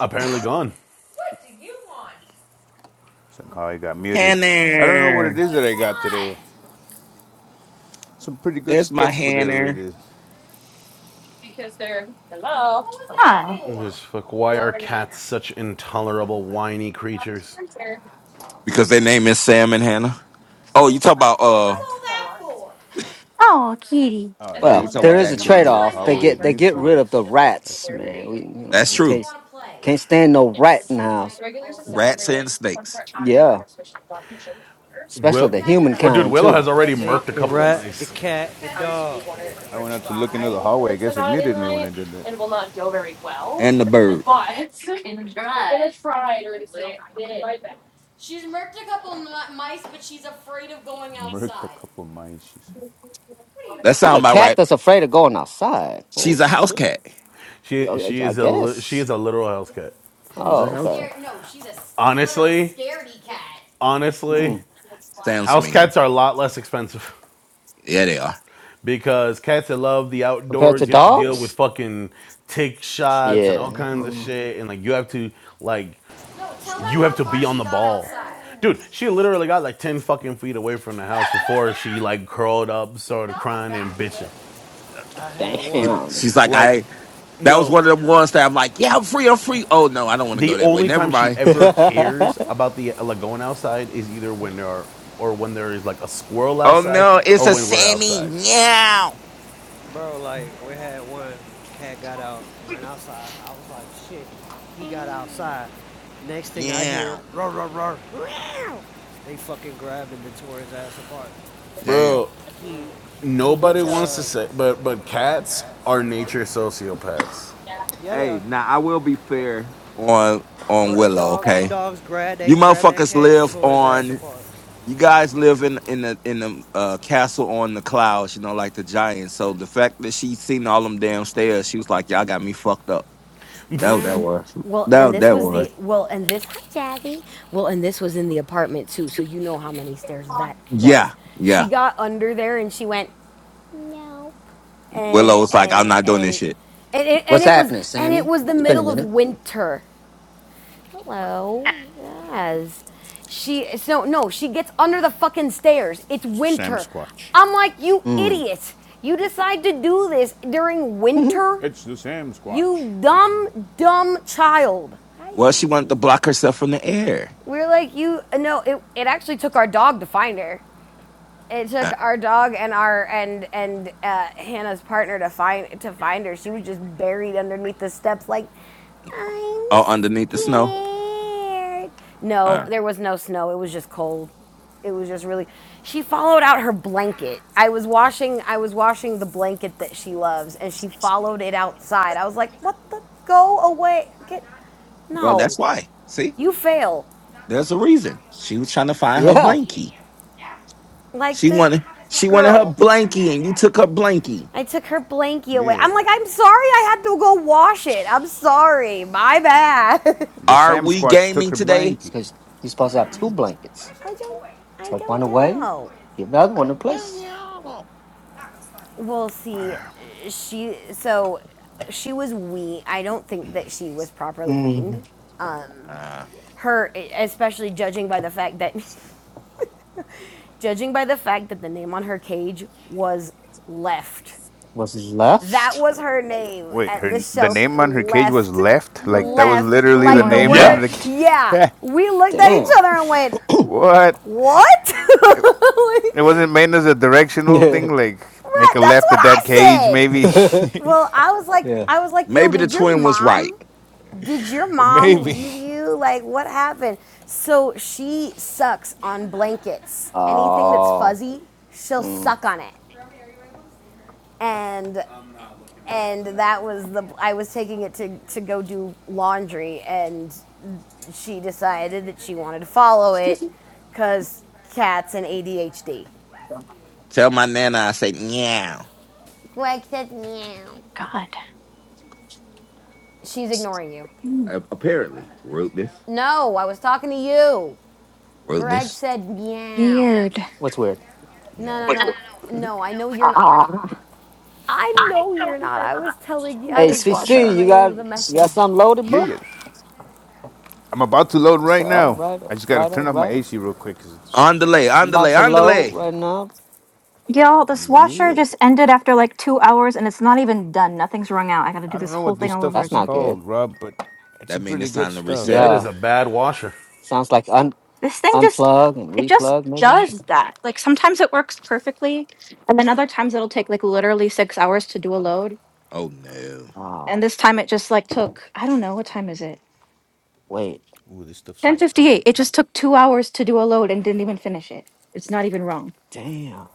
I: Apparently gone.
L: Somehow I got muted. I don't know what it
D: Hannah.
L: is that I got today. Some pretty good
D: There's my
L: stuff, whatever it
D: Hannah.
L: is.
A: Hi.
I: Just fuck. Why are cats such intolerable whiny creatures?
D: Because their name is Sam and Hannah. Oh, you talk about uh.
A: Oh, Kitty.
L: Oh, I
D: Oh, you
B: Well,
L: guess
D: talk
L: when
B: there
D: about
L: you
D: the
B: is a
L: leave
D: actual
L: into
D: kid.
L: the
B: trade-off. They
L: hallway, it
B: get they
L: mutes
B: get
L: you.
B: rid of the
L: That's that's
B: rats,
L: crazy.
B: man. We you know
D: That's
B: we
D: true.
B: can't can't stand no rat in the house.
D: Rats and snakes.
B: Yeah, especially
I: Will.
B: the
I: Oh, dude,
B: humankind
I: Willow
B: too.
I: has already
F: Snake,
I: murked a
F: the
I: couple of
F: rat, the
I: mice.
F: cat, the dog.
L: I went out to look into the hallway. I guess it muted me when I did that.
D: and the bird.
L: Murked a couple of mines, she said.
D: That
B: Not
D: sound
B: a
D: about
B: cat
D: right.
B: that's afraid of going outside. Oh
D: She's a house
B: shit!
D: cat.
I: She
B: I,
I: she
B: I
I: is a li- she
B: guess.
I: is a literal house cat.
D: She's
B: Oh,
D: a house
B: okay.
D: cat.
I: Honestly? Honestly,
B: Mm.
D: Sounds
I: house
D: mean.
I: cats are a lot less expensive
D: Yeah, they are.
I: [LAUGHS] because cats that love the
B: Compared to
I: outdoors, you have to deal with
B: dogs?
I: fucking tick shots and all
B: Yeah.
I: kinds of
B: Mm.
I: shit, and like you have to like you have to be on the ball. Dude, she literally got like 10 fucking feet away from the house before she like curled up, started crying and bitching. it.
F: I had
D: She-
F: one.
B: Damn.
D: She's like,
I: Like,
D: I. That was
I: no.
D: one of them ones that I'm like, yeah, I'm free, I'm free. Oh no, I don't want to go
I: the
D: that way.
I: only
D: Never
I: time she
D: mind.
I: ever
B: [LAUGHS]
I: cares about the like going outside is either when there are or when there is like a squirrel
D: Oh
I: outside
D: no,
I: or
D: it's a
I: when we're
D: Sammy.
I: outside
D: Meow,
F: Bro, like we had one cat got out, ran outside. I was like, shit. He got outside. Next thing I hear,
D: meow.
F: roar, roar, roar, meow. They fucking grabbed him and tore his ass apart.
D: Damn.
I: bro
F: He he hit
I: nobody wants
F: the
I: to say but but cats are nature sociopaths
F: yeah they
D: Hey,
F: are.
D: now I will be fair on on
F: Bro, that
D: Willow.
F: dog, them
D: Okay,
F: dogs grabbed they
D: you
F: grabbed that
D: motherfuckers
F: cat and
D: live
F: tore his ass
D: on.
F: apart.
D: You guys live in in the in the uh, castle on the clouds. You know, like the giants. So the fact that she seen all them damn stairs, she was like, "Y'all got me fucked up." That that was.
M: Well, and
D: That
M: this
D: that
M: was
D: was.
M: the well, and this Hi, Daddy. well, and this was in the apartment too, so you know how many stairs that was.
D: Yeah,
M: She
D: yeah.
M: got under there and she went Nope. and
D: Willow was like, "I'm
M: and
D: not doing this
M: and
D: shit."
M: and it, and
B: What's
M: it was
B: happening,
M: and it
B: Sammy?
M: was the
B: It's been a
M: middle of
B: minute.
M: winter. Hello, yes. She so no, she gets under the fucking stairs. It's
L: Sam
M: winter.
L: Squatch.
M: I'm like, you
B: Mm.
M: idiot. You decide to do this during
B: [LAUGHS]
M: winter?
L: It's the Sam Squatch.
M: You dumb, dumb child. Hi,
D: Well, she wanted to
M: Cece.
D: block herself from the air
M: We are like, you, no, it, it actually took our dog to find her it took
D: uh,
M: our dog and our and and uh, Hannah's partner to find to find her. She was just buried underneath the steps, like I'm
D: or underneath the snow.
M: scared. No,
D: Uh,
M: there was no snow. It was just cold. It was just really. She followed out her blanket. I was washing. I was washing the blanket that she loves, and she followed it outside. I was like, "What the? Go away! Get
D: well, that's
M: no!
D: why. See,
M: You fail!
D: there's a reason. She was trying to find her
B: yeah.
D: blankie.
M: Like
D: She
M: the
D: wanted she wanted her
M: girl.
D: blankie and you took her blankie.
M: I took her blankie away. I'm like,
L: Yeah.
M: I'm sorry I had to go wash it. I'm sorry. My bad.
L: The
D: Are
L: Sam
D: we
L: Squatch took
D: gaming
L: her
D: today?
B: It's
L: blankie.
B: because you're supposed to have two blankets.
M: [LAUGHS] I don't I
B: Take one
M: don't
B: away,
M: know.
B: get another
D: I
B: one in
D: don't
B: place.
D: know.
M: Well, see, she so she was we. I don't think that she was properly
B: Mm.
M: weaned. Um,
D: Uh,
M: her, especially judging by the fact that, [LAUGHS] judging by the fact that the name on her cage was left.
B: What's
M: That
B: left?
M: was her name
L: Wait,
M: at the
L: her the name
M: shelter.
L: on her cage was
M: Left,
L: left. Like that was
M: left,
L: literally
A: Good
L: the
M: like
I: Like
M: the Yep.
I: the
L: name
A: morning.
L: on
M: word.
L: the.
B: Left.
I: word-
M: Yeah,
L: ca-
M: we looked at each
B: Damn.
M: other
B: [LAUGHS]
M: and went,
L: [LAUGHS] what?
M: "What?" [LAUGHS]
L: It
M: Like,
L: wasn't made as a directional
B: Yeah.
L: thing. Like make
M: right,
L: a
M: that's
L: left
M: what
L: at
M: I
L: that cage,
M: said.
L: maybe.
B: [LAUGHS]
M: Well, I was like,
B: yeah.
M: I was like, "Yo,
D: maybe the
M: did your
D: twin was right.
M: mom? Did your
L: [LAUGHS]
M: mom
L: maybe.
M: leave you? Like, what happened?" So she sucks on blankets. Anything that's
B: Oh.
M: fuzzy, she'll
B: Mm.
M: suck on it. and and that. that was the I was taking it to to go do laundry, and she decided that she wanted to follow
B: [LAUGHS]
M: it because cats and ADHD.
D: Tell my nana I say meow.
M: Greg said meow.
A: God.
M: She's ignoring you.
D: A- Apparently. Rudeness.
M: No, I was talking to you. Greg
D: Rudeness.
M: said meow.
B: What's weird?
L: Meow.
M: No, no, no, no. I know you're not. I know you're not. I was telling you. I
B: Hey,
M: was
B: CC, you
M: relaying
B: got
M: the
B: you got
M: message.
B: something loaded,
L: Yeah,
B: bro?
L: yes. I'm about to load
B: So,
L: right
B: all
L: now.
B: right, all
L: I just gotta
B: right, all
L: turn off my
B: right.
L: AC real quick. 'cause it's,
D: On delay,
B: I'm
D: on
B: about
D: delay,
B: to
D: on
L: but
B: load
D: delay.
B: right now.
A: Y'all, this washer
L: yeah,
A: just ended after like two hours and it's not even done. Nothing's wrung out. I gotta
L: I
A: do
L: don't
A: this
L: know
A: whole
L: what this
A: thing all
L: stuff
A: over
B: That's
L: is
B: not
A: again.
B: good.
L: called, Rob, but it's some
D: That mean
L: pretty
D: it's
L: good
D: time to
L: stuff.
D: reset
I: that
D: it.
I: is
B: Yeah.
I: a bad washer
B: Sounds like un
A: This thing just
B: unplug and
A: it just
B: replug maybe.
A: does that. Like sometimes it works perfectly, and then other times it'll take like literally six hours to do a load.
D: Oh no.
B: Oh,
A: And this time it just like took, I don't know, what time is it?
B: wait.
L: Ooh, this stuff smells pretty
A: 1058.
L: good,
A: It just
L: though.
A: took two hours to do a load and didn't even finish it. It's not even wrong.
B: Damn.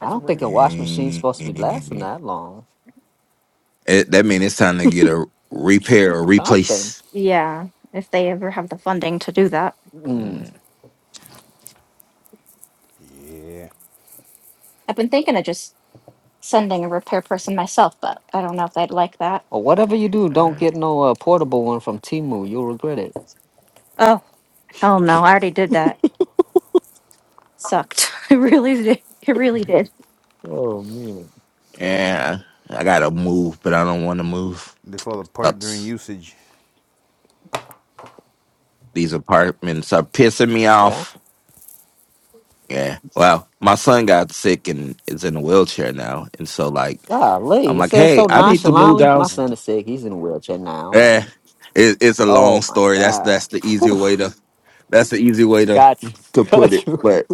B: I
M: That's
B: don't think a
M: rude.
B: wash machine's supposed to be lasting
D: Mm.
B: that long.
D: It- that mean it's time to get a repair or
B: Something.
D: replace.
A: Yeah, if they ever have the funding to do that.
B: Mm.
D: Mm,
L: Yeah.
A: I've been thinking of just sending a repair person myself, but I don't know if they'd like that.
B: Or whatever you do, don't
D: uh,
B: get no uh, portable one from Timu. You'll regret it.
A: Oh, sucked. [LAUGHS] it really did. It really did.
B: Oh man.
D: yeah. I gotta move, but I don't wanna move.
L: They fall apart during
D: Ups.
L: usage.
D: These apartments are pissing me
B: Yeah.
D: off. Yeah. Well, my son got sick and is in a wheelchair now. And so, like,
B: Golly.
D: I'm
B: He
D: like,
B: said
D: hey,
B: so
D: I need to move
B: nonchalantly.
L: Oh
D: down.
B: My
L: man.
B: son is sick. He's in a wheelchair now. Like,
D: Eh, it, it's a long
B: oh my
D: story. That's
B: God.
D: that's the easy
B: Whew.
D: way to that's the easy way to
B: Got you.
D: to
B: [LAUGHS]
D: put
B: Got
D: it.
B: you.
D: But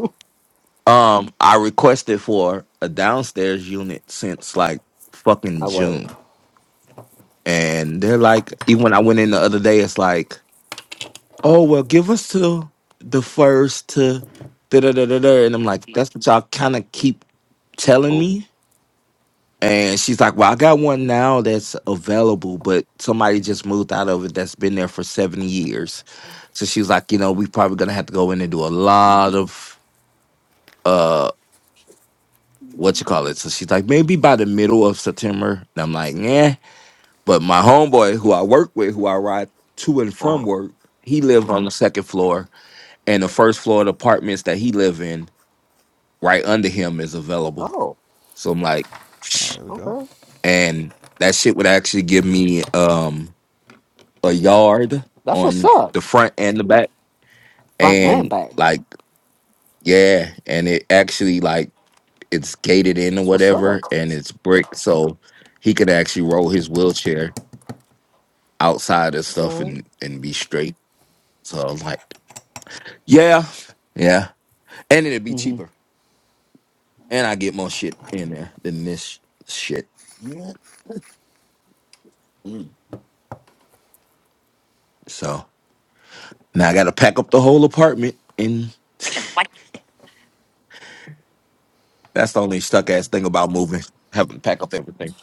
D: um, I requested for a downstairs unit since like fucking
B: I word.
D: June, and they're like, even when I went in the other day, it's like. oh well give us to the first to da da da da da and i'm like that's what y'all kind of keep telling
B: Oh.
D: me and she's like well i got one now that's available but somebody just moved out of it that's been there for seven years so she's like you know we probably gonna have to go in and do a lot
B: mhm.
D: of uh what you call it so she's like maybe by the middle of september and i'm like yeah but my homeboy who i work with who i ride to and from
B: Uh-huh.
D: work he lives on the second floor and the first floor of the apartments that he live in right under him is available
B: Oh.
D: so i'm like
L: Oh,
D: shh.
L: there we go.
B: Okay.
D: and that shit would actually give me um a yard
B: That's what's
D: on
B: up.
D: the front and the back
B: Front and
D: and
B: back.
D: like yeah and it actually like it's gated in or
B: That's what's up.
D: whatever and it's brick so he could actually roll his wheelchair outside and stuff
B: Mm-hmm.
D: and and be straight so i'm like yeah yeah and it'd be cheaper and i get more shit in there than this shit So now I got to pack up the whole apartment, and [LAUGHS] that's the only stuck ass thing about moving, having to pack up everything.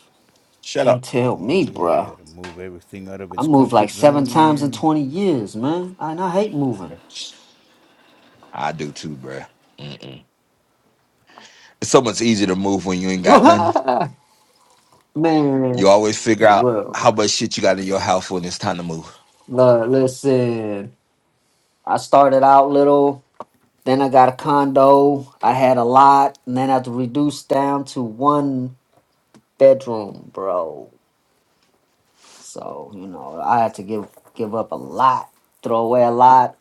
D: Shut
B: Can't
D: up.
B: tell me,
L: Yeah, you
B: bruh.
L: gotta move everything out of
B: I
L: its
B: moved like
L: comfort
B: seven
L: zone,
B: times in
L: man.
B: 20 years, man. And I hate moving.
D: I do too, bruh. Mm-mm. It's so much easier to move when you ain't
B: [LAUGHS]
D: got nothing.
B: man.
D: You always figure out
B: Well,
D: how much shit you got in your house when it's time to move.
B: look, listen. I started out little. Then I got a condo. I had a lot. And then I had to reduce down to one bedroom, bro. So, you know, I had to give give up a lot, throw away a lot.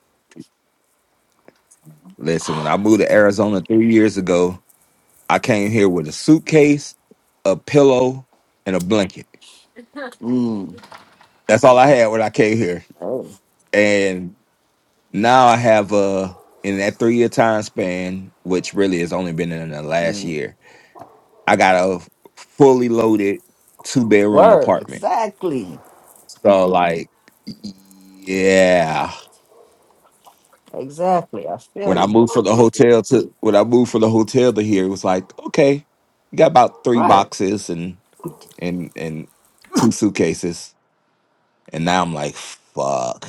D: Listen, when I moved to Arizona three years ago, I came here with a suitcase, a pillow, and a blanket.
B: Mm.
D: That's all I had when I came here.
B: Oh.
D: and. now I have uh in that three year time span, which really has only been in the last
B: Mm.
D: year, I got a fully loaded two bedroom
B: Word.
D: apartment.
B: Exactly.
D: So like yeah.
B: Exactly. I feel
D: When I
B: you.
D: moved from the hotel to when I moved from the hotel to here, it was like, okay, you got about three
B: Right.
D: boxes and and and two suitcases. And now I'm like, fuck.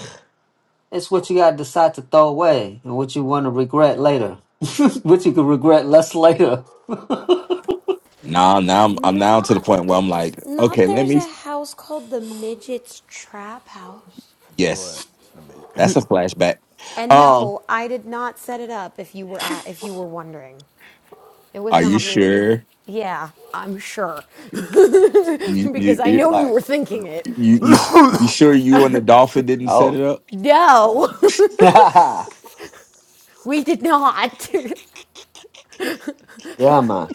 B: It's what you gotta decide to throw away and what you wanna regret later. [LAUGHS] what you can regret less later. [LAUGHS]
D: Now now I'm I'm now to the point
M: Not the
D: where I'm
M: f-
D: like,
M: not
D: okay, let
M: there's
D: me
M: a house called the Midget's Trap House.
L: What?
D: yes,
L: Let me. [LAUGHS]
D: that's a flashback.
M: And
D: Um,
M: no, I did not set it up if you were at, if you were wondering. It was
D: Are you
M: not me.
D: sure?
M: Yeah, I'm sure. [LAUGHS]
D: You
M: because
D: you
M: I
D: you
M: know you
B: like
M: were thinking it.
D: you you,
B: mm.
D: you sure you and the dolphin didn't set
B: Oh.
D: it up?
M: No,
B: [LAUGHS] yeah
M: [LAUGHS] we did not.
B: man.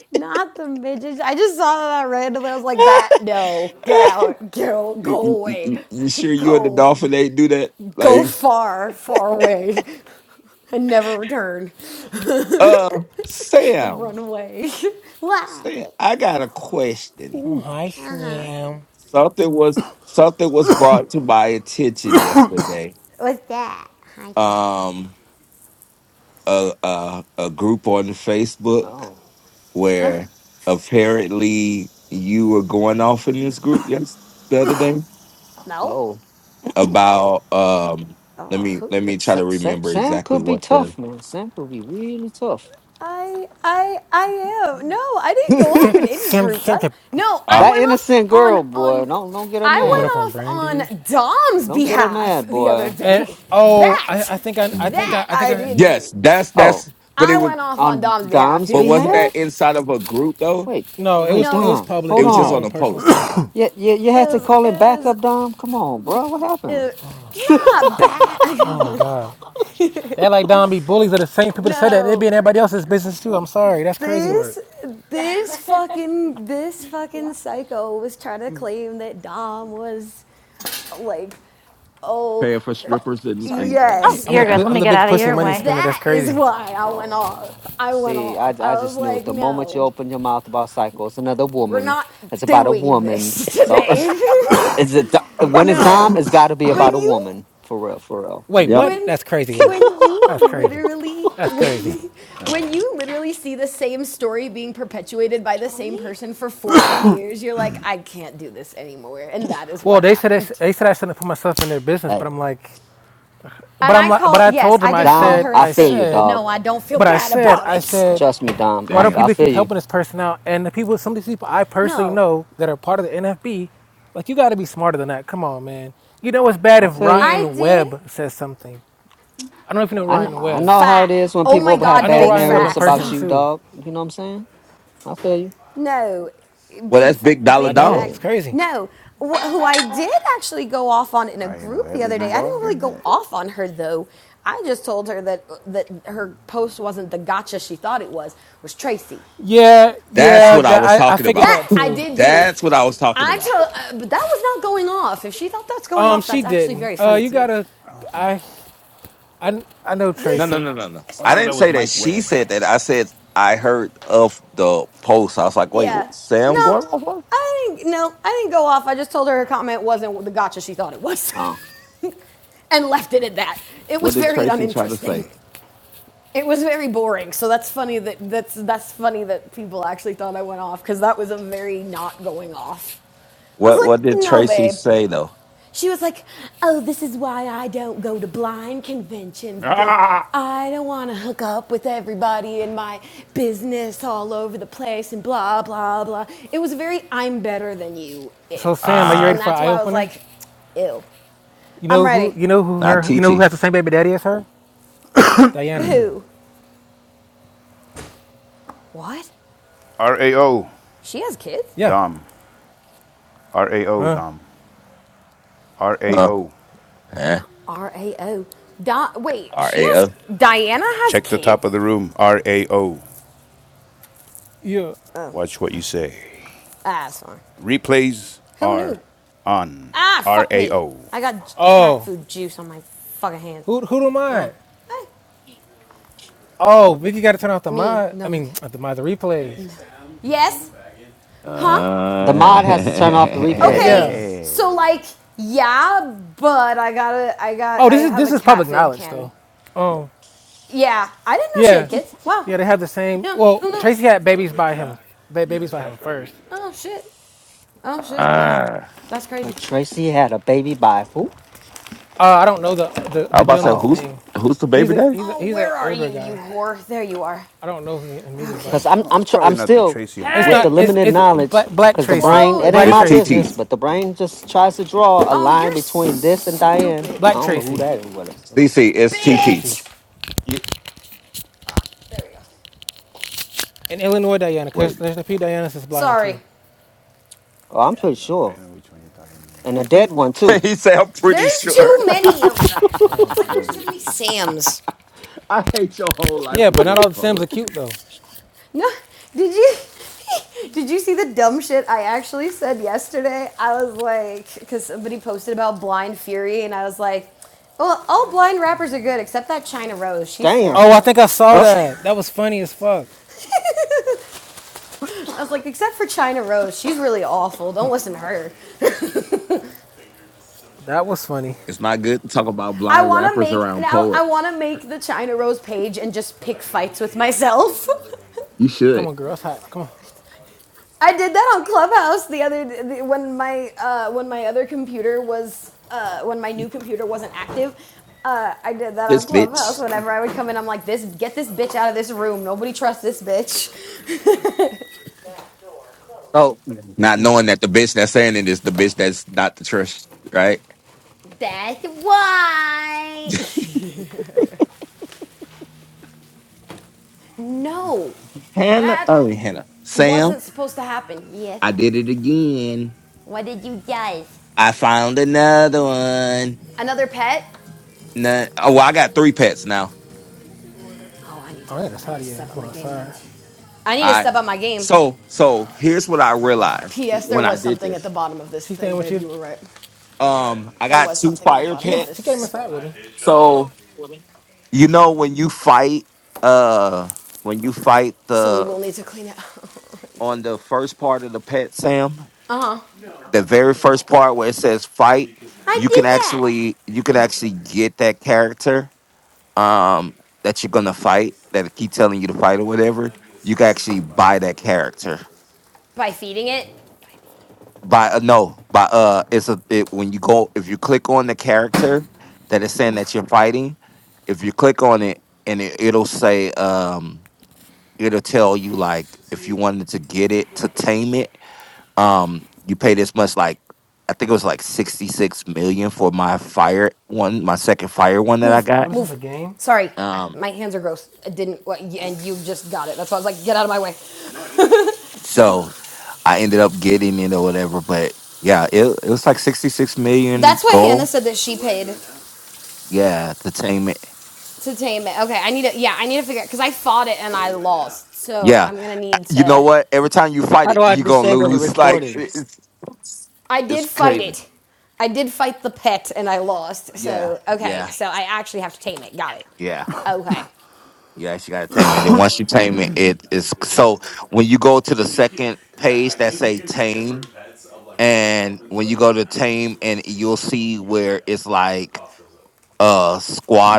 M: [LAUGHS] not the midgets. I just saw that randomly. I was like, that, no, get
D: [LAUGHS]
M: out, girl. go
D: you, you,
M: away.
D: you
M: [LAUGHS]
D: you sure you and the
M: Go,
D: dolphin ain't do that?
M: go
D: Like,
M: far, far away. [LAUGHS] and never return. [LAUGHS]
D: uh, Sam,
M: Run away. What?
D: Sam, I got a question.
C: hi,
M: Uh huh.
C: Sam.
D: Something was something was brought to my attention yesterday.
M: What's that? Hi, Tom.
D: Um, a a, a group on Facebook.
B: Oh.
D: where apparently you were going off in this group yes the other day
M: No.
B: Oh.
D: about um let
M: Oh,
D: me let
M: who?
D: me try
B: Sa-
D: to
B: Sa-
D: remember
B: Sam
D: exactly
B: could be
D: what the
B: tough, man. Sam could be really tough.
M: I I I am. No, I
B: [LAUGHS]
M: didn't go
C: Sam,
M: off in
B: that
M: any
C: Sam,
M: group.
C: Sam.
M: That no, I
D: uh
M: went off
B: innocent
M: on
B: girl, boy.
M: on
B: Don't don't get her
C: You went
B: mad.
C: up on
M: I went off
C: Brandy.
M: on Dom's
B: Don't get her
M: behalf
B: mad,
M: the other
B: boy.
C: And
M: day.
B: Oof.
C: oh,
M: That
C: I, I think I, I think I,
M: that
C: I think
M: I
C: I.
M: did
D: yes
M: do.
D: that's
B: Oh,
D: that's but it
M: I
D: was
M: went off on
B: on
M: Dom's behalf
B: Dom's
M: the
D: but
M: other
D: wasn't
M: day.
D: that
B: behalf?
D: inside of a group though
B: Wait,
C: No, it
B: wait,
C: was it
M: No,
C: was
B: Dom,
C: public.
D: it
B: hold
C: It
D: was
C: was my
D: just on
B: on.
C: own
D: a
C: personal
D: post
C: post.
B: Yeah, yeah, you
M: it
B: had to
M: was it
B: call him back
M: was.
B: up, Dom. Come on, bro. What
M: Uh,
B: happened? [LAUGHS]
M: not
C: Oh my
M: bad.
C: God. They act like Don B. Bullies are the same
M: [LAUGHS]
C: people that said that. They
M: no,
C: be in everybody else's business too. I'm sorry. That's crazy work.
M: this this fucking this fucking psycho was trying to claim that Dom was like, oh,
D: paying for strippers
M: fu-
D: and and
M: yes.
C: I'm the
D: yeah
C: pu-
B: oh,
C: I'm the big
A: Out of
C: pussy money
A: way.
C: spinner. That's
M: That is
C: crazy.
M: why I went
B: oh.
M: off. I went
B: See, I,
M: off.
B: I
M: I was
B: just knew it.
M: like,
B: The moment you
M: no,
B: open your mouth about psycho, it's another
M: we're
B: woman.
M: not
B: It's about a
M: doing
B: woman.
M: this
B: So [LAUGHS] it's,
M: today.
B: it's a, Do-
M: [LAUGHS]
B: when it's
M: no,
B: Dom, it's got to be
M: when
B: about a
M: you
B: woman. For real, for real.
C: Wait,
D: yep
C: what?
B: Mhm.
M: when
C: That's crazy work.
M: when you
C: That's crazy.
M: literally [LAUGHS]
C: That's crazy.
M: when, when you literally see the same story being perpetuated by the same person for 14 years you're like i can't do this anymore and that is
C: Well,
M: what
C: they said I, sh-
M: happened
C: they said I shouldn't put myself in their business, but
B: Hey,
C: I'm like, but
M: and
C: I'm
M: i
C: like,
M: call
C: but I
M: yes
C: told
M: i
C: them I
M: did call
B: Dom,
C: said
M: her a
B: I
C: I
B: feel you,
M: thing
C: said,
B: dog.
M: no i don't feel
C: but I
M: bad
C: said
M: about
C: I
M: it
C: said
B: Trust me, Dom. I,
C: why do
B: f- I
D: damn
C: people
B: feel
C: keep
B: you.
C: helping this person out? And the people, some of these people I personally
M: no
C: know that are part of the NFB, like you got to be smarter than that. Come on, man. You know it's bad
B: I
C: if
B: feel you.
M: i
C: Ryan
M: did
C: Webb says something. I don't know if you know
B: I kn-
C: Ryan
B: I
C: Webb.
B: know how
M: fat
B: it is when
M: oh
L: Ryan
M: my
B: people have
L: Webb.
C: I
M: god
C: know
B: bad
M: big
C: Ryan Webb in
B: narratives
M: facts
B: about
C: person
M: [LAUGHS]
B: you,
C: too.
B: dog. You know what I'm saying? I feel you.
M: No,
D: Well,
M: big
D: that's
M: fa-
D: big dollar
C: I
M: big
C: know
D: Dom.
M: facts.
B: Yeah.
C: it's crazy.
M: No, wh- who I did actually go off on in a
L: Ryan
M: group the
L: Webb is
M: other day. I didn't
L: involved
M: really
L: in
M: go
L: that?
M: off on her though. I just told her that that her post wasn't the gotcha she thought it was. Was Tracy
C: Yeah,
D: That's
C: yeah.
M: that
D: what I
C: That,
D: was
C: I I
D: talking
C: figured
D: about.
M: that
C: that
M: I
C: too.
M: did do.
D: That's what I was talking
M: I
D: about.
M: told, uh, but that was not going off. If she thought that's going
C: Um,
M: off,
C: she
M: that's actually
C: didn't.
M: very
C: Uh,
M: funny
C: you
M: to me.
C: gotta.
L: I don't think
C: I
L: that.
C: I I know
D: No, no,
C: Tracy.
D: no,
M: [LAUGHS]
D: no, no.
L: Oh,
D: I
L: no,
D: didn't
L: that was
D: say that
L: Mike
D: she
L: Webb. [LAUGHS]
D: said that. I said I heard of the post. I was like, wait,
M: yeah,
D: what, Sam
M: no,
D: going on? What
M: I didn't. No, I didn't go off. I just told her her comment wasn't the gotcha she thought it was. [LAUGHS]
B: Oh.
M: and left it at that. It
D: What
M: was
D: did
M: very
D: Tracy try to
M: uninteresting.
D: say?
M: It was very boring. So that's funny that that's that's funny that people actually thought I went off because that was a very not going off. I was
D: What
M: like,
D: What did
M: no,
D: Tracy
M: babe.
D: say though?
M: She was like, oh, this is why I don't go to blind conventions because
L: Ah!
M: I don't want to hook up with everybody in my business all over the place and blah, blah, blah. It was very I'm better than you
C: So Sam, are
M: esque.
C: you ready
M: And
D: Ah,
C: for an
M: that's
C: eye
M: why I was
C: opener?
M: like, ew.
C: You
M: I'm
C: know who?
M: ready.
C: You know who
L: What are you
D: not
C: her? You
L: putting
C: know who
D: TT.
C: has the
L: on?
C: same baby daddy as her? Diana.
M: Who? What?
L: RAO.
M: She has kids?
C: Yeah.
L: Dom. RAO,
C: Huh?
L: Dom.
D: Huh?
L: RAO.
D: eh.
M: Not R A O. Di- wait,
D: R
M: she
D: A
M: has.
D: O.
M: Diana has
L: Check the
M: kids?
L: top of the room. RAO.
C: Yeah.
L: Watch what you say.
M: Ah, that's fine.
L: Replays
M: Who knew?
L: are on.
M: Ah, fuck me.
L: RAO.
M: I got cat
C: Oh,
M: food juice on my fucking hands.
C: who who do
M: Ah.
C: mod?
M: Ah.
C: Oh, Vicky got to turn off the
M: Me.
C: mod. I
M: No, I'm
C: mean,
M: kidding.
C: not the mod the replays.
M: no. Yes? Huh?
B: The mod has to turn off the
D: Uh, [LAUGHS]
M: Okay,
C: Yeah.
B: replays.
M: so like,
L: Hey.
M: yeah, but I got to I got,
C: Oh,
M: I
C: this is
M: have
C: this
M: a
C: is
M: cat
C: public
M: food
C: knowledge
M: can.
C: though. Oh,
M: Yeah, I didn't know she had
C: Yeah.
M: kids. Wow,
C: Yeah, they have the same.
M: Yeah.
C: Well,
M: Oh no.
C: Tracy had babies by him. Ba- babies by him first.
M: Oh shit. Oh shit. Wow.
D: Uh,
M: That's crazy.
B: But Tracy had a baby by who?
C: Uh, I don't know the the,
D: I'm
C: the
D: about to say
C: gentleman's
B: Oh,
D: who's
C: name.
D: who's the
C: He's
D: baby
C: a
D: daddy?
C: he's a
M: Oh,
C: he's an
M: where are
C: older
M: you, you
C: guy.
M: whore? There you are.
C: I don't know who- him either,
M: Okay.
C: but
B: cause I'm
L: Oh, it's
B: I'm tr-
L: probably
B: I'm
L: not the
B: still
L: Tracy I'm
C: it's
B: with the
C: not
L: thinking
C: it's
L: about.
B: limited
C: it's
B: knowledge.
C: black black
B: Cause the
C: Tracy
B: brain,
M: Close.
B: it ain't
C: black
B: my
D: It's
M: Hey.
D: T
C: Tracy
D: T.
B: business, but the brain just tries to draw a
M: Oh,
B: line
M: you're
B: between this and Diane.
M: stupid.
B: I
C: black
B: don't know who
C: Tracy.
B: that is. What it's.
D: C C. It's
C: Yeah,
D: T
C: T
D: T.
C: T.
M: Bitch.
L: Yeah,
M: There we go.
C: In Illinois, Diana, because
D: wait.
C: there's a few Dianas is blind
M: Sorry.
C: too.
B: Oh, I'm
L: yeah, I
B: pretty
L: know.
B: sure,
L: I know which one you're talking
B: and a
L: about.
B: dead one
D: [LAUGHS]
B: too.
D: he said, I'm pretty
M: There's too
D: sure. [LAUGHS]
M: many of them.
C: Yeah.
M: It's like
D: I
M: there's too many Sams.
D: hate your whole life
C: Yeah,
D: for
C: but not all
D: getting
C: the Sims
D: poet.
C: are cute though.
M: No, did you [LAUGHS] did you see the dumb shit I actually said yesterday? I was like, because somebody posted about Blind Fury, and I was like, well, all blind rappers are good except that China Rose. She's
B: Damn.
C: Oh, I
M: terrible.
C: think I saw
D: Uh,
C: that. That was funny as fuck.
M: [LAUGHS] I was like, except for China Rose, she's really awful. Don't listen to her.
C: That was funny.
D: it's not good to talk about
M: I
D: blind
M: want to
D: rappers
M: make
D: around
M: now.
D: poet.
M: I want to make the China Rose page and just pick fights with myself. [LAUGHS]
D: You
C: Come
D: should.
C: on, girl, it's hot. Come on.
M: I did that on Clubhouse the other the, when my uh, when my other computer was uh, when my new computer wasn't active. Uh, I did that
D: This
M: on Clubhouse.
D: bitch.
M: Whenever I would come in, I'm like, "This, get this bitch out of this room. Nobody trusts this bitch."
B: So,
D: Not knowing that the bitch that's saying it is the bitch that's not the trust. right?
M: That's why. No,
D: Hannah.
M: that
D: Oh, Hannah. Sam.
M: wasn't supposed to happen. Yes.
D: I did it again.
M: What did you guys?
D: I found another one.
M: Another pet?
D: Nah- oh, well, I got three pets now.
M: Oh, I need to.
C: Oh yeah, that's
M: I
C: hot.
M: need to
C: Yeah,
M: step
C: that's
M: up
C: what
M: my
C: I'm
M: game then.
C: outside
M: I need to
D: All right.
M: step up my game.
D: So, so here's what I
C: right now.
D: realized
M: P.S. There
D: when I
M: was
D: did
M: something at the
D: this.
M: bottom of this
C: She
M: thing,
C: staying with
M: babe.
C: you?
M: You were right.
D: Um, I
M: There
D: got
M: was
D: two
M: something at the
D: fire
C: She
M: bottom of
C: ain't- she
M: this,
C: came
D: pets.
C: inside with me.
D: So you know when you fight, uh, when you fight
M: so we
D: the
M: will need to clean it. [LAUGHS] you
D: on
M: can't do
D: the
M: it.
D: first part of the pet, Sam,
M: Uh huh.
D: the very first part where it says fight, you can actually you can actually get that character um, that you're gonna fight, that keep telling you to fight or whatever, you can actually buy that character.
M: By feeding it. By feeding.
D: By uh, no, by uh, it's a it, when you go if you click on the character that is saying that you're fighting, if you click on it and it, it'll say um, it'll tell you like if you wanted to get it to tame it, um, you pay this much like. I think it was like 66 million for my fire one, my second fire one that I
C: What
D: got.
C: is this
M: Move.
C: a game?
M: Sorry, I-
D: um.
M: my hands are gross. I didn't, what- and you just got it. That's why I was like, get out of my way.
D: So I ended up getting it or whatever. But yeah, it it was like sixty six million
M: That's why Hannah
D: goal.
M: said that she paid
D: Yeah, entertainment.
M: to tame it. Okay, I need to, yeah, I need to figure out, because I fought it and I lost. So
D: Yeah,
M: I'm gonna need
D: you know
M: to,
D: what? Every time you fight
B: how
D: it,
B: do I
D: you gonna
B: disable the
D: lose. [LAUGHS] Like
B: recording?
D: it's
M: I
D: it's
M: did fight
D: crazy.
M: it. I did fight the pet and I lost.
D: Yeah,
M: So, okay,
D: yeah,
M: so I actually have to tame it. Got it.
D: yeah,
M: Okay.
D: yeah. She got to tame it, And once you tame it, it is so. When you go to the second page that say tame, and when you go to tame, and you'll see where it's like uh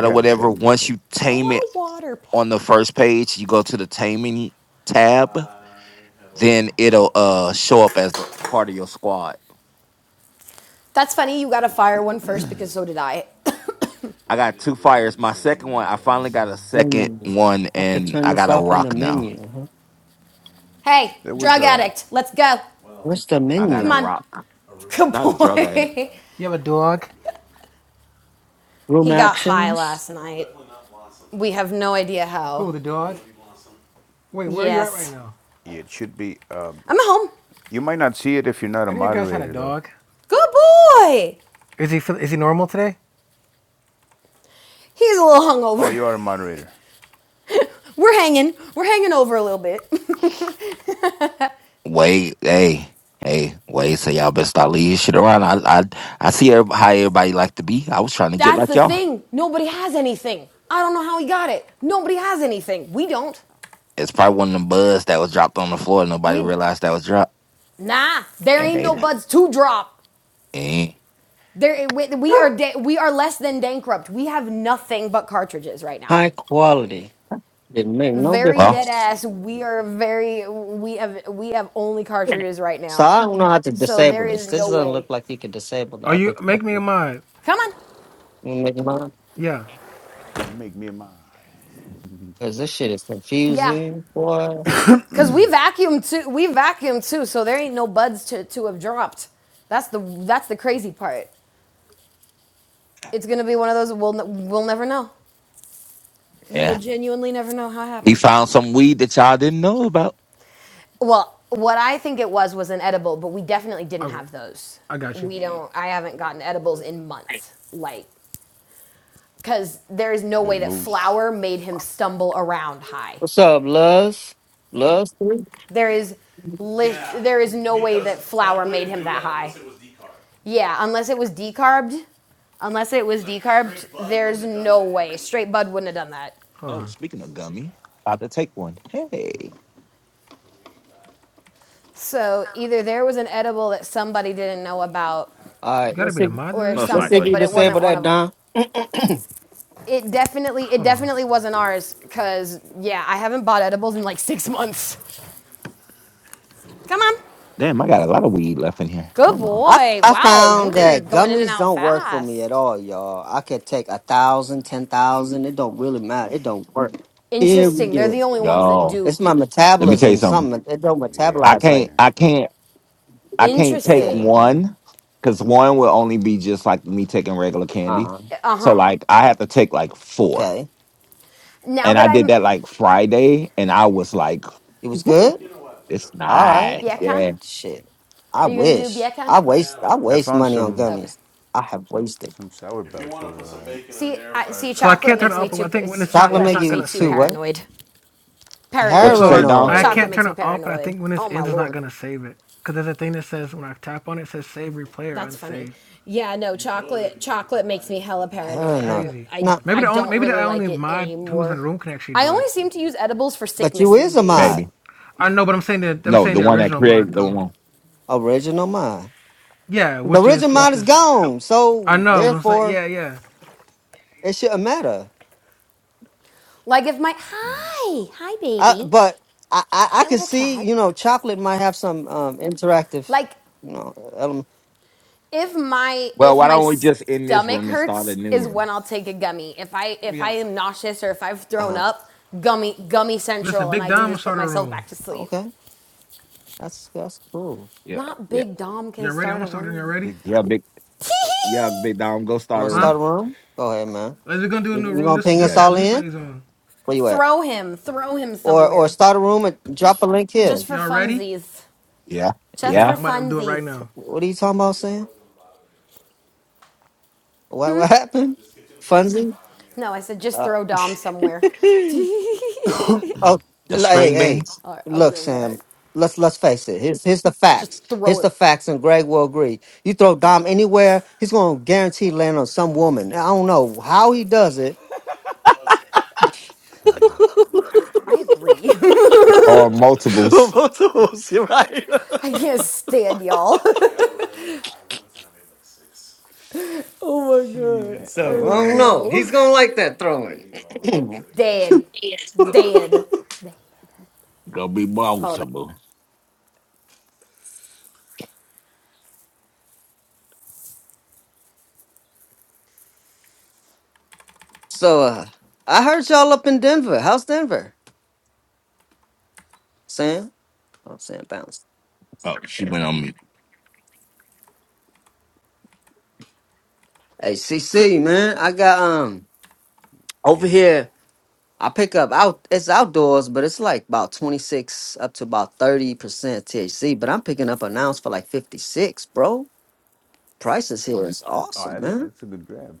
L: [LAUGHS]
D: or
L: Got to
D: whatever.
L: tame the
D: Once
L: pet.
D: you
M: I
D: tame
M: want
D: it
M: a water pet.
D: on the first page, you go to the taming tab, then it'll uh show up as a part of your squad.
M: That's funny. You got to fire one first because so did I. [COUGHS]
D: I got two fires. My second one, I finally got a second
B: Menu.
D: one,
B: I could
D: and
B: turn
D: I
B: this
D: got a
B: off in the
D: rock now.
B: menu. huh?
M: [LAUGHS] hey,
L: There was
M: drug
L: a.
M: addict, let's go.
B: What's the
D: I got
M: Come
D: a
B: menu?
M: on.
D: rock,
M: Good
D: not a drug addict.
M: boy.
C: You have a dog?
M: [LAUGHS]
B: Room
M: he got high
B: actions?
M: last night. We have no idea
C: Cool,
M: how.
C: the dog. Wait, where are you at right
M: Yes.
C: now?
L: Yeah, it should be. Uh,
M: I'm home.
L: you might not see it if you're not a
C: I think you guys had a
L: moderator, though.
C: dog.
M: Good boy.
C: Is he feel- is he normal today?
M: He's a little
L: Oh,
M: hungover.
L: you are a moderator.
M: [LAUGHS] We're hanging. We're hanging over a little bit.
D: Wait, hey, hey, wait. So y'all better start leaving shit around. I, I, I see every- how everybody like to be. I was trying
M: [LAUGHS]
D: to get
M: That's
D: like
M: the
D: y'all.
M: thing. Nobody has anything. I don't know how he got it. Nobody has anything. We don't.
D: It's probably one of them buds that was dropped on the floor. and Nobody
M: We,
D: realized that was dropped,
M: nah, there
D: and
M: ain't
D: they,
M: no buds to drop.
D: eh,
M: There, we are da- we are less than bankrupt. We have nothing but cartridges right now.
B: High
D: eh.
B: quality. Didn't make no
M: Very
D: well,
M: dead
B: difference.
M: ass. We are very we have we have only cartridges right
B: So
M: now.
B: I don't know how to
M: So there
B: disable this.
M: is
B: This
M: no
B: doesn't look
M: way.
B: like you can disable the
C: Are
B: upper
C: you make me a
B: It
C: mod?
M: Come on,
B: Make mine.
C: Yeah.
L: Make me a mod.
B: Cause this shit is
M: yeah,
B: confusing, boy.
M: because we vacuum too. We vacuum too. So there ain't no buds to to have dropped. That's the that's the crazy part. It's gonna be one of those we'll we'll never know. We will
D: yeah.
M: genuinely never know how it
D: He
M: happened.
D: found some weed that y'all didn't know about.
M: Well, what I think it was was an edible, but we definitely didn't
C: Okay.
M: have those.
C: I got you.
M: We don't. I haven't gotten edibles in months. Like, because there is no
L: Big
M: way that
L: moose.
M: flour made him stumble around high.
B: What's up, Luz? Luz? All
M: There is, li- there is no way flour made him that high. Yeah, unless it was decarbed. Unless it was decarbed, there's no way. Straight Bud wouldn't have done that.
C: Hold
D: Oh,
C: on.
D: speaking of gummy, about to take one. Hey,
M: So either there was an edible that somebody didn't know about
C: You
B: right,
C: gotta
B: let's
C: be the
B: see.
C: mod to
M: or
C: this
D: Most
B: Let's
C: shit?
B: see if
M: something,
D: likely.
B: you
M: but it
C: Hold
B: disable
C: on.
M: wasn't one
B: that,
M: of
B: Don.
M: It definitely, it
C: Hold on.
M: definitely wasn't ours, cause yeah, I haven't bought edibles in like six months. Come on,
D: damn, I got a lot of weed left in here.
M: good
D: Hold on,
B: I,
M: boy.
B: I
M: Wow,
B: found
M: you've
B: that
M: been going in and
B: gummies
M: out
B: don't work for me at
M: fast.
B: all, y'all. I could take a thousand, ten thousand. It don't really matter. It don't work.
M: Interesting. They're the
B: Period.
M: only ones that
D: yo,
B: It's
M: do.
B: my
D: let me tell you
B: metabolism.
D: something.
B: Something it don't
L: Yeah,
D: I
L: I've
B: metabolize
L: been
D: can't,
B: right.
L: there.
D: I can't. I can't take
M: Interesting.
B: Yeah.
D: one because one will only be just like me taking regular candy.
B: Uh,
M: Uh
D: So
M: huh.
D: like I have to take like four.
B: okay.
M: Now
D: And
M: that
D: I did
M: I'm
D: that like Friday and I was like,
B: It was good?
D: Woo, it's
B: All right.
D: nice.
M: Bacon?
D: Yeah.
B: Shit. I
M: are you gonna do
B: wish.
M: bacon?
B: I waste I
L: I
B: waste
L: found
B: money on
L: some
M: Okay.
B: gummies. I have wasted.
L: some sour belts over were all right.
M: See, in I, see,
C: So I
M: chocolate
C: can't turn
M: makes
C: it
M: me
C: up, but I
M: too.
C: think when
M: It's
C: this is
B: Chocolate
C: in,
M: chocolate
C: it's
B: make
C: not
M: makes me
B: you
C: gonna
M: too
B: too
C: save it.
B: what?
M: paranoid.
D: What
M: Paranoid.
D: you
C: So
D: say,
C: I,
D: Don?
C: I
M: Chocolate
C: can't
B: Paranoid.
M: makes
C: turn
M: me
C: it off, but I
M: paranoid.
C: think when this
M: Oh my
C: ends, it's not
M: lord.
C: gonna save it because there's a thing that says when I tap on it, it says save replay or
M: That's funny.
C: unsave.
M: Yeah, no, chocolate chocolate makes me hella
C: That's
M: paranoid. I
B: Paranoid.
M: don't
C: crazy.
M: I
B: No,
C: Maybe
M: I
C: the only
M: don't
C: maybe the
M: really
C: only
M: like it
C: mod who's in
M: anymore.
C: the room can actually
M: I
C: do
M: only
C: it.
M: seem to use edibles for
B: but
M: sickness
B: you
M: these
B: is a
M: days.
B: mod.
D: Maybe.
C: I know, but I'm saying that I'm
D: No,
C: saying
D: the
C: the
D: one that
C: original mod
D: created the
C: though.
D: one.
B: Original mod.
C: Yeah,
B: The
C: which
B: original
C: is
D: Yeah.
B: mod
C: which
B: is
C: is
B: gone.
C: I
B: So
C: know. What I'm saying
B: therefore
C: yeah, yeah,
B: it shouldn't matter.
M: Like if my hi, hi
B: I
M: baby.
B: but I, I, I
M: Hi
B: could
M: little
B: see,
M: cat.
B: you know, chocolate might have some um interactive,
M: Like
B: you know, element.
M: if my
D: Well,
M: if
D: why
M: my
D: don't we just end this
M: stomach
D: room and start
M: hurts
D: a new
M: is when
D: room?
M: I'll take a gummy. If I if I
C: yeah.
M: am nauseous or if I've thrown
B: Uh-huh.
M: up, gummy gummy
C: Listen,
M: central and
C: Big
M: I
C: Dom,
M: can
C: I'm gonna
M: just put
C: start a
M: myself
C: room.
M: back to sleep.
B: Okay. That's that's cool.
D: Yeah.
M: Not
D: Yeah.
M: big Dom can
C: Y'all ready? I'm
M: start a
C: gonna start it. Y'all
M: room.
C: ready?
L: Big
D: Yeah,
L: dog.
D: big yeah, big Dom, go
B: You
D: start
B: want
D: a
B: to
C: Huh?
B: start
D: room.
B: a room? Go ahead, man.
C: Is we gonna do a
B: You,
C: new
B: you
C: room?
B: gonna
C: This
B: ping
C: this
B: us
D: Yeah.
C: got
B: all
D: th-
B: in?
C: replays on.
B: Where you at?
M: Throw him, throw him
B: Or or
M: somewhere.
B: start a room and drop a link
M: Just
B: here.
M: for
C: Y'all ready?
M: funsies.
D: Yeah.
M: Just
C: Okay,
M: for
D: Yeah.
C: I'm about to do it right
M: funsies.
C: now.
B: What are you talking about, Sam? What what happened? Funzy?
M: No, I said just
B: Uh,
M: throw Dom somewhere. [LAUGHS]
B: [LAUGHS] oh,
D: The
B: like, hey,
D: string
B: hey,
D: beans?
M: All right, I'll be
B: look,
M: right back.
B: Sam. Let's let's face it. Here's here's the
M: Just
B: facts.
M: throw
B: Here's
M: it.
B: the facts, and Greg will agree. You throw Dom anywhere, he's gonna guarantee land on some woman. I don't know how he does it.
L: [LAUGHS]
M: I agree.
D: Or
B: [LAUGHS]
D: multiples.
B: Both of us, right?
M: [LAUGHS] I can't stand y'all. [LAUGHS] oh my god.
B: [LAUGHS]
L: Yeah.
B: so I
L: And
M: Oh
B: don't
L: um,
B: know.
M: no.
B: He's gonna like that throwing. [CLEARS THROAT]
M: Dead. Dead. Dead.
D: Gonna be
M: Hold
D: multiple.
B: So uh I heard y'all up in Denver. How's Denver? Sam? Oh Sam Bounce.
D: Oh, she went on mute.
B: Hey CC man, I got um over
L: you.
B: here I pick up out it's outdoors, but it's like about 26 up to about 30% THC, but I'm picking up an ounce for like 56, bro. Prices here is
L: Oh,
B: awesome,
L: that's
B: man.
L: that's a good grab.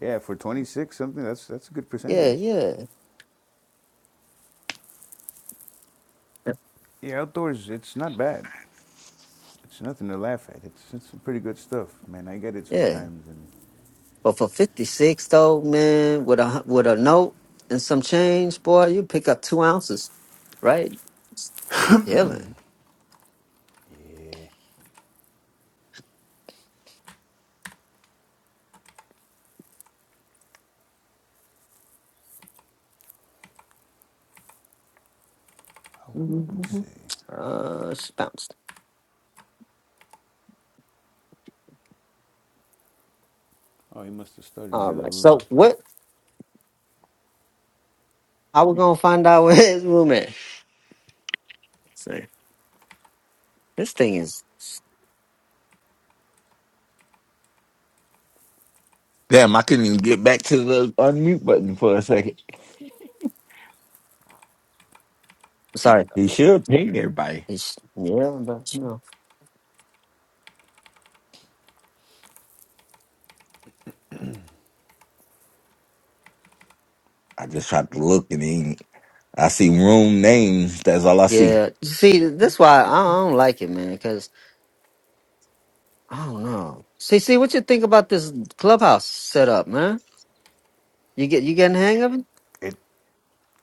L: Yeah, for 26 something, that's that's a good
B: Yeah,
L: percentage.
B: yeah.
L: Yeah, outdoors, it's not bad. It's nothing to laugh at. It's, it's some pretty good stuff, man. I get it
B: Yeah,
L: sometimes. And
B: but for fifty six though, man, with a hu- with a note and some change, boy, you pick up two ounces, right? Chilling.
L: let's see.
B: Mhm. Uh, she bounced.
L: Oh, he must have started
B: All
L: the other
B: right.
L: room.
B: So what? I was gonna find out [LAUGHS] where his room at. So this thing is
D: Damn, I couldn't even get back to the unmute button for a second.
B: sorry.
D: He should ping everybody.
B: It's yeah, but no.
D: I just tried to look and then I see room names. That's all I see.
B: Yeah. You See, that's why I, I don't like it, man. Cause I don't know. See, see, what you think about this clubhouse setup, man? You get you getting the hang of
L: It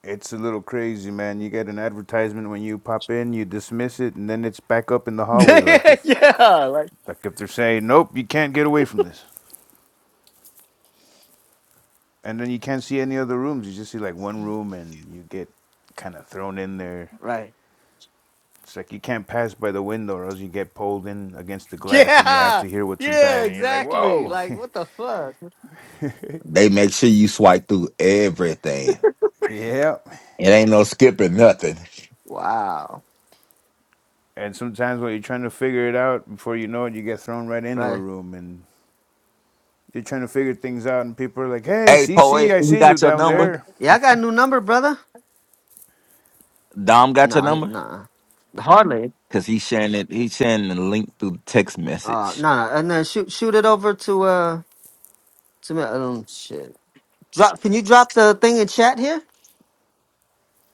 L: it's a little crazy, man. You get an advertisement when you pop in, you dismiss it, and then it's back up in the hallway. Like
B: it? [LAUGHS]
L: if
B: yeah. Like
L: like if they're saying, nope, you can't get away from this, and then you can't see any other rooms. You just see like one room, and you get kind of thrown in there.
B: right.
L: It's like you can't pass by the window, or else you get pulled in against the glass, and you have
B: Yeah.
L: to hear what's
B: Yeah.
L: inside. And you're like,
B: Exactly.
L: whoa,
B: Like what the fuck?
D: They make sure you swipe through everything.
L: [LAUGHS] yeah,
D: It ain't no skipping nothing.
B: Wow.
L: And sometimes when you're trying to figure it out, before you know it, you get thrown right into a
B: Right.
L: room and you're trying to figure things out. And people are like, "Hey,
D: Hey,
L: CC,
D: poet,
L: I
D: you
L: see you
D: got your
L: down
D: number?
L: there.
B: Yeah, I got a new number, brother.
D: Dom got your
B: No, he,
D: number?
B: nah, Hardly.
D: Cause he's sharing it. He's sharing the link through text
B: uh,
D: message.
B: no, no, and then shoot, shoot it over to uh, to me. Um, shit. Drop. Can you drop the thing in chat here?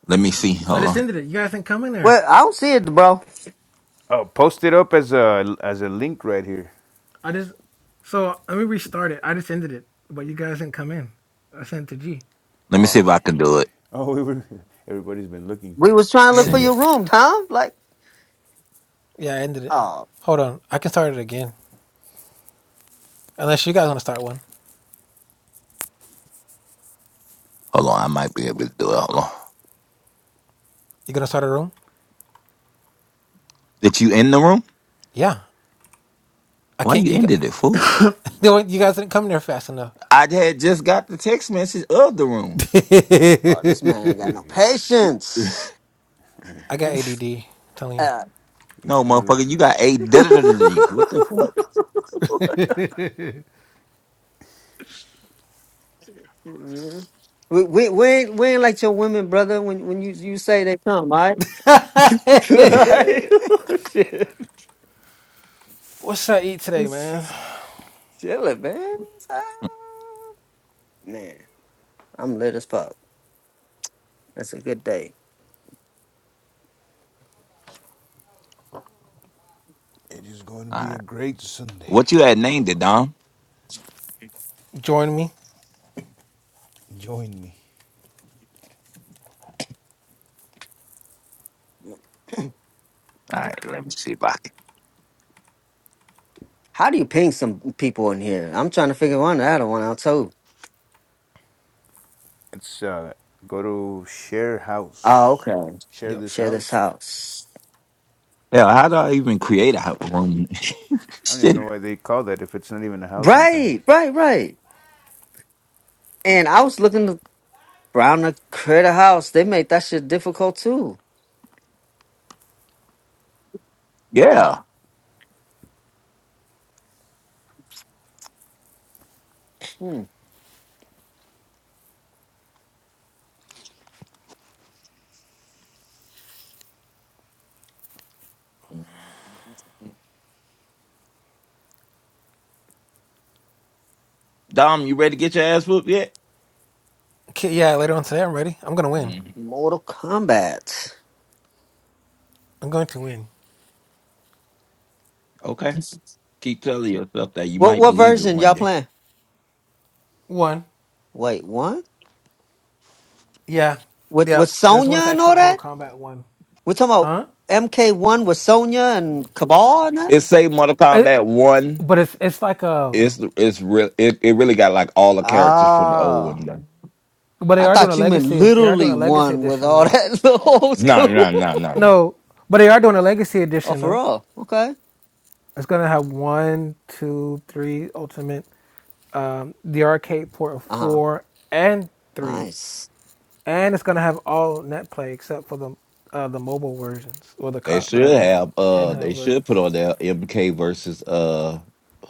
D: Let me see.
C: I
D: Hold
C: just
D: on.
C: ended it. You guys didn't come in there.
B: Well, I don't see it, bro.
L: Oh, post it up as a as a link right here."
C: I just so let me restart it. I just ended it, but you guys didn't come in. I sent it to G.
D: Let me see
L: Oh,
D: if I can do it.
L: [LAUGHS] oh, we were, everybody's been looking.
B: We was trying to
C: I
B: look for
C: ended
D: See.
B: your
C: it.
B: room, Tom. Like,
C: Yeah, I ended it.
B: oh,
C: Hold on, I can start it again. Unless you guys want to start one.
D: Hold on. I might be able to do it. Hold on.
C: You gonna start a room?
D: Did you end the room?
C: Yeah. I
D: Why
C: can't.
D: you
C: You got,
D: ended it, fool?
C: [LAUGHS] No, you guys didn't come there fast enough.
D: I had just got the text message of the room.
B: oh this man ain't
L: [LAUGHS]
B: got no
C: [LAUGHS]
L: He's
B: patience.
C: I got ADD. am telling
B: Uh,
D: No,
L: trying to.
D: motherfucker, you got a
B: [LAUGHS]
D: da da da da. da. What the fuck?
C: you. [LAUGHS]
B: Mhm. we, we we ain't we ain't like your women, brother. When when you you say they come, all right? [LAUGHS]
D: [LAUGHS]
B: Like, [LAUGHS] Shit,
C: What should I eat today, man?
B: chill it, man. Ah, Man. I'm lit as fuck. That's a good day.
L: It is going to
D: All
L: be
D: right.
L: a great Sunday.
D: What you had named it, Dom?
C: Join me.
L: Join me.
D: All right, let me see if I can.
B: How do you ping some people in here? I'm trying to figure one out one out too.
L: It's uh, go to share house.
B: Oh, okay.
L: Share
C: Yep.
L: this
B: Share this
L: house.
B: house.
D: Hell, how do I even create a room? [LAUGHS]
L: I don't even
D: Shit.
L: know why they call that if it's not even a house sometimes.
B: Right, right, right. And I was looking around the critter house. They made that shit difficult too.
D: Yeah.
B: Hmm.
D: Dom, you ready to get your ass whooped yet?
C: Okay, yeah, later on today, I'm ready. I'm gonna win.
D: hmm
B: Mortal Kombat.
C: I'm going to win.
D: Okay. Keep telling yourself that you
B: What
D: might
B: what
D: believe it
B: version
D: one
B: y'all
D: day.
B: playing?
C: One.
B: Wait, what?
C: Yeah.
B: With with
C: Yep. There's one
B: Sonya
C: that's
B: and
C: actually
B: all
C: on Mortal
B: that?
C: Kombat one.
B: We're talking about
C: Huh?
B: MK one with Sonya and Cabal and that?
D: It's say Mortal
C: It,
D: Kombat one.
C: but it's it's like a
D: It's it's real. It, it really got like all the characters from the old one.
B: Ah.
C: but they
B: I
C: are doing a
B: thought you meant
C: legacy they are doing
B: literally
C: a legacy
B: one with
C: edition
B: all
C: though.
B: that [LAUGHS] little old
D: No,
B: school.
D: no, no, no, no.
C: No, but they are doing a legacy
B: oh,
C: edition
B: for
C: though.
B: real? Okay.
C: It's gonna have one, two, three ultimate, um, the arcade port of
B: Uh huh.
C: four and three,
B: Nice.
C: and it's gonna have all net play except for the uh, the mobile versions or the
D: They
C: co-
D: should
C: the
D: have. Uh, they
C: handheld versions.
D: should put on their MK versus uh,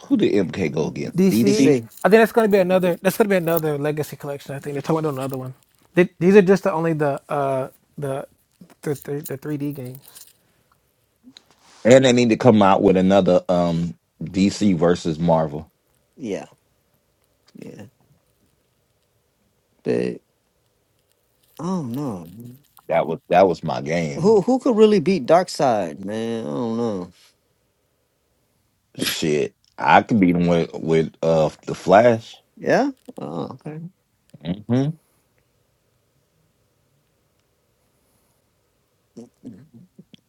D: who did MK go against?
C: DC.
D: DC.
B: DC.
C: I think that's gonna be another. That's gonna be another legacy collection. I think they're talking about another one. They, these are just the only the uh the the the the 3D games.
D: And they need to come out with another um DC versus Marvel.
B: Yeah. Yeah. Big. I don't know.
D: That was that was my game.
B: Who who could really beat Darkseid, man? I don't know.
D: Shit, I could beat him with with uh the Flash.
B: Yeah. Oh, okay.
D: hmm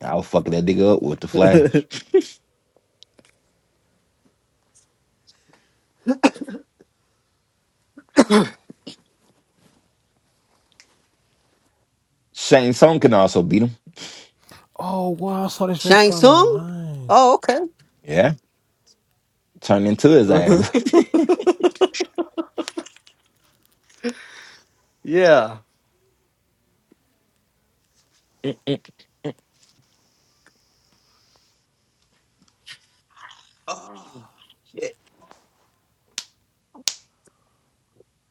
D: I was fucking that nigga up with the Flash. Shane Song can also beat him.
C: Oh wow! I saw this
B: Shang
C: restaurant
B: Tsung.
C: online.
B: Oh, okay.
D: Yeah, turn into his ass.
B: [LAUGHS]
D: [LAUGHS]
B: yeah. All
D: Mm-mm. oh, shit.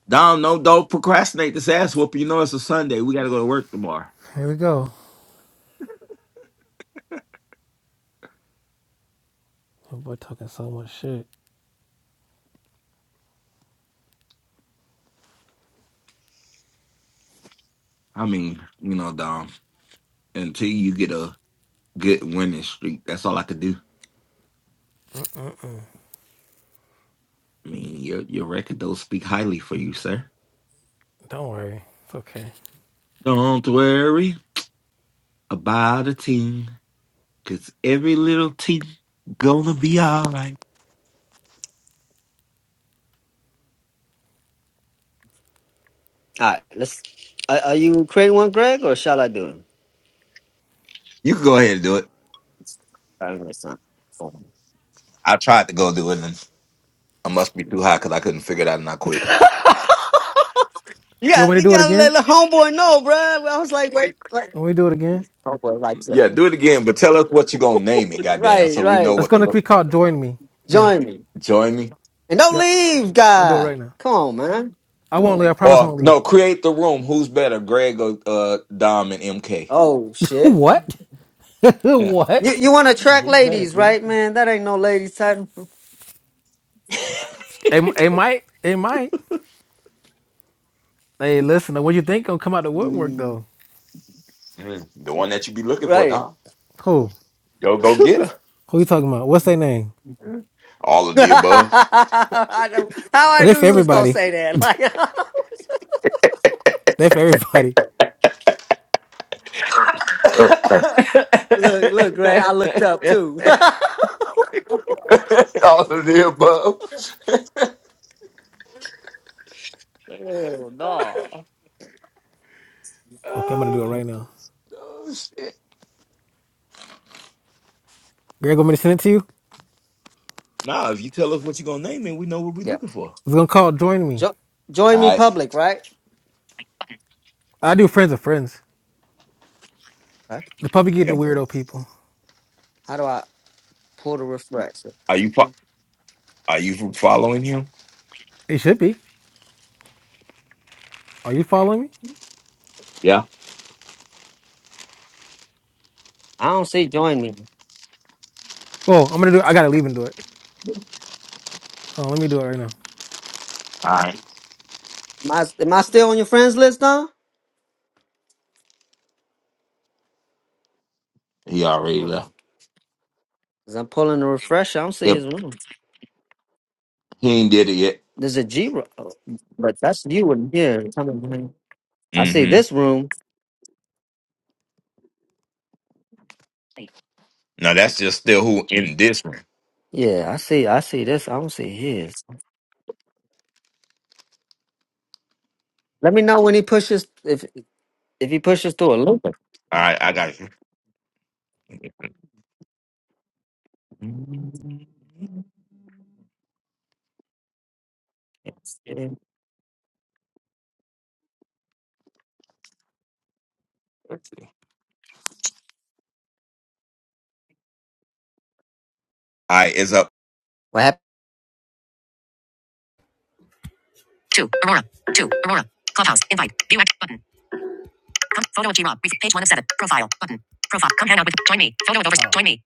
D: Dom, no, don't procrastinate this ass whooping. You know it's a Sunday. We got to go to work tomorrow.
C: Here we go. My boy talking so much shit.
D: I mean, you know, Dom, until you get a good winning streak, that's all I could do. I mean, your your record don't speak highly for you, sir.
C: Don't worry, it's okay.
D: Don't worry about a team, cause every little team gonna be alright.
B: right. Let's. Are, are you creating one, Greg, or shall I do it?
D: You can go ahead and do it.
B: All right, let's
D: I tried to go do it, and I must be too high because I couldn't figure it out, and I quit.
B: not- [LAUGHS] You
C: You
B: got
C: want me to
B: you
C: do it
B: gotta let
C: again?
B: the homeboy know, bruh. Well, I was like, wait, wait.
C: Want me to do it again?
B: homeboy likes it.
D: Yeah, do it again, but tell us what you gonna name it, goddamn,
B: Right,
D: so we know
B: right.
C: It's
D: what to
C: gonna
D: look.
C: be called
D: For.
C: Join Me again.
B: Join me
D: Join me,
B: and don't
C: Yep,
B: leave,
C: I'll do it
B: guy.
C: right now.
B: Come on, man.
C: I won't leave. I promise I
D: or
C: won't leave.
D: no,
C: [LAUGHS]
D: create the room. Who's better, Greg or uh, Dom and MK?
B: Oh shit.
C: What? [LAUGHS]
B: You
C: what?
B: you want to
D: Yeah,
B: attract
D: who's better,
B: ladies,
D: bro?
B: right, man? That ain't no ladies title.
C: It, it might. It might. Hey, listen, what you think gonna come out the woodwork
B: Mm,
C: though?
D: Mm, the one that you be looking for,
B: right.
D: Dom.
C: Who?
D: Yo, go get her.
C: Who you talking about? What's their name?
D: All
B: [LAUGHS]
D: of the above.
B: I know- How
C: Oh,
B: I
C: they
B: knew
C: for
B: you was gonna
C: everybody. [LAUGHS]
B: say that. Like, [LAUGHS]
C: They for everybody.
D: [LAUGHS] All
B: look, look, Gray. I looked up too. [LAUGHS] oh
D: of the above.
B: no.
C: Okay, I'm gonna do it
D: Oh,
C: right now.
D: oh, shit.
C: Greg, want me to send it to you?
D: Nah, if you tell us what you're gonna name it, we know what we're
B: Yeah.
D: looking for.
C: It's gonna call Join Me.
B: Jo- join me
D: All right.
B: public, right?
C: I do friends of friends.
B: Huh?
C: The public get the
D: Yep.
C: weirdo people.
B: How do I pull the refresh?
D: Are you fo- are you following him?
C: It should be. Are you following me?
D: Yeah.
B: I don't see join me.
C: Oh, I'm gonna do it. I gotta leave and do it. Hold on, let me do it right now.
D: All right.
B: Am I, am I still on your friends list now?
D: He already
B: Oh,
D: left.
B: Cause I'm pulling a refresher. I don't see
D: Yep.
B: his room.
D: He ain't did it yet.
B: There's a G, ro- oh, but that's you in here. coming behind. I see
D: Mm-hmm.
B: this room.
D: Now that's just still who in this one.
B: Yeah, I see. I see this. I don't see his. Let me know when he pushes. If if he pushes through a loop.
D: All right, I got
B: Yeah.
D: you. I is up.
B: What happened? Two. Aurora. Two. Aurora. Clubhouse. Invite. View act button. Com- photo of G Rob. Page one of seven. Profile button. Profile. Come hang out with. Join me. Photo of over. Join me.